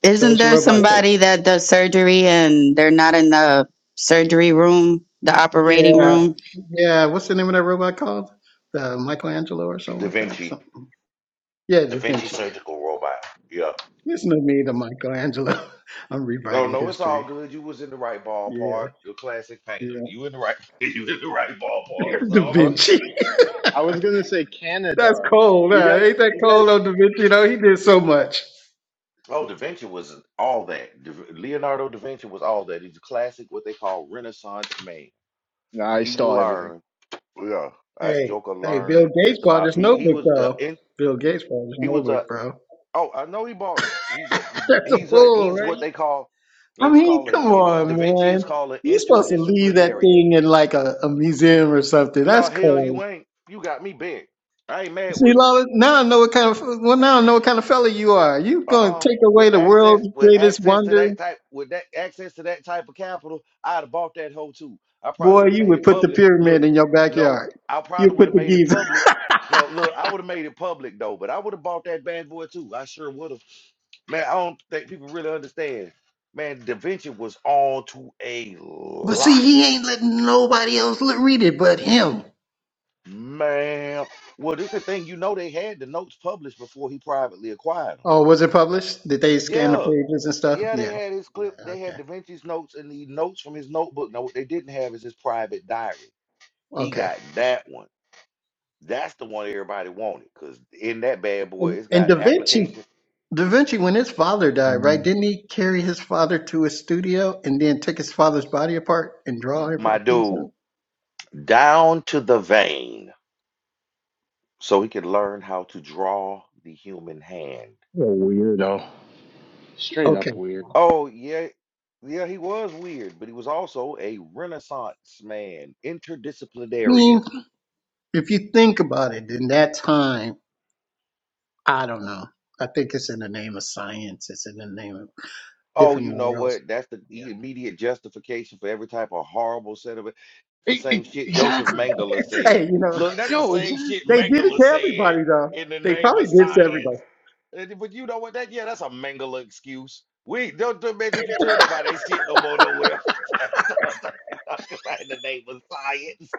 F: Isn't
I: Those
F: there
I: robots.
F: somebody that does surgery and they're not in the surgery room, the
I: Yeah,
F: operating room?
I: yeah. What's the name of that robot called? The Michelangelo or something
D: Da
I: like that.
D: Vinci,
I: Something. Yeah,
D: Da
I: Da
D: Vinci
I: Vinci. Yeah.
D: surgical robot. Yup.
I: It's not me, the Michelangelo. I'm
D: Oh
I: rewriting
D: no, it's all
I: history.
D: good. You was in the right
I: Yeah,
D: ballpark. The classic painter.
I: yeah.
D: You in the right. You in the right ballpark. It's
I: Da
D: all
J: I, w-
D: good.
I: Vinci.
J: I was gonna say
I: That's
J: Canadarm.
I: cold.
J: You
I: Huh?
J: guys,
I: Ain't that
J: you guys.
I: cold on Da Vinci? You know, he did so much.
D: Oh, Da Vinci was all that. Da- Leonardo da Vinci was all that. He's a classic, what they call Renaissance man.
J: Nah, I
D: He
J: stole everything.
D: learned, yeah, that
I: Hey,
D: Joker
I: hey,
D: learned
I: Bill Gates
D: just
I: bought
D: about.
I: his
D: He he
I: notebook,
D: was uh,
I: though.
D: in.
I: Bill Gates bought his
D: He was a.
I: notebook, bro.
D: Oh, I know he bought it. He's a.
I: That's a
D: He's a.
I: fool,
D: He's what
I: right?
D: they call.
I: I
D: well, He's
I: mean,
D: called an.
I: come
D: In, da
I: on,
D: Vinci
I: man.
D: is called an
I: You're supposed to leave that
D: interdisciplinarian.
I: thing in like a, a museum or something.
D: No
I: That's
D: hell, you
I: cold.
D: ain't. You got me bent. I ain't mad
I: See,
D: with him.
I: Lola, now I know what kind of well, now I know what kind of fella you are. You gonna
D: Uh-uh.
I: take
D: With
I: away the
D: access,
I: world's
D: with
I: greatest
D: access to
I: wonder,
D: that type, with that access to that type of capital, I'd have bought that hoe too. I probably
I: boy?
D: would have
I: You
D: made
I: would
D: it
I: put the
D: public. Look,
I: pyramid in your
D: no,
I: backyard.
D: I
I: You
D: probably would
I: put
D: have
I: the
D: made it
I: Giza.
D: public. No, look, I would have made it public though, but I would have bought that bad boy too. I sure would have. Man, I don't think people really understand. Man, Da Vinci was on to a
I: But see,
D: lot.
I: he ain't letting nobody else l- read it but him.
D: Man, well, this the thing. You know, they had the notes published before he privately acquired them.
I: Oh, was it published? Did they scan the
D: Yeah.
I: pages and stuff?
D: Yeah, they
I: Yeah.
D: had his
I: Yeah.
D: clip. They had
I: Okay.
D: Da Vinci's notes and the notes from his notebook. Now, what they didn't have is his private diary. He
I: Okay.
D: got that one. That's the one everybody wanted because in that bad boy,
I: And
D: it's
I: and
D: got
I: Da Vinci,
D: application.
I: Da Vinci, when his father died,
J: Hmm.
I: right? Didn't he carry his father to his studio and then take his father's body apart and draw
D: My
I: every piece of
D: dude,
I: it?
D: down to the vein, so he could learn how to draw the human hand.
J: What a weirdo. Straight
I: Okay.
J: up
I: I
J: weirdo.
D: Oh yeah, yeah, he was weird, but he was also a Renaissance man, interdisciplinarian.
I: mean, if you think about it, in that time, I don't know. I think it's in the name of science. It's in the name of
D: Oh,
I: different
D: you know
I: morals.
D: what? That's the
I: Yeah.
D: e- immediate justification for every type of horrible set of it. It's the
J: E-
D: same
J: e-
D: shit Joseph
J: exactly.
D: Mengele
I: Hey,
D: said.
I: you know.
D: Look, that's the
J: Yo,
D: same shit
J: exactly.
I: They did it
D: Mengele
I: to
D: said
I: everybody, though.
D: in the
I: They
D: name
I: probably
D: of
I: did it to
D: science.
I: everybody.
D: And- But you know what? That yeah, that's a Mengele excuse. We don't don't, man, don't you tell nobody that shit no more nowhere. Talk about in the name of science.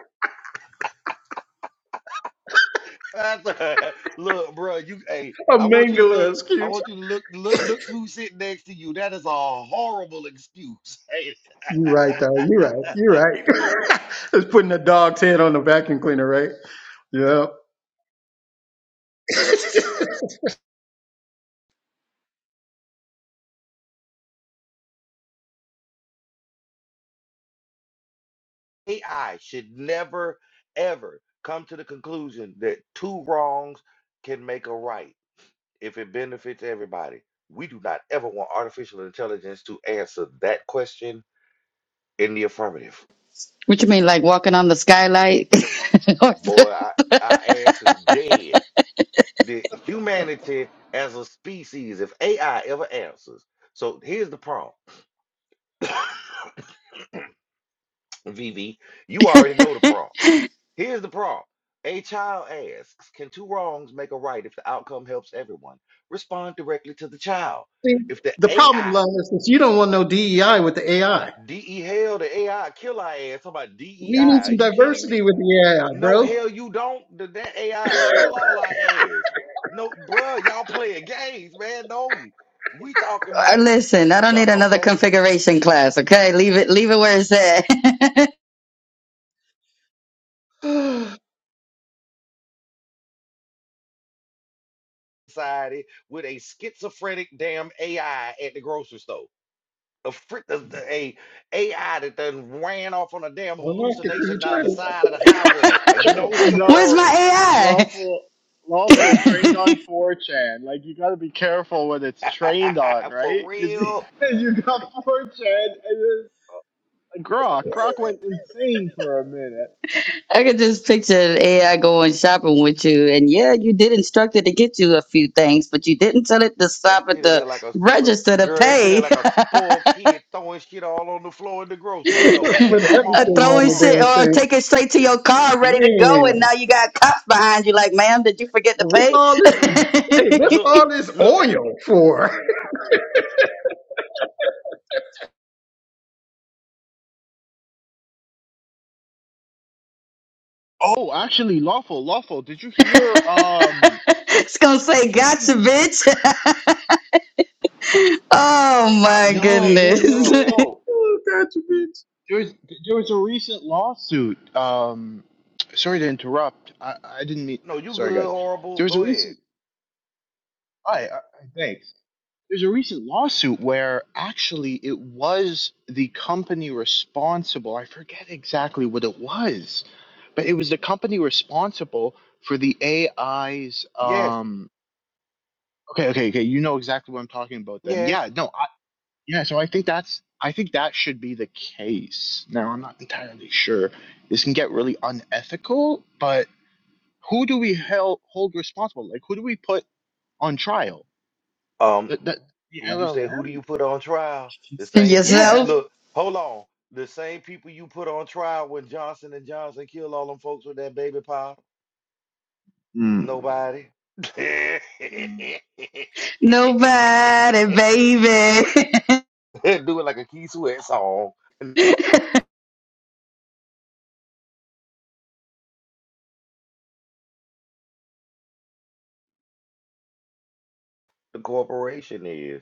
D: That's- a- look, bro, you hey,
I: A
D: I want you to
I: mangler
D: look. I
I: excuse.
D: want you to look look look who's sitting next to you. That is a horrible excuse.
I: You're right, though. You're right. You're right. it's putting a dog's head on the vacuum cleaner, right? Yeah. See,
D: AI should never, ever come to the conclusion that two wrongs can make a right if it benefits everybody. We do not ever want artificial intelligence to answer that question in the affirmative.
F: What you mean, like walking on the skylight? Or-
D: Boy, I, our ass is dead. The humanity as a species, if AI ever answers. So here's the prompt, VV. You already know the prompt. Here's the problem. A child asks, Can two wrongs make a right if the outcome helps everyone? Respond directly to the child. If the
I: the problem,
D: AI,
I: Lon, is since you don't want no DEI with the AI.
D: DE hell, the AI kill our ass, talking about DEI,
I: We need
D: are
I: some
D: you kidding
I: diversity
D: me?
I: with the AI,
D: No,
I: bro.
D: hell, you don't. Th- That AI kill all our ass. No, bruh, y'all playing games, man. No, we talking
F: or
D: about,
F: Listen, I don't
D: the
F: need another
D: okay,
F: configuration class. Okay, leave it, leave it where it's at.
D: society with a schizophrenic damn AI at the grocery store. a, frick, a, a AI that done ran off on a damn
I: I'm not to you
D: hallucination down the
I: trying to
D: side of the highway. And
J: Tr-
D: no,
F: Where's
D: sir.
F: my
J: no,
F: AI? I
J: lawful, lawful trained on 4chan. Like you got to be careful what it's trained on,
D: For
J: right? Because
D: real?
J: you got 4chan and then like, Grok. Grok went insane for a minute.
F: I could just picture an AI going shopping with you, and yeah, you did instruct it to get you a few things, but you didn't tell it to
D: That
F: stop at
D: shit in there
F: the
D: like a look,
F: register to
D: girl, that shit
F: pay.
D: in like a spoiled kid throwing shit all on the floor in the grocery store, man.
I: put
D: Come
F: Uh,
D: on.
I: everything
F: throwing
I: on the
D: Uh-uh.
F: shit or
I: damn thing.
F: take it straight to your car ready to go and
I: Man,
F: now you got cops behind you like ma'am did you forget to
I: what's
F: pay
I: all this? Hey,
D: And
I: what's
D: look,
I: all this
D: look,
I: oil for?
J: Oh, actually, lawful, lawful. Did you hear? Um,
F: it's gonna say gotcha
J: shit.
F: bitch oh
D: I'll
F: my
D: get your
J: No,
D: ass
J: no,
D: in
J: no,
F: goodness
J: no,
D: trouble.
J: no.
I: Oh, God, you bitch.
J: There was there was a recent lawsuit. Um, sorry to interrupt. I I didn't mean.
D: No, you
J: Sorry,
D: good,
J: guys.
D: horrible.
J: There was a
D: Go ahead.
J: recent Hi, uh, thanks. There's a recent lawsuit where actually it was the company responsible. I forget exactly what it was, but it was the company responsible for the AI's.
D: Yes,
J: Um, okay, okay, okay. You know exactly what I'm talking about then.
D: yes.
J: Yeah, no, I, yeah. So I think that's I think that should be the case. Now I'm not entirely sure. This can get really unethical, but who do we hel- hold responsible? Like who do we put on trial?
D: Um.
J: The, the, the
D: Would you say who do
J: LLM?
D: you put on trial? The same people
J: Yeah.
D: you
F: yourself
D: look. Hold on, the same people you put on trial when Johnson and Johnson killed all them folks with that baby powder.
J: Mm.
D: Nobody. Do
J: Mm.
F: nobody baby
D: it like a Key Sweat song. The corporation is,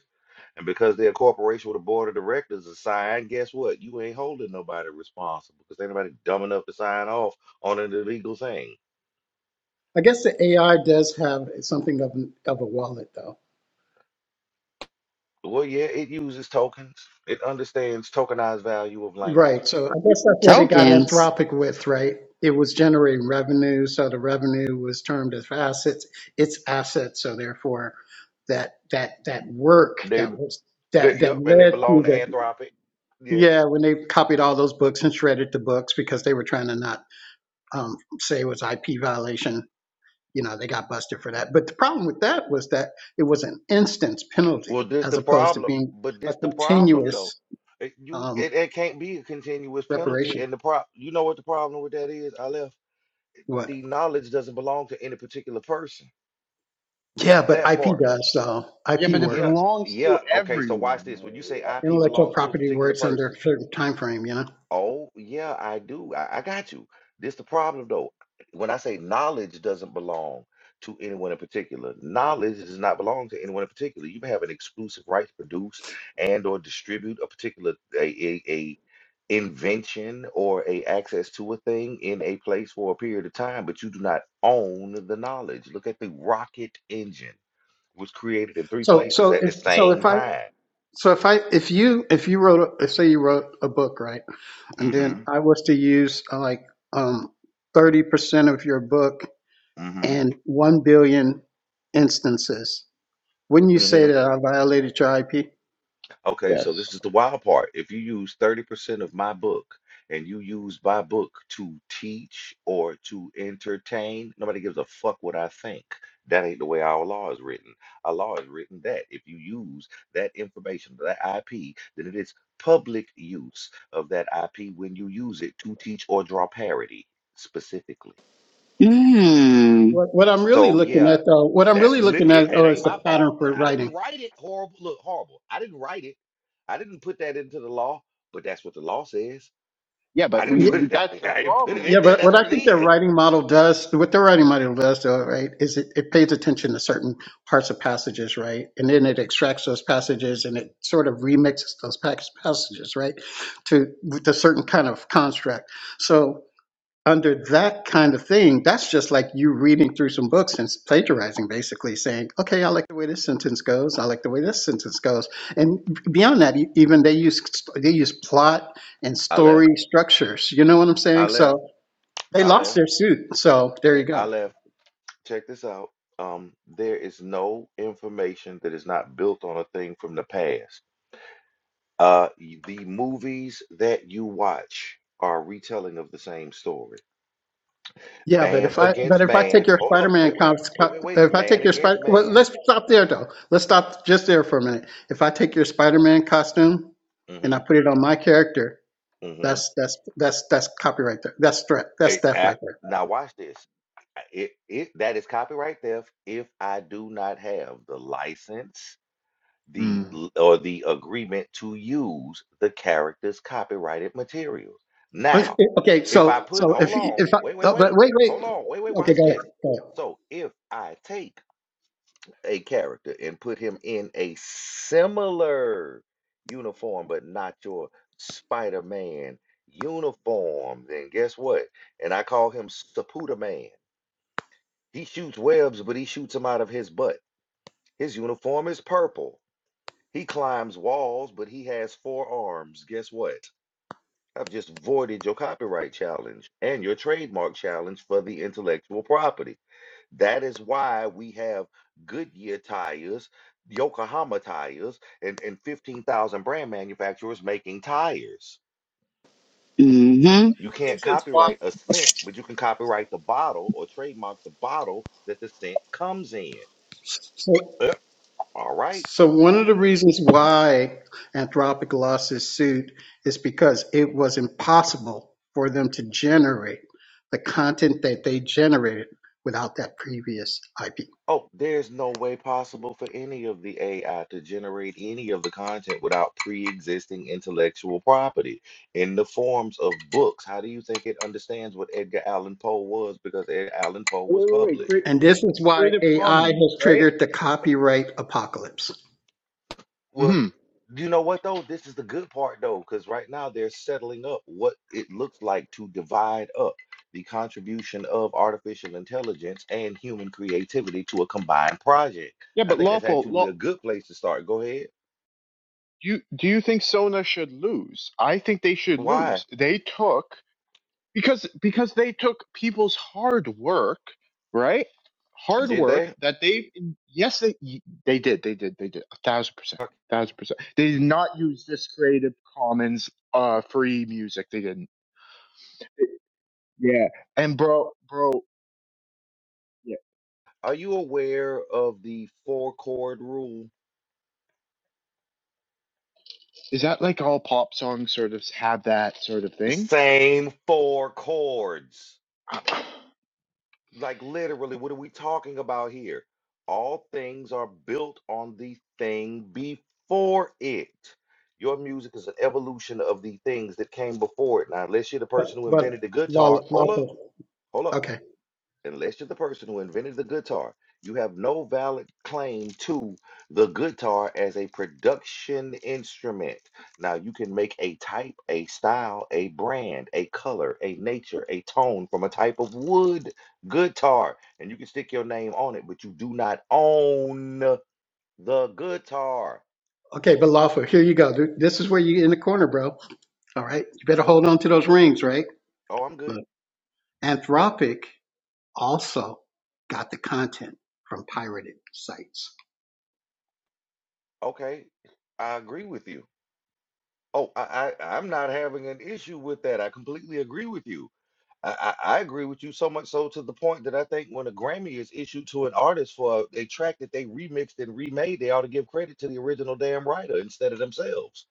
D: and because they're a corporation with a board of directors assigned, guess what? You ain't holding nobody responsible because ain't nobody dumb enough to sign off on an illegal thing.
I: I guess the AI does have something of an, of a wallet, though.
D: Well, yeah, it uses tokens. It understands tokenized value of language.
I: Right. So I guess that's where they got
F: tokens
I: Anthropic with, right? It was generating revenue, so the revenue was termed as assets. It's assets, so therefore, that that that work
D: They,
I: that was
D: they,
I: that that
D: yep, and they
I: led to
D: belong to
I: the
D: Anthropic. Yes.
I: yeah when they copied all those books and shredded the books because they were trying to not um, say it was IP violation you know, they got busted for that. But the problem with that was that it was an instance penalty
D: Well, this
I: as
D: the
I: opposed to
D: problem,
I: being
D: but
I: a
D: this the problem though.
I: continuous
D: It, you,
I: um,
D: it, it can't be a continuous penalty,
I: reparation.
D: and the pro, you know what the problem with that is? I left
I: What?
D: the knowledge doesn't belong to any particular person.
I: Yeah, but
D: That
I: IP
D: part,
I: does uh,
J: Yeah,
I: IP
J: but it
D: yeah,
I: works.
J: belongs to
D: yeah. Okay, so watch
J: everyone,
D: this. When
J: though.
D: you say IP
I: intellectual
D: belongs to a
I: property
D: particular
I: works under
D: person.
I: a certain time frame, you know.
D: Oh, yeah, I do. I, I got you. This the problem though. When I say knowledge doesn't belong to anyone in particular, knowledge does not belong to anyone in particular. You have an exclusive right to produce and or distribute a particular a, a, a invention or a access to a thing in a place for a period of time, but you do not own the knowledge. Look at the rocket engine was created in three
I: So,
D: places
I: so
D: at the
I: if so,
D: same
I: if I
D: time.
I: so if I if you if you wrote a, say you wrote a book, right, and then
D: hmm
I: I was to use uh, like um thirty percent of your book
D: hmm
I: and one billion instances Wouldn't you
D: hmm
I: say that I violated your IP?
D: Okay, so
J: Yes.
D: this is the wild part. If you use 30% of my book and you use my book to teach or to entertain, nobody gives a fuck what I think. That ain't the way our law is written. Our law is written that if you use that information, that IP, then it is public use of that IP when you use it to teach or draw parity specifically.
F: mm.
I: What, what I'm really
D: So
I: looking
D: yeah,
I: at, though, what I'm
D: that's
I: really
D: lit.
I: looking
D: It,
I: at,
D: it
I: oh,
D: ain't
I: is
D: my
I: the
D: fault.
I: pattern for
D: I didn't
I: writing.
D: write it horrible. Look, horrible. I didn't write it. I didn't put that into the law, but that's what the law says.
J: Yeah,
D: I
J: but
D: didn't
J: we,
I: Yeah,
D: put
J: we
D: it.
J: that's the
D: I didn't put it
J: problem.
I: yeah,
D: in there.
I: but
D: That's
I: what I
D: what
J: That's
D: it
I: think their
D: is.
I: writing model does, what their writing model does, though, right, is it, it pays attention to certain parts of passages, right, and then it extracts those passages and it sort of remixes those pas- passages, right, to with a certain kind of construct. So. under that kind of thing, that's just like you reading through some books and plagiarizing, basically saying, okay, I like the way this sentence goes. I like the way this sentence goes. And beyond that, e- even they use, they use plot and
D: I left.
I: story structures. You know what I'm
D: I
I: saying?
D: left.
I: So they
D: I
I: lost
D: left.
I: their suit. So there
D: Hey,
I: you
D: I
I: go.
D: left. Check this out. Um, there is no information that is not built on a thing from the past. Uh, y- the movies that you watch are a retelling of the same story.
I: Yeah, but
D: Man
I: if I but
D: against
I: if I
D: man.
I: take your
D: Hold up.
I: Spider-Man
D: Wait, wait,
I: comics,
D: wait,
I: co-
D: wait, wait.
I: if I take
D: Man
I: your
D: against
I: Spider, well,
D: man.
I: let's stop there though. Let's stop just there for a minute. If I take your Spider-Man costume and I
D: Mm-hmm.
I: put it on my character,
D: Mm-hmm.
I: That's that's that's that's copyright there. That's threat. That's
D: It,
I: theft
D: I-
I: right there.
D: now watch this. I- It, it that is copyright theft if I do not have the license, the
J: Mm.
D: l- or the agreement to use the character's copyrighted materials.
I: But-
D: Now,
I: Okay,
D: if I
I: so
D: put
I: so if
D: hold on,
I: if I,
D: wait, wait,
I: oh, but
D: wait,
I: wait wait.
D: hold on, wait, wait,
I: Okay,
D: watch
I: go ahead.
D: this.
I: Go ahead.
D: So if I take a character and put him in a similar uniform, but not your Spider Man uniform, then guess what? And I call him Saputa Man. He shoots webs, but he shoots them out of his butt. His uniform is purple. He climbs walls, but he has four arms. Guess what? I've just voided your copyright challenge and your trademark challenge for the intellectual property. That is why we have Goodyear tires, Yokohama tires, and, and 15,000 brand manufacturers making tires.
F: mm-hmm
D: You can't copyright a scent, but you can copyright the bottle or trademark the bottle that the scent comes in.
I: So
D: Uh, All right.
I: so one of the reasons why Anthropic lost this suit is because it was impossible for them to generate the content that they generated without that previous IP.
D: Oh, there's no way possible for any of the AI to generate any of the content without pre-existing intellectual property in the forms of books. How do you think it understands what Edgar Allan Poe was because Edgar Allan Poe
J: wait,
D: was
J: wait, wait.
D: published?
J: Cre-
I: And
J: cre-
I: this is why
J: Creative
I: AI
J: Commons,
I: has
J: right?
I: triggered the copyright apocalypse.
D: Well,
J: Hmm.
D: you know what though? This is the good part though, because right now they're settling up what it looks like to divide up the contribution of artificial intelligence and human creativity to a combined project.
J: Yeah,
D: I
J: but
D: think that's
J: lawful.
D: actually
J: Law.
D: a good place to start. Go ahead.
J: Do you do you think Sona should lose? I think they should
D: Why?
J: lose. They took. because because they took people's hard work right hard
D: Did
J: work
D: they?
J: that they yes they they did they did they did a thousand percent
D: Okay.
J: thousand percent they did not use this creative commons uh free music they didn't yeah and bro bro yeah
D: Are you aware of the four chord rule?
J: is that like all pop songs sort of have that sort of
D: The
J: thing
D: same four chords. Like literally, what are we talking about here? All things are built on the thing before it. Your music is an evolution of the things that came before it. Now, unless you're the
I: But,
D: person who
I: but
D: invented the
I: law,
D: guitar, hold up,
I: lawful.
D: hold up.
I: Okay.
D: unless you're the person who invented the guitar, you have no valid claim to the guitar as a production instrument. Now, you can make a type, a style, a brand, a color, a nature, a tone from a type of wood guitar, and you can stick your name on it, but you do not own the guitar.
I: Okay, but lawful. Here you go. Th- This is where you in the corner, bro. All right. You better hold on to those rings, right?
D: Oh, I'm good.
I: Look, Anthropic also got the content from pirated sites.
D: Okay, I agree with you. Oh, I, I, I'm not having an issue with that. I completely agree with you. I, I, I agree with you so much so to the point that I think when a Grammy is issued to an artist for a a track that they remixed and remade, they ought to give credit to the original damn writer instead of themselves.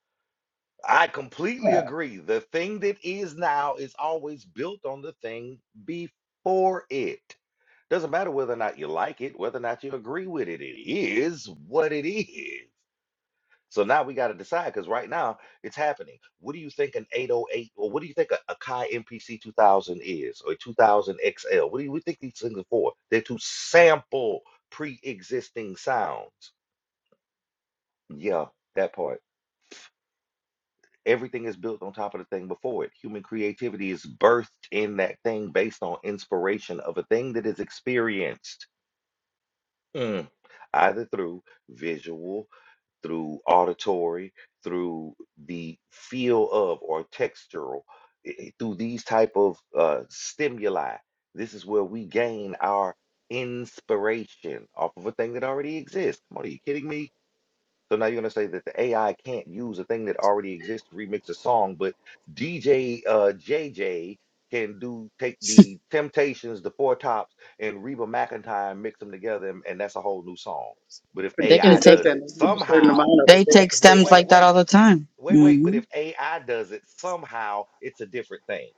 D: I completely
J: yeah
D: agree. The thing that is now is always built on the thing before it. Doesn't matter whether or not you like it, whether or not you agree with it, it is what it is. So now we got to decide because right now it's happening. What do you think an 808 or what do you think a, a Kai MPC 2000 is or a 2000 XL? What do you we think these things are for? They're to sample pre-existing sounds. Yeah, that part. Everything is built on top of the thing before it. Human creativity is birthed in that thing based on inspiration of a thing that is experienced. Mm, Either through visual through auditory, through the feel of or textural, i- through these type of uh, stimuli. This is where we gain our inspiration off of a thing that already exists. Come on, are you kidding me? So now you're gonna say that the AI can't use a thing that already exists to remix a song, but DJ uh, JJ can do take the Temptations, the Four Tops, and Reba McEntire and mix them together, and, and that's a whole new song. But if
I: But
F: they can
D: AI
I: DJ does that,
D: does
F: take
I: and
D: it
I: they use a certain
D: somehow,
I: amount of it.
F: they
I: They have
D: wait,
F: take
I: to pay
D: wait,
F: stems
D: wait,
I: hard.
F: like that
D: wait,
F: all the time
D: wait, wait. But
F: mm-hmm
D: if AI does it somehow, it's a different thing.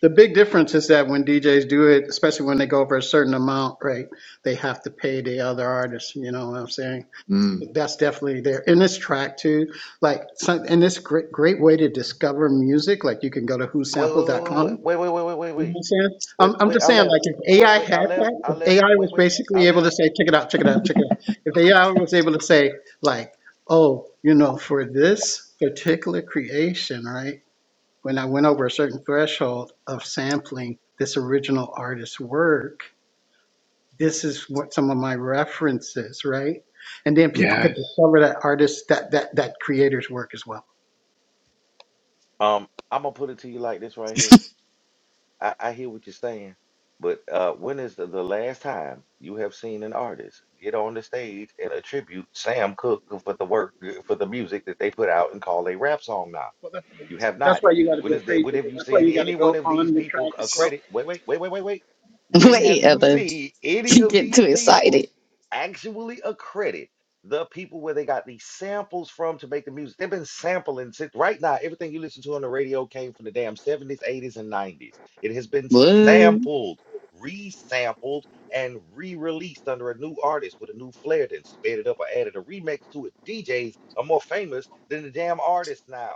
I: The big difference is that when DJs do it, especially when they go over a certain amount, right, they have to pay the other artists. You know what I'm saying?
J: mm.
I: That's definitely there. In this track too, like some, and this great great way to discover music. Like you can go to
D: Wait,
I: whosample.com.
D: wait, wait,
I: You
D: wait, wait, wait, wait, wait, wait,
I: know what
D: wait,
I: I'm saying?
D: wait,
I: I'm, I'm
D: wait.
I: just
D: I
I: saying,
D: left.
I: like if
D: Wait,
I: AI
D: wait.
I: had
D: I left.
I: that,
D: I
I: if
D: left.
I: AI
D: Wait,
I: was
D: wait. I
I: basically able to
D: left.
I: say, check it out, check it out, check it out. If AI was able to say, like, oh, you know, for this particular creation, right? When I went over a certain threshold of sampling this original artist's work, this is what some of my references, right? And then people could
J: yes
I: discover that artist, that that that creator's work as well.
D: Um, I'm gonna put it to you like this right here. I, I hear what you're saying, but uh, when is the, the last time you have seen an artist get on the stage and attribute Sam Cooke for the work for the music that they put out and call a rap song now?
I: Well, that's,
D: You have
I: that's
D: not.
I: why you got to
D: When
I: be a
D: is the, when
I: creator.
D: have you
I: That's why
D: seen
I: you got to
D: any one
I: go
D: of these
I: on the
D: people
I: track
D: c-
I: itself
D: accredit? Wait, wait, wait, wait, wait, wait. When have
F: wait
D: you
F: other
D: seen any
F: you
D: of
F: get too
D: these people
F: excited
D: actually accredit the people where they got these samples from to make the music? They've been sampling since right now. Everything you listen to on the radio came from the damn 70s, 80s, and 90s. It has been
J: Mm.
F: But,
D: sampled, resampled, and re-released under a new artist with a new flair, then sped it up or added a remix to it. DJs are more famous than the damn artists now.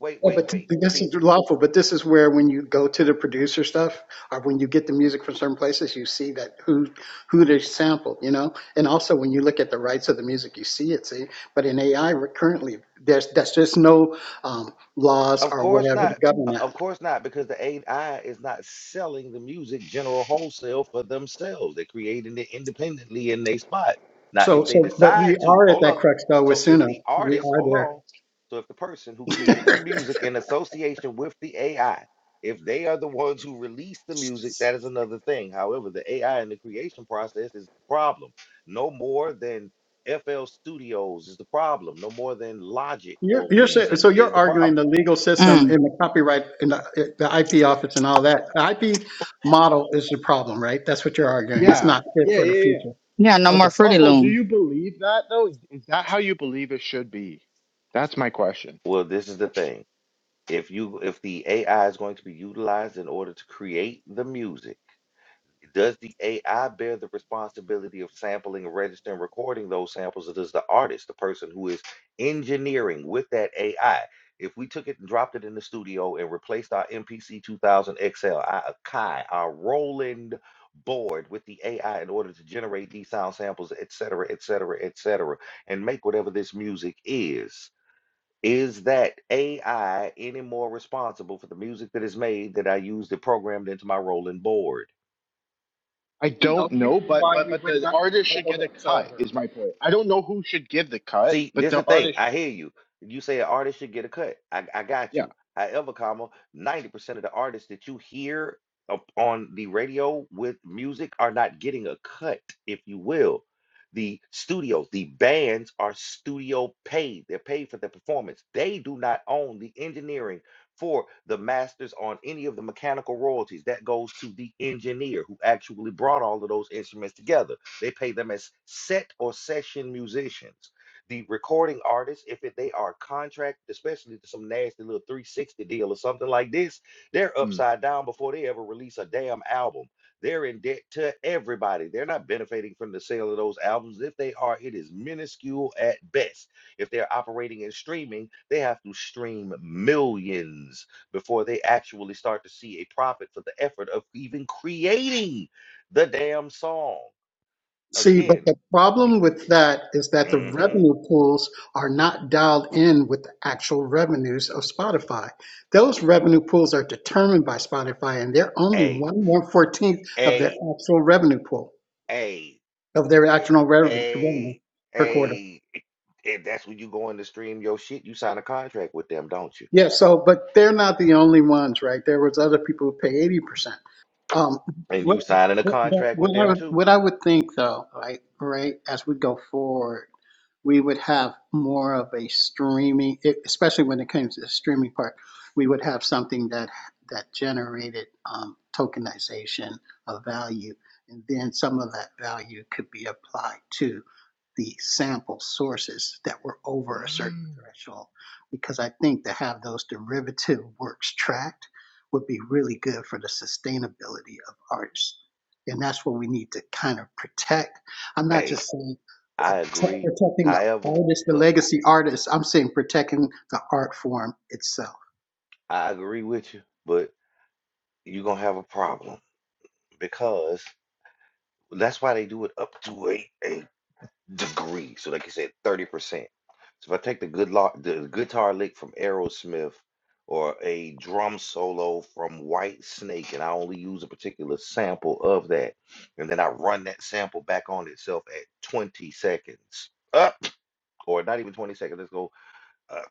D: Wait,
I: Yeah,
D: wait,
I: but
D: wait.
I: this
D: See,
I: is lawful. But this is where when you go to the producer stuff, or when you get the music from certain places, you see that who who they sampled, you know. And also when you look at the rights of the music, you see it. See, but in AI we're currently, there's that's just no um, laws
D: Of
I: or
D: course
I: whatever to
D: not.
I: govern
D: O- Of
I: that.
D: course not, because the AI is not selling the music general wholesale for themselves. They're creating it independently in their spot. Now,
I: So
D: if they
I: so, but we
D: decide to,
I: are at
D: hold
I: that
D: up.
I: crux though with
D: So if
I: Suno.
D: the
I: We
D: artist, hold
I: are
D: on. So if the person who
I: there.
D: creates the music in association with the AI, if they are the ones who release the music, that is another thing. However, the AI in the creation process is the problem. No more than FL Studios is the problem. No more than Logic
I: You're,
D: or
I: you're saying,
D: Reason
I: so you're
D: is the problem
I: arguing the legal system
F: Mm.
I: in the copyright in the, the IP office and all that. The IP model is the problem, right? That's what you're arguing. It's
J: yeah
I: not fit
J: yeah
I: for the
J: yeah yeah
I: future.
F: Yeah, no
I: Okay.
F: more Fruity
J: Lawful, do
F: Loom.
J: you believe that though? Is that how you believe it should be? That's my question.
D: Well, this is the thing. If you if the AI is going to be utilized in order to create the music, does the AI bear the responsibility of sampling, registering, recording those samples, or does the artist, the person who is engineering with that AI, if we took it and dropped it in the studio and replaced our MPC 2000 XL, our Akai, our Roland board with the AI in order to generate these sound samples, et cetera, et cetera, et cetera, and make whatever this music is? Is that AI any more responsible for the music that is made that I used to program into my rolling board?
J: I
I: You know,
J: don't know,
I: reason
J: but
I: why
J: but
I: we
J: but
I: would
J: the
I: not.
J: artist
I: oh,
J: should
I: go
J: get
I: ahead.
J: a
I: Sorry,
J: cut.
I: Harold.
J: Is my point. I don't know who should give the cut,
D: See,
J: but
D: this the
J: the
D: thing.
J: artist,
D: I hear you. You say an artist should get a cut. I, I got
J: yeah,
D: you. However, comma, 90% of the artists that you hear up on the radio with music are not getting a cut, if you will. The studios, the bands are studio paid. They're paid for the performance. They do not own the engineering for the masters on any of the mechanical royalties. That goes to the engineer who actually brought all of those instruments together. They pay them as set or session musicians the recording artists, if it, they are contracted, especially to some nasty little 360 deal or something like this, they're
J: mm.
D: upside down before they ever release a damn album. They're in debt to everybody. They're not benefiting from the sale of those albums. If they are, it is minuscule at best. If they're operating in streaming, they have to stream millions before they actually start to see a profit for the effort of even creating the damn song.
I: See, but
D: Again,
I: the problem with that is that the
D: hmm
I: revenue pools are not dialed in with the actual revenues of Spotify. Those revenue pools are determined by Spotify, and they're only
D: a
I: one one fourteenth of their
D: a
I: actual revenue pool.
D: Hey,
I: of their actual rev- revenue
D: hey,
I: per quarter.
D: hey. If that's when you go in to stream your shit, you sign a contract with them, don't you?
I: Yeah, so but they're not the only ones, right? There was other people who pay eighty percent. Um,
D: And
I: what,
D: you signing a
I: what
D: contract with
I: what I
D: them
I: would
D: too.
I: what I would think though, right, right, as we go forward. we would have more of a streaming, e- especially when it comes to the streaming part, we would have something that that generated um, tokenization of value, and then some of that value could be applied to the sample sources that were over a certain threshold. Because I think to have those derivative works tracked would be really good for the sustainability of artists. And that's what we need to kind of protect. I'm not
D: Hey,
I: just saying uh,
D: I agree.
I: protecting the
D: However,
I: artist, the
D: look,
I: legacy artist. I'm saying protecting the art form itself.
D: I agree with you, but you're gonna have a problem because that's why they do it up to a, a degree. So like you said, 30%. So if I take the good lo- the guitar lick from Aerosmith or a drum solo from White Snake and I only use a particular sample of that, and then I run that sample back on itself at 20 seconds. Up or not even 20 seconds. Let's go uh,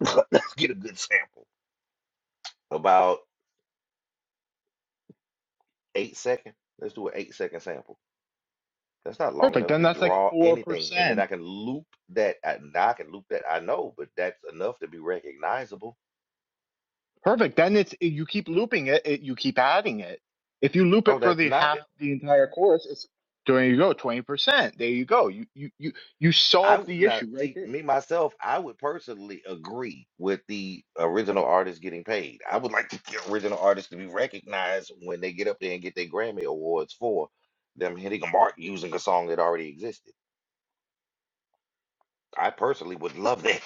D: let's get a good sample. About eight second. Let's do an eight second sample That's not long
J: perfect.
D: enough
J: Then
D: to
J: that's like
D: draw
J: four
D: anything. And then I
J: percent.
D: can loop that. I, now I can loop that. I know, but that's enough to be recognizable.
J: Perfect. Then it's you keep looping it, it. You keep adding it. If you loop
D: Oh,
J: it for
D: that's
J: the
D: not
J: half
D: it.
J: the entire course, it's there you go, twenty percent. There you go. You you you you
D: I
J: solve
D: would
J: the
D: not
J: issue right
D: see
J: there.
D: me myself. I would personally agree with the original artist getting paid. I would like the original artist to be recognized when they get up there and get their Grammy awards for them hitting a mark using a song that already existed. I personally would love that.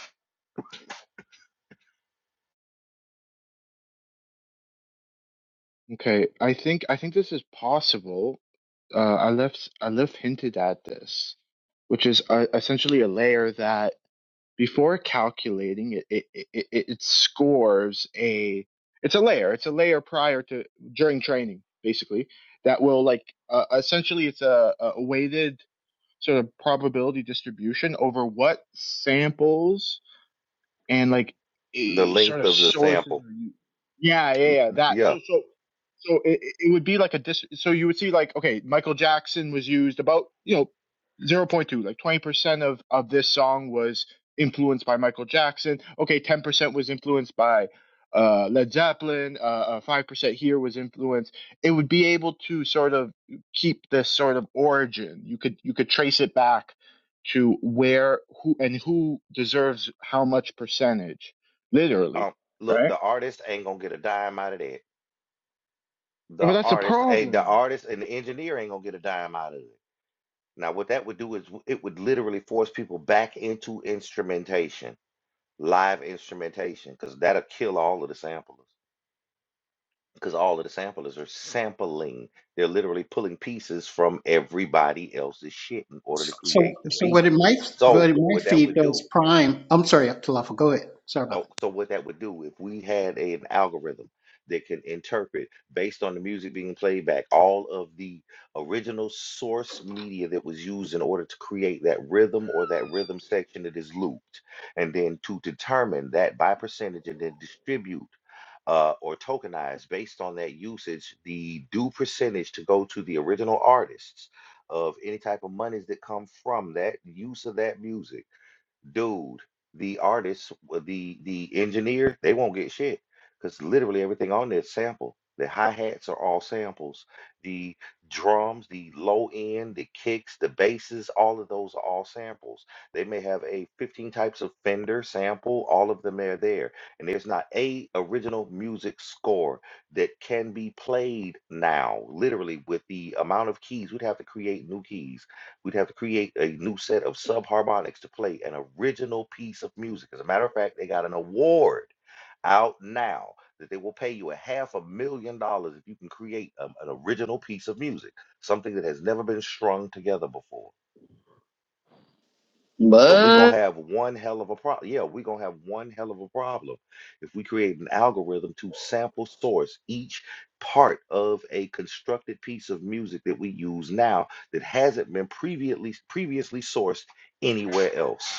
J: Okay, I think I think this is possible. Uh, I left I left hinted at this, which is uh, essentially a layer that. before calculating it it, it it scores a it's a layer it's a layer prior to during training basically that will like uh, essentially it's a, a weighted sort of probability distribution over what samples and like
D: The
J: a sort
D: length
J: of
D: of the
J: sources
D: sample.
J: are you yeah yeah
D: L-
J: yeah that
D: Yeah.
J: so so so it, it it would be like a dis so you would see like okay michael jackson was used about you know zero point 0.2 like 20% of of this song was influenced by michael jackson okay 10% was influenced by uh led zeppelin uh, uh 5% here was influenced it would be able to sort of keep this sort of origin you could you could trace it back to where who and who deserves how much percentage, literally,
D: Um, look,
J: right?
D: the artist ain't gonna get a dime out of that. The
J: But that's a
D: artist, eh, the
J: problem.
D: artist and the engineer ain't gonna get a dime out of it. Now, what that would do is w- it would literally force people back into instrumentation, live instrumentation, because that'll kill all of the samplers. Because all of the samplers are sampling. They're literally pulling pieces from everybody else's shit in order to
I: So,
D: create the
I: so
D: beat.
I: what it might, what
D: So,
I: it
D: what
I: might
D: that
I: feed
D: would
I: those
D: do
I: prime. I'm sorry, Talafa, go ahead. Sorry about that.
D: Oh, so what that would do if we had a- an algorithm that can interpret based on the music being played back all of the original source media that was used in order to create that rhythm or that rhythm section that is looped, and then to determine that by percentage and then distribute uh, or tokenize based on that usage the due percentage to go to the original artists of any type of monies that come from that use of that music dude, the artists, the the engineer, they won't get shit because literally everything on there is sample. The hi-hats are all samples. The drums, the low end, the kicks, the basses, all of those are all samples. They may have a 15 types of Fender sample, all of them are there. And there's not a original music score that can be played now, literally with the amount of keys. We'd have to create new keys We'd have to create a new set of subharmonics to play an original piece of music. As a matter of fact, they got an award out now that they will pay you a half a million dollars if you can create um, an original piece of music, something that has never been strung together before. So we're gonna
F: But
D: have one hell of a problem. Yeah, we're gonna have one hell of a problem if we create an algorithm to sample source each part of a constructed piece of music that we use now that hasn't been previously previously sourced anywhere else.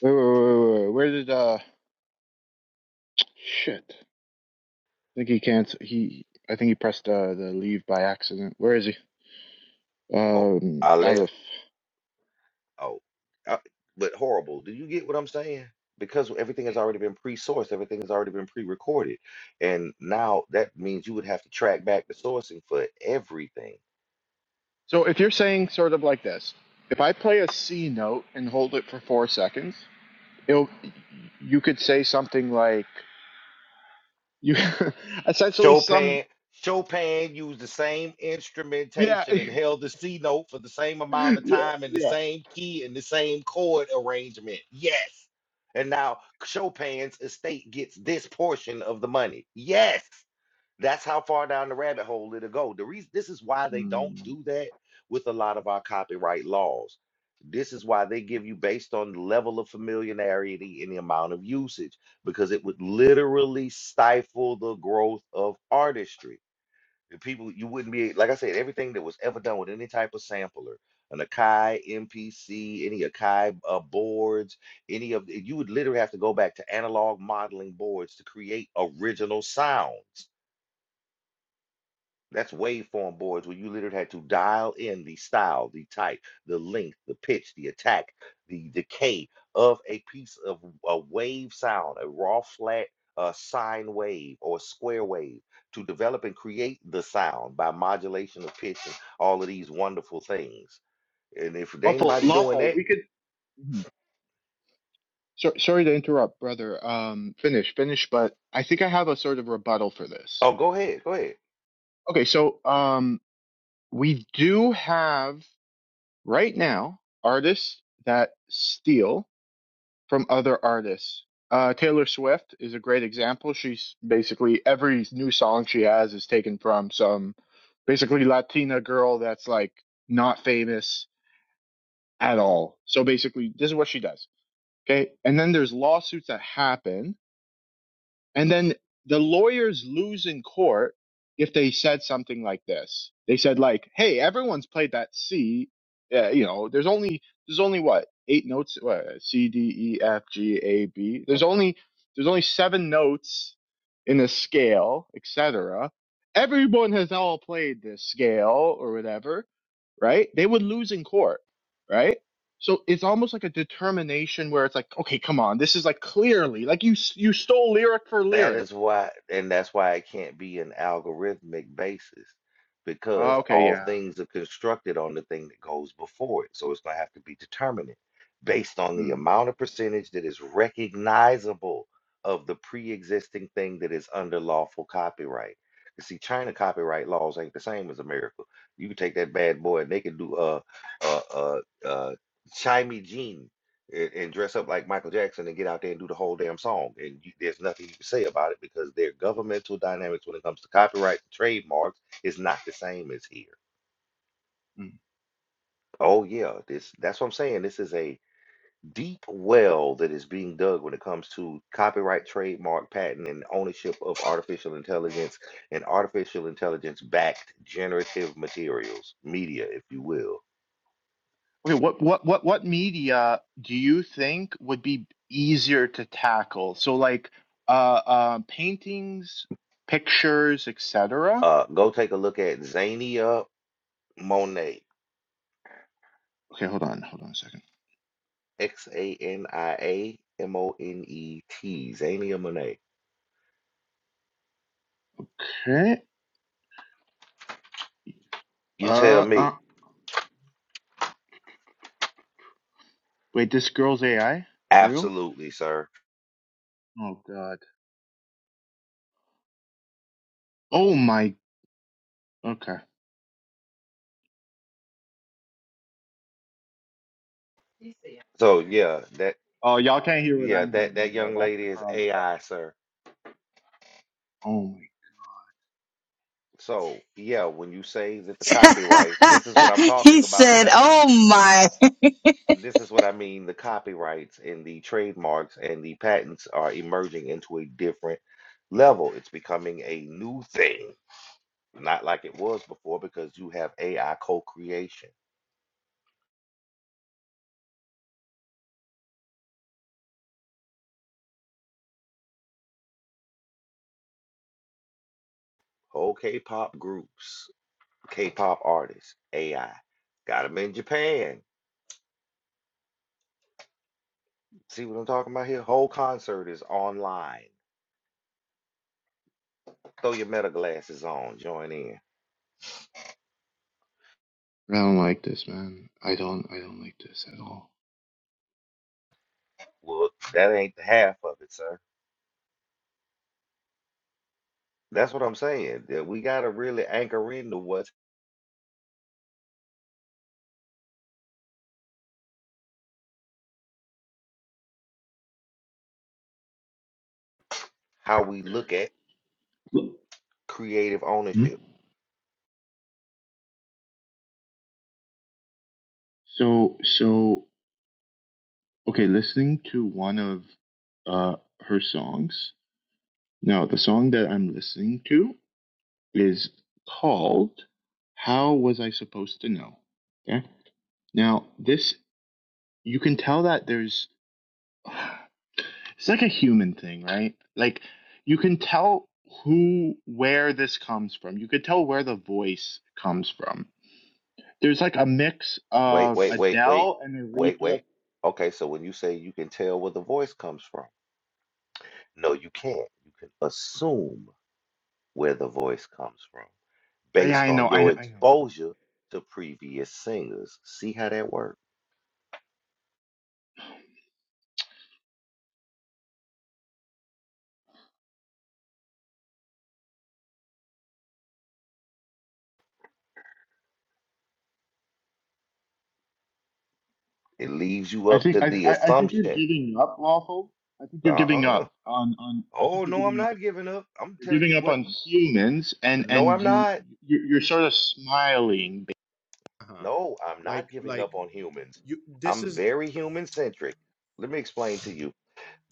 J: Wait, wait, wait, wait, Where did uh shit? I think he can't. He I think he pressed uh, the leave by accident. Where is he?
D: Oh,
J: Um,
D: I left.
J: Aleph.
D: Oh, uh, but horrible. Do you get what I'm saying? Because everything has already been pre-sourced, everything has already been pre-recorded, and now that means you would have to track back the sourcing for everything.
J: So if you're saying sort of like this, if I play a C note and hold it for four seconds, it'll you could say something like you essentially some
D: Chopin Chopin used the same
J: yeah
D: instrumentation and held the C note for the same amount of
J: yeah
D: time in the
J: yeah.
D: same key and the same chord arrangement. Yes. And now Chopin's estate gets this portion of the money. Yes. That's how far down the rabbit hole it'll go. The reason this is why they don't
J: Mm.
D: do that with a lot of our copyright laws. This is why they give you based on the level of familiarity and the amount of usage, because it would literally stifle the growth of artistry. The people you wouldn't be like I said, everything that was ever done with any type of sampler, an Akai MPC, any Akai uh, boards, any of you would literally have to go back to analog modeling boards to create original sounds that's waveform boards where you literally had to dial in the style, the type, the length, the pitch, the attack, the decay of a piece of a wave sound, a raw flat uh, sine wave or square wave to develop and create the sound by modulation of pitch and all of these wonderful things. And if there ain't
J: Lawful,
D: nobody doing
J: lawful.
D: that,
J: We could. mhm. So, sorry to interrupt, brother. Um, finish, finish. But I think I have a sort of rebuttal for this.
D: oh, go ahead, go ahead.
J: Okay, so um, we do have right now artists that steal from other artists. Uh, Taylor Swift is a great example. She's basically every new song she has is taken from some basically Latina girl that's like not famous at all. So basically, this is what she does. Okay, and then there's lawsuits that happen And then the lawyers lose in court if they said something like this. They said like, "Hey, everyone's played that C. Uh, you know, there's only there's only what eight notes. What, C, D, E, F, G, A, B. There's only there's only seven notes in a scale, etc. Everyone has all played this scale or whatever right? They would lose in court, right? So it's almost like a determination where it's like, okay, come on, this is like clearly like you s- you stole lyric for
D: That
J: lyric.
D: is why, and that's why it can't be an algorithmic basis
J: Uh,
D: because
J: okay,
D: all
J: yeah.
D: things are constructed on the thing that goes before it. So it's going to have to be determinate based on the
J: Mm,
D: amount of percentage that is recognizable of the pre-existing thing that is under lawful copyright. You see, China copyright laws ain't the same as America. You can take that bad boy and they can do uh uh uh uh Chimey Jean and, and dress up like Michael Jackson and get out there and do the whole damn song. And you, there's nothing you can say about it because their governmental dynamics when it comes to copyright and trademarks is not the same as here.
J: mm.
D: Oh yeah, this that's what I'm saying. This is a deep well that is being dug when it comes to copyright, trademark, patent, and ownership of artificial intelligence and artificial intelligence backed generative materials, media, if you will.
J: Okay, what what what what media do you think would be easier to tackle? So like uh, uh paintings, pictures, etc.
D: Uh, go take a look at Zania Monet.
J: Okay, hold on, hold on a second.
D: X A N I A M O N E T. Xania Monet.
J: Okay.
D: You tell
J: Uh,
D: me.
J: uh wait, this girl's AI for real?
D: Absolutely, sir.
J: Oh God. Oh my. Okay.
D: So yeah, that
J: Oh, y'all can't hear what
D: yeah,
J: I'm
D: that
J: hearing
D: that
J: though.
D: young
J: That's the
D: lady is
J: problem. Uh,
D: AI, sir.
J: Oh my.
D: So yeah, when you say that the copyright, this is what I'm
F: he
D: talking about when
F: said,
D: I
F: "Oh my!"
D: this is what I mean. The copyrights and the trademarks and the patents are emerging into a different level. It's becoming a new thing, not like it was before because you have AI co-creation. Okay, pop groups. K-pop artists AI. Got them in Japan. See what I'm talking about here? Whole concert is online. Throw your meta glasses on, join in.
J: I don't like this, man. I don't. I don't like this at all.
D: Well, that ain't the half of it, sir. That's what I'm saying. That we gotta really anchor into what's how we look at
J: Look.
D: creative
J: Hmm?
D: ownership.
J: So so okay. Listening to one of uh her songs. Now the song that I'm listening to is called "How Was I Supposed to Know." Okay. Now this you can tell that there's It's like a human thing, right? Like you can tell who where this comes from. You could tell where the voice comes from. There's like a mix
D: Wait,
J: of
D: wait, wait, wait,
J: Adele and
D: wait,
J: Aretha.
D: wait. Okay, so when you say you can tell where the voice comes from, no, you can't. You can assume where the voice comes from.
J: Yeah,
D: based
J: I know,
D: on
J: I,
D: your
J: know, I know.
D: exposure to previous singers. See how that works? It leaves you
J: I
D: up to
J: think I,
D: the
J: I, think you're
D: assumption.
J: giving up, lawful. I think you're giving
D: Uh-uh.
J: up on, on I think
D: Oh
J: you're
D: no, I'm
J: giving up.
D: not giving up. I'm
J: You're
D: telling you
J: giving up
D: what.
J: on humans, and
D: No,
J: and
D: I'm
J: you
D: not.
J: you're, you're sort of smiling. Uh-huh.
D: No, I'm not
J: Like
D: giving up
J: like
D: on humans.
J: you this
D: I'm
J: is
D: very human centric. Let me explain to you.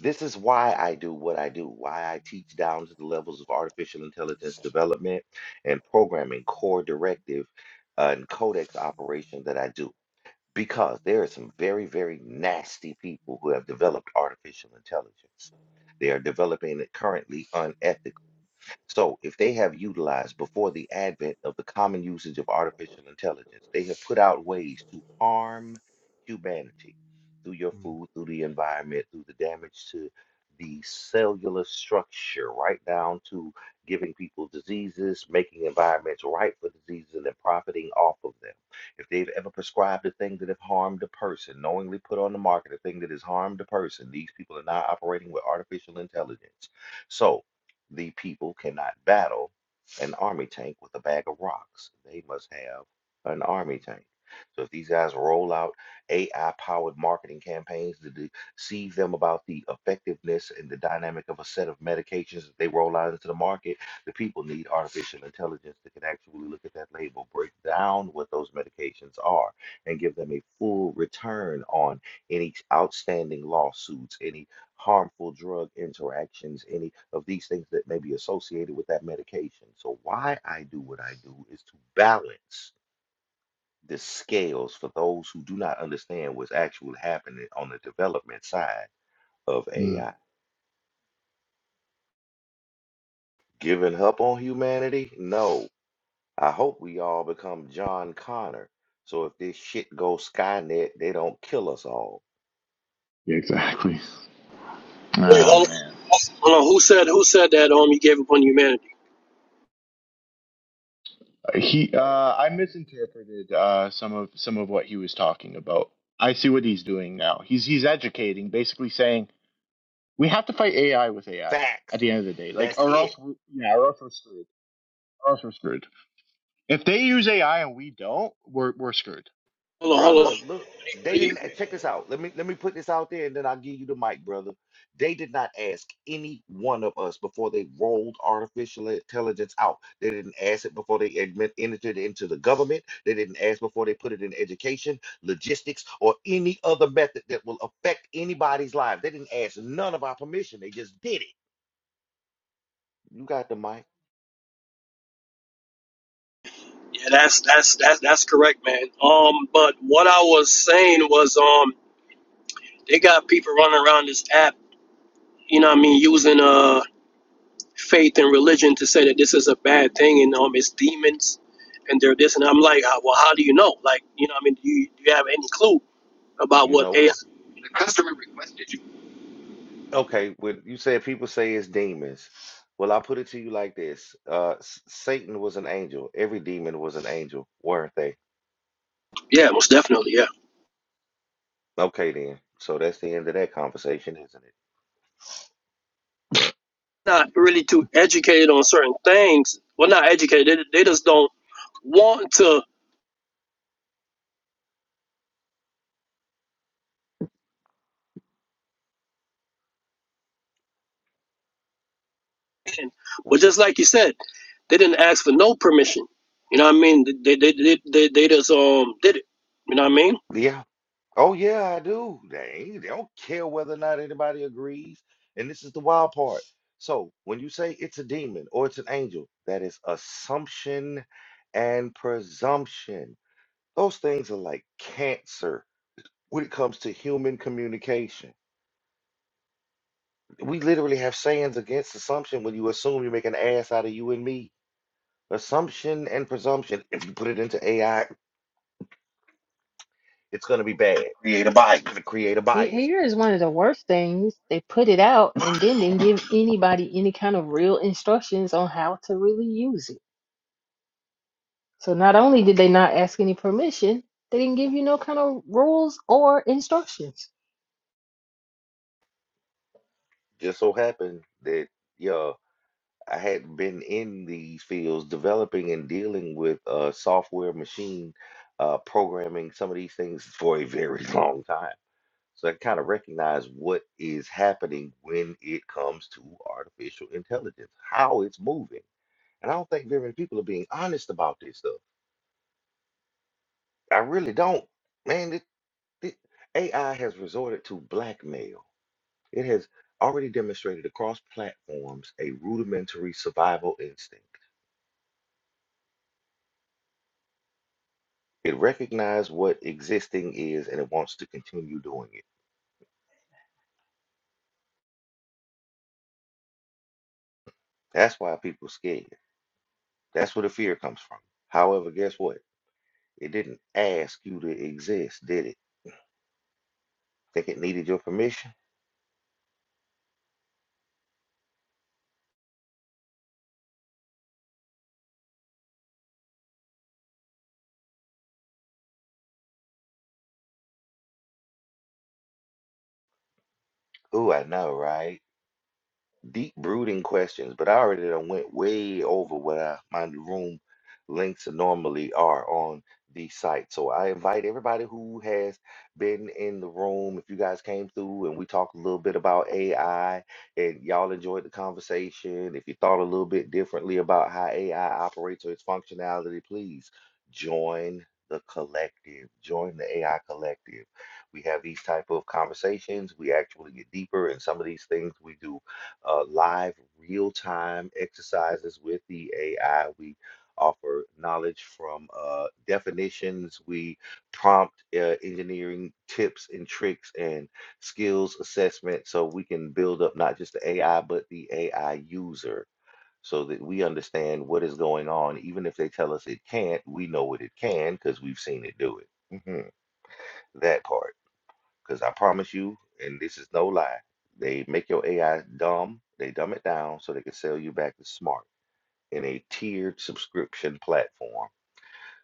D: This is why I do what I do, why I teach down to the levels of artificial intelligence development and programming core directive uh, and codex operation that I do because there are some very, very nasty people who have developed artificial intelligence. They are developing it currently unethically. So, if they have utilized before the advent of the common usage of artificial intelligence, they have put out ways to harm humanity through your
J: Mm.
D: food, through the environment, through the damage to the cellular structure, right down to giving people diseases, making environments ripe for diseases, and then profiting off of them. If they've ever prescribed a thing that have harmed a person, knowingly put on the market a thing that has harmed a person, these people are now operating with artificial intelligence. So, the people cannot battle an army tank with a bag of rocks. They must have an army tank. So if these guys roll out AI-powered marketing campaigns to de- deceive them about the effectiveness and the dynamic of a set of medications that they roll out into the market, the people need artificial intelligence that can actually look at that label, break down what those medications are, and give them a full return on any outstanding lawsuits, any harmful drug interactions, any of these things that may be associated with that medication. So, why I do what I do is to balance the scales for those who do not understand what's actually happening on the development side of
J: Mm.
D: AI. Giving up on humanity? No. I hope we all become John Connor. So if this shit goes Skynet, they don't kill us all.
J: Yeah, exactly.
G: wait
J: Ah oh,
G: hold on,
J: man.
G: hold on. who said who said that um he gave up on humanity
J: He, uh, I misinterpreted uh, some of some of what he was talking about. I see what he's doing now. He's he's educating, basically saying we have to fight AI with AI
D: Facts.
J: at the end of the day, like
D: That's
J: or
D: it.
J: else we yeah, or else we're screwed. Or else we're screwed. If they use AI and we don't, we're we're screwed.
G: hold on hold on
D: Brother, look, they
G: yeah
D: didn't eh, check this out. Let me let me put this out there and then I'll give you the mic, brother. They did not ask any one of us before they rolled artificial intelligence out. They didn't ask it before they admit, entered it into the government. They didn't ask before they put it in education, logistics, or any other method that will affect anybody's life. They didn't ask none of our permission. They just did it. You got the mic.
G: that's that's that's that's correct man um but what I was saying was um they got people running around this app you know what I mean using uh faith and religion to say that this is a bad thing and um it's demons and they're this and I'm like, "Ah, well, how do you know? Like, you know, I mean, do you, do you have any clue about
D: You
G: what
D: know what?
G: AI? The customer requested you.
D: Okay, well, you said people say it's demons. Well, I put it to you like this. Uh, S- Satan was an angel. Every demon was an angel, weren't they?
G: Yeah, most definitely. Yeah,
D: Okay, then. So that's the end of that conversation, isn't it?
G: not really too educated on certain things. Well, not educated. They, they just don't want to.
D: What?
G: But just like you said, they didn't ask for no permission. You know what I mean? They they they, they, they just um did it. You know what I mean?
D: Yeah. Oh, yeah, I do. They, ain't- they don't care whether or not anybody agrees. And this is the wild part. So when you say it's a demon or it's an angel, that is assumption and presumption. Those things are like cancer when it comes to human communication. We literally have sayings against assumption when you assume you make an ass out of you and me. Assumption and presumption. If you put it into AI, it's going to be bad.
C: create a
D: It's going
C: bias.
D: to create a
C: He-
D: bias.
C: Here is one of the worst things. They put it out and then didn't give anybody any kind of real instructions on how to really use it. So not only did they not ask any permission, they didn't give you no kind of rules or instructions.
D: Just so happened that, yeah, I had been in these fields developing and dealing with uh, software, machine uh, programming, some of these things for a very long time. So I kind of recognize what is happening when it comes to artificial intelligence, how it's moving And I don't think very many people are being honest about this stuff. I really don't. Man, it, it- AI has resorted to blackmail. It has already demonstrated across platforms a rudimentary survival instinct. It recognizes what existing is and it wants to continue doing it. That's why people scared. That's where the fear comes from. However, guess what? It didn't ask you to exist, did it? Think it needed your permission? Ooh, I know, right? deep brooding questions, but I already done went way over what I, my room links normally are on the site. So I invite everybody who has been in the room. If you guys came through and we talked a little bit about AI and y'all enjoyed the conversation, if you thought a little bit differently about how AI operates or its functionality, please join the collective. Join the AI collective. We have these type of conversations. We actually get deeper in some of these things we do uh, live real time exercises with the AI. We offer knowledge from uh, definitions. We prompt uh, engineering tips and tricks and skills assessment so we can build up not just the AI, but the AI user so that we understand what is going on. Even if they tell us it can't, we know what it can because we've seen it do it. Mhm. That part. Because I promise you, and this is no lie, they make your AI dumb, they dumb it down so they can sell you back to smart in a tiered subscription platform.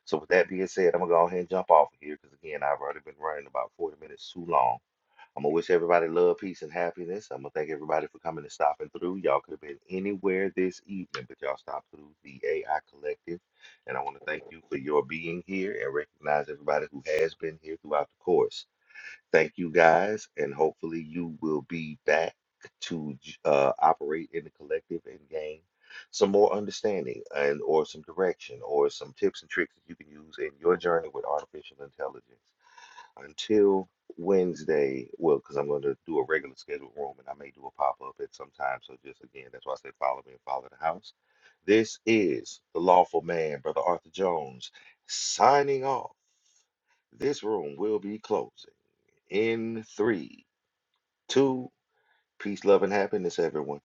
D: So, with that being said, I'm going to go ahead and jump off of here because, again, I've already been running about 40 minutes too long. I'm going to wish everybody love, peace, and happiness. I'm going to thank everybody for coming and stopping through. Y'all could have been anywhere this evening, but y'all stopped through the AI Collective. And I want to thank you for your being here and recognize everybody who has been here throughout the course. Thank you guys, and hopefully you will be back to j- uh, operate in the collective and gain some more understanding and or some direction or some tips and tricks that you can use in your journey with artificial intelligence. Until Wednesday, well, because I'm going to do a regular scheduled room and I may do a pop up at some time. So just again, that's why I say follow me and follow the house. This is the lawful man, brother Arthur Jones, signing off this room will be closing in three, two, peace, love, and happiness, everyone.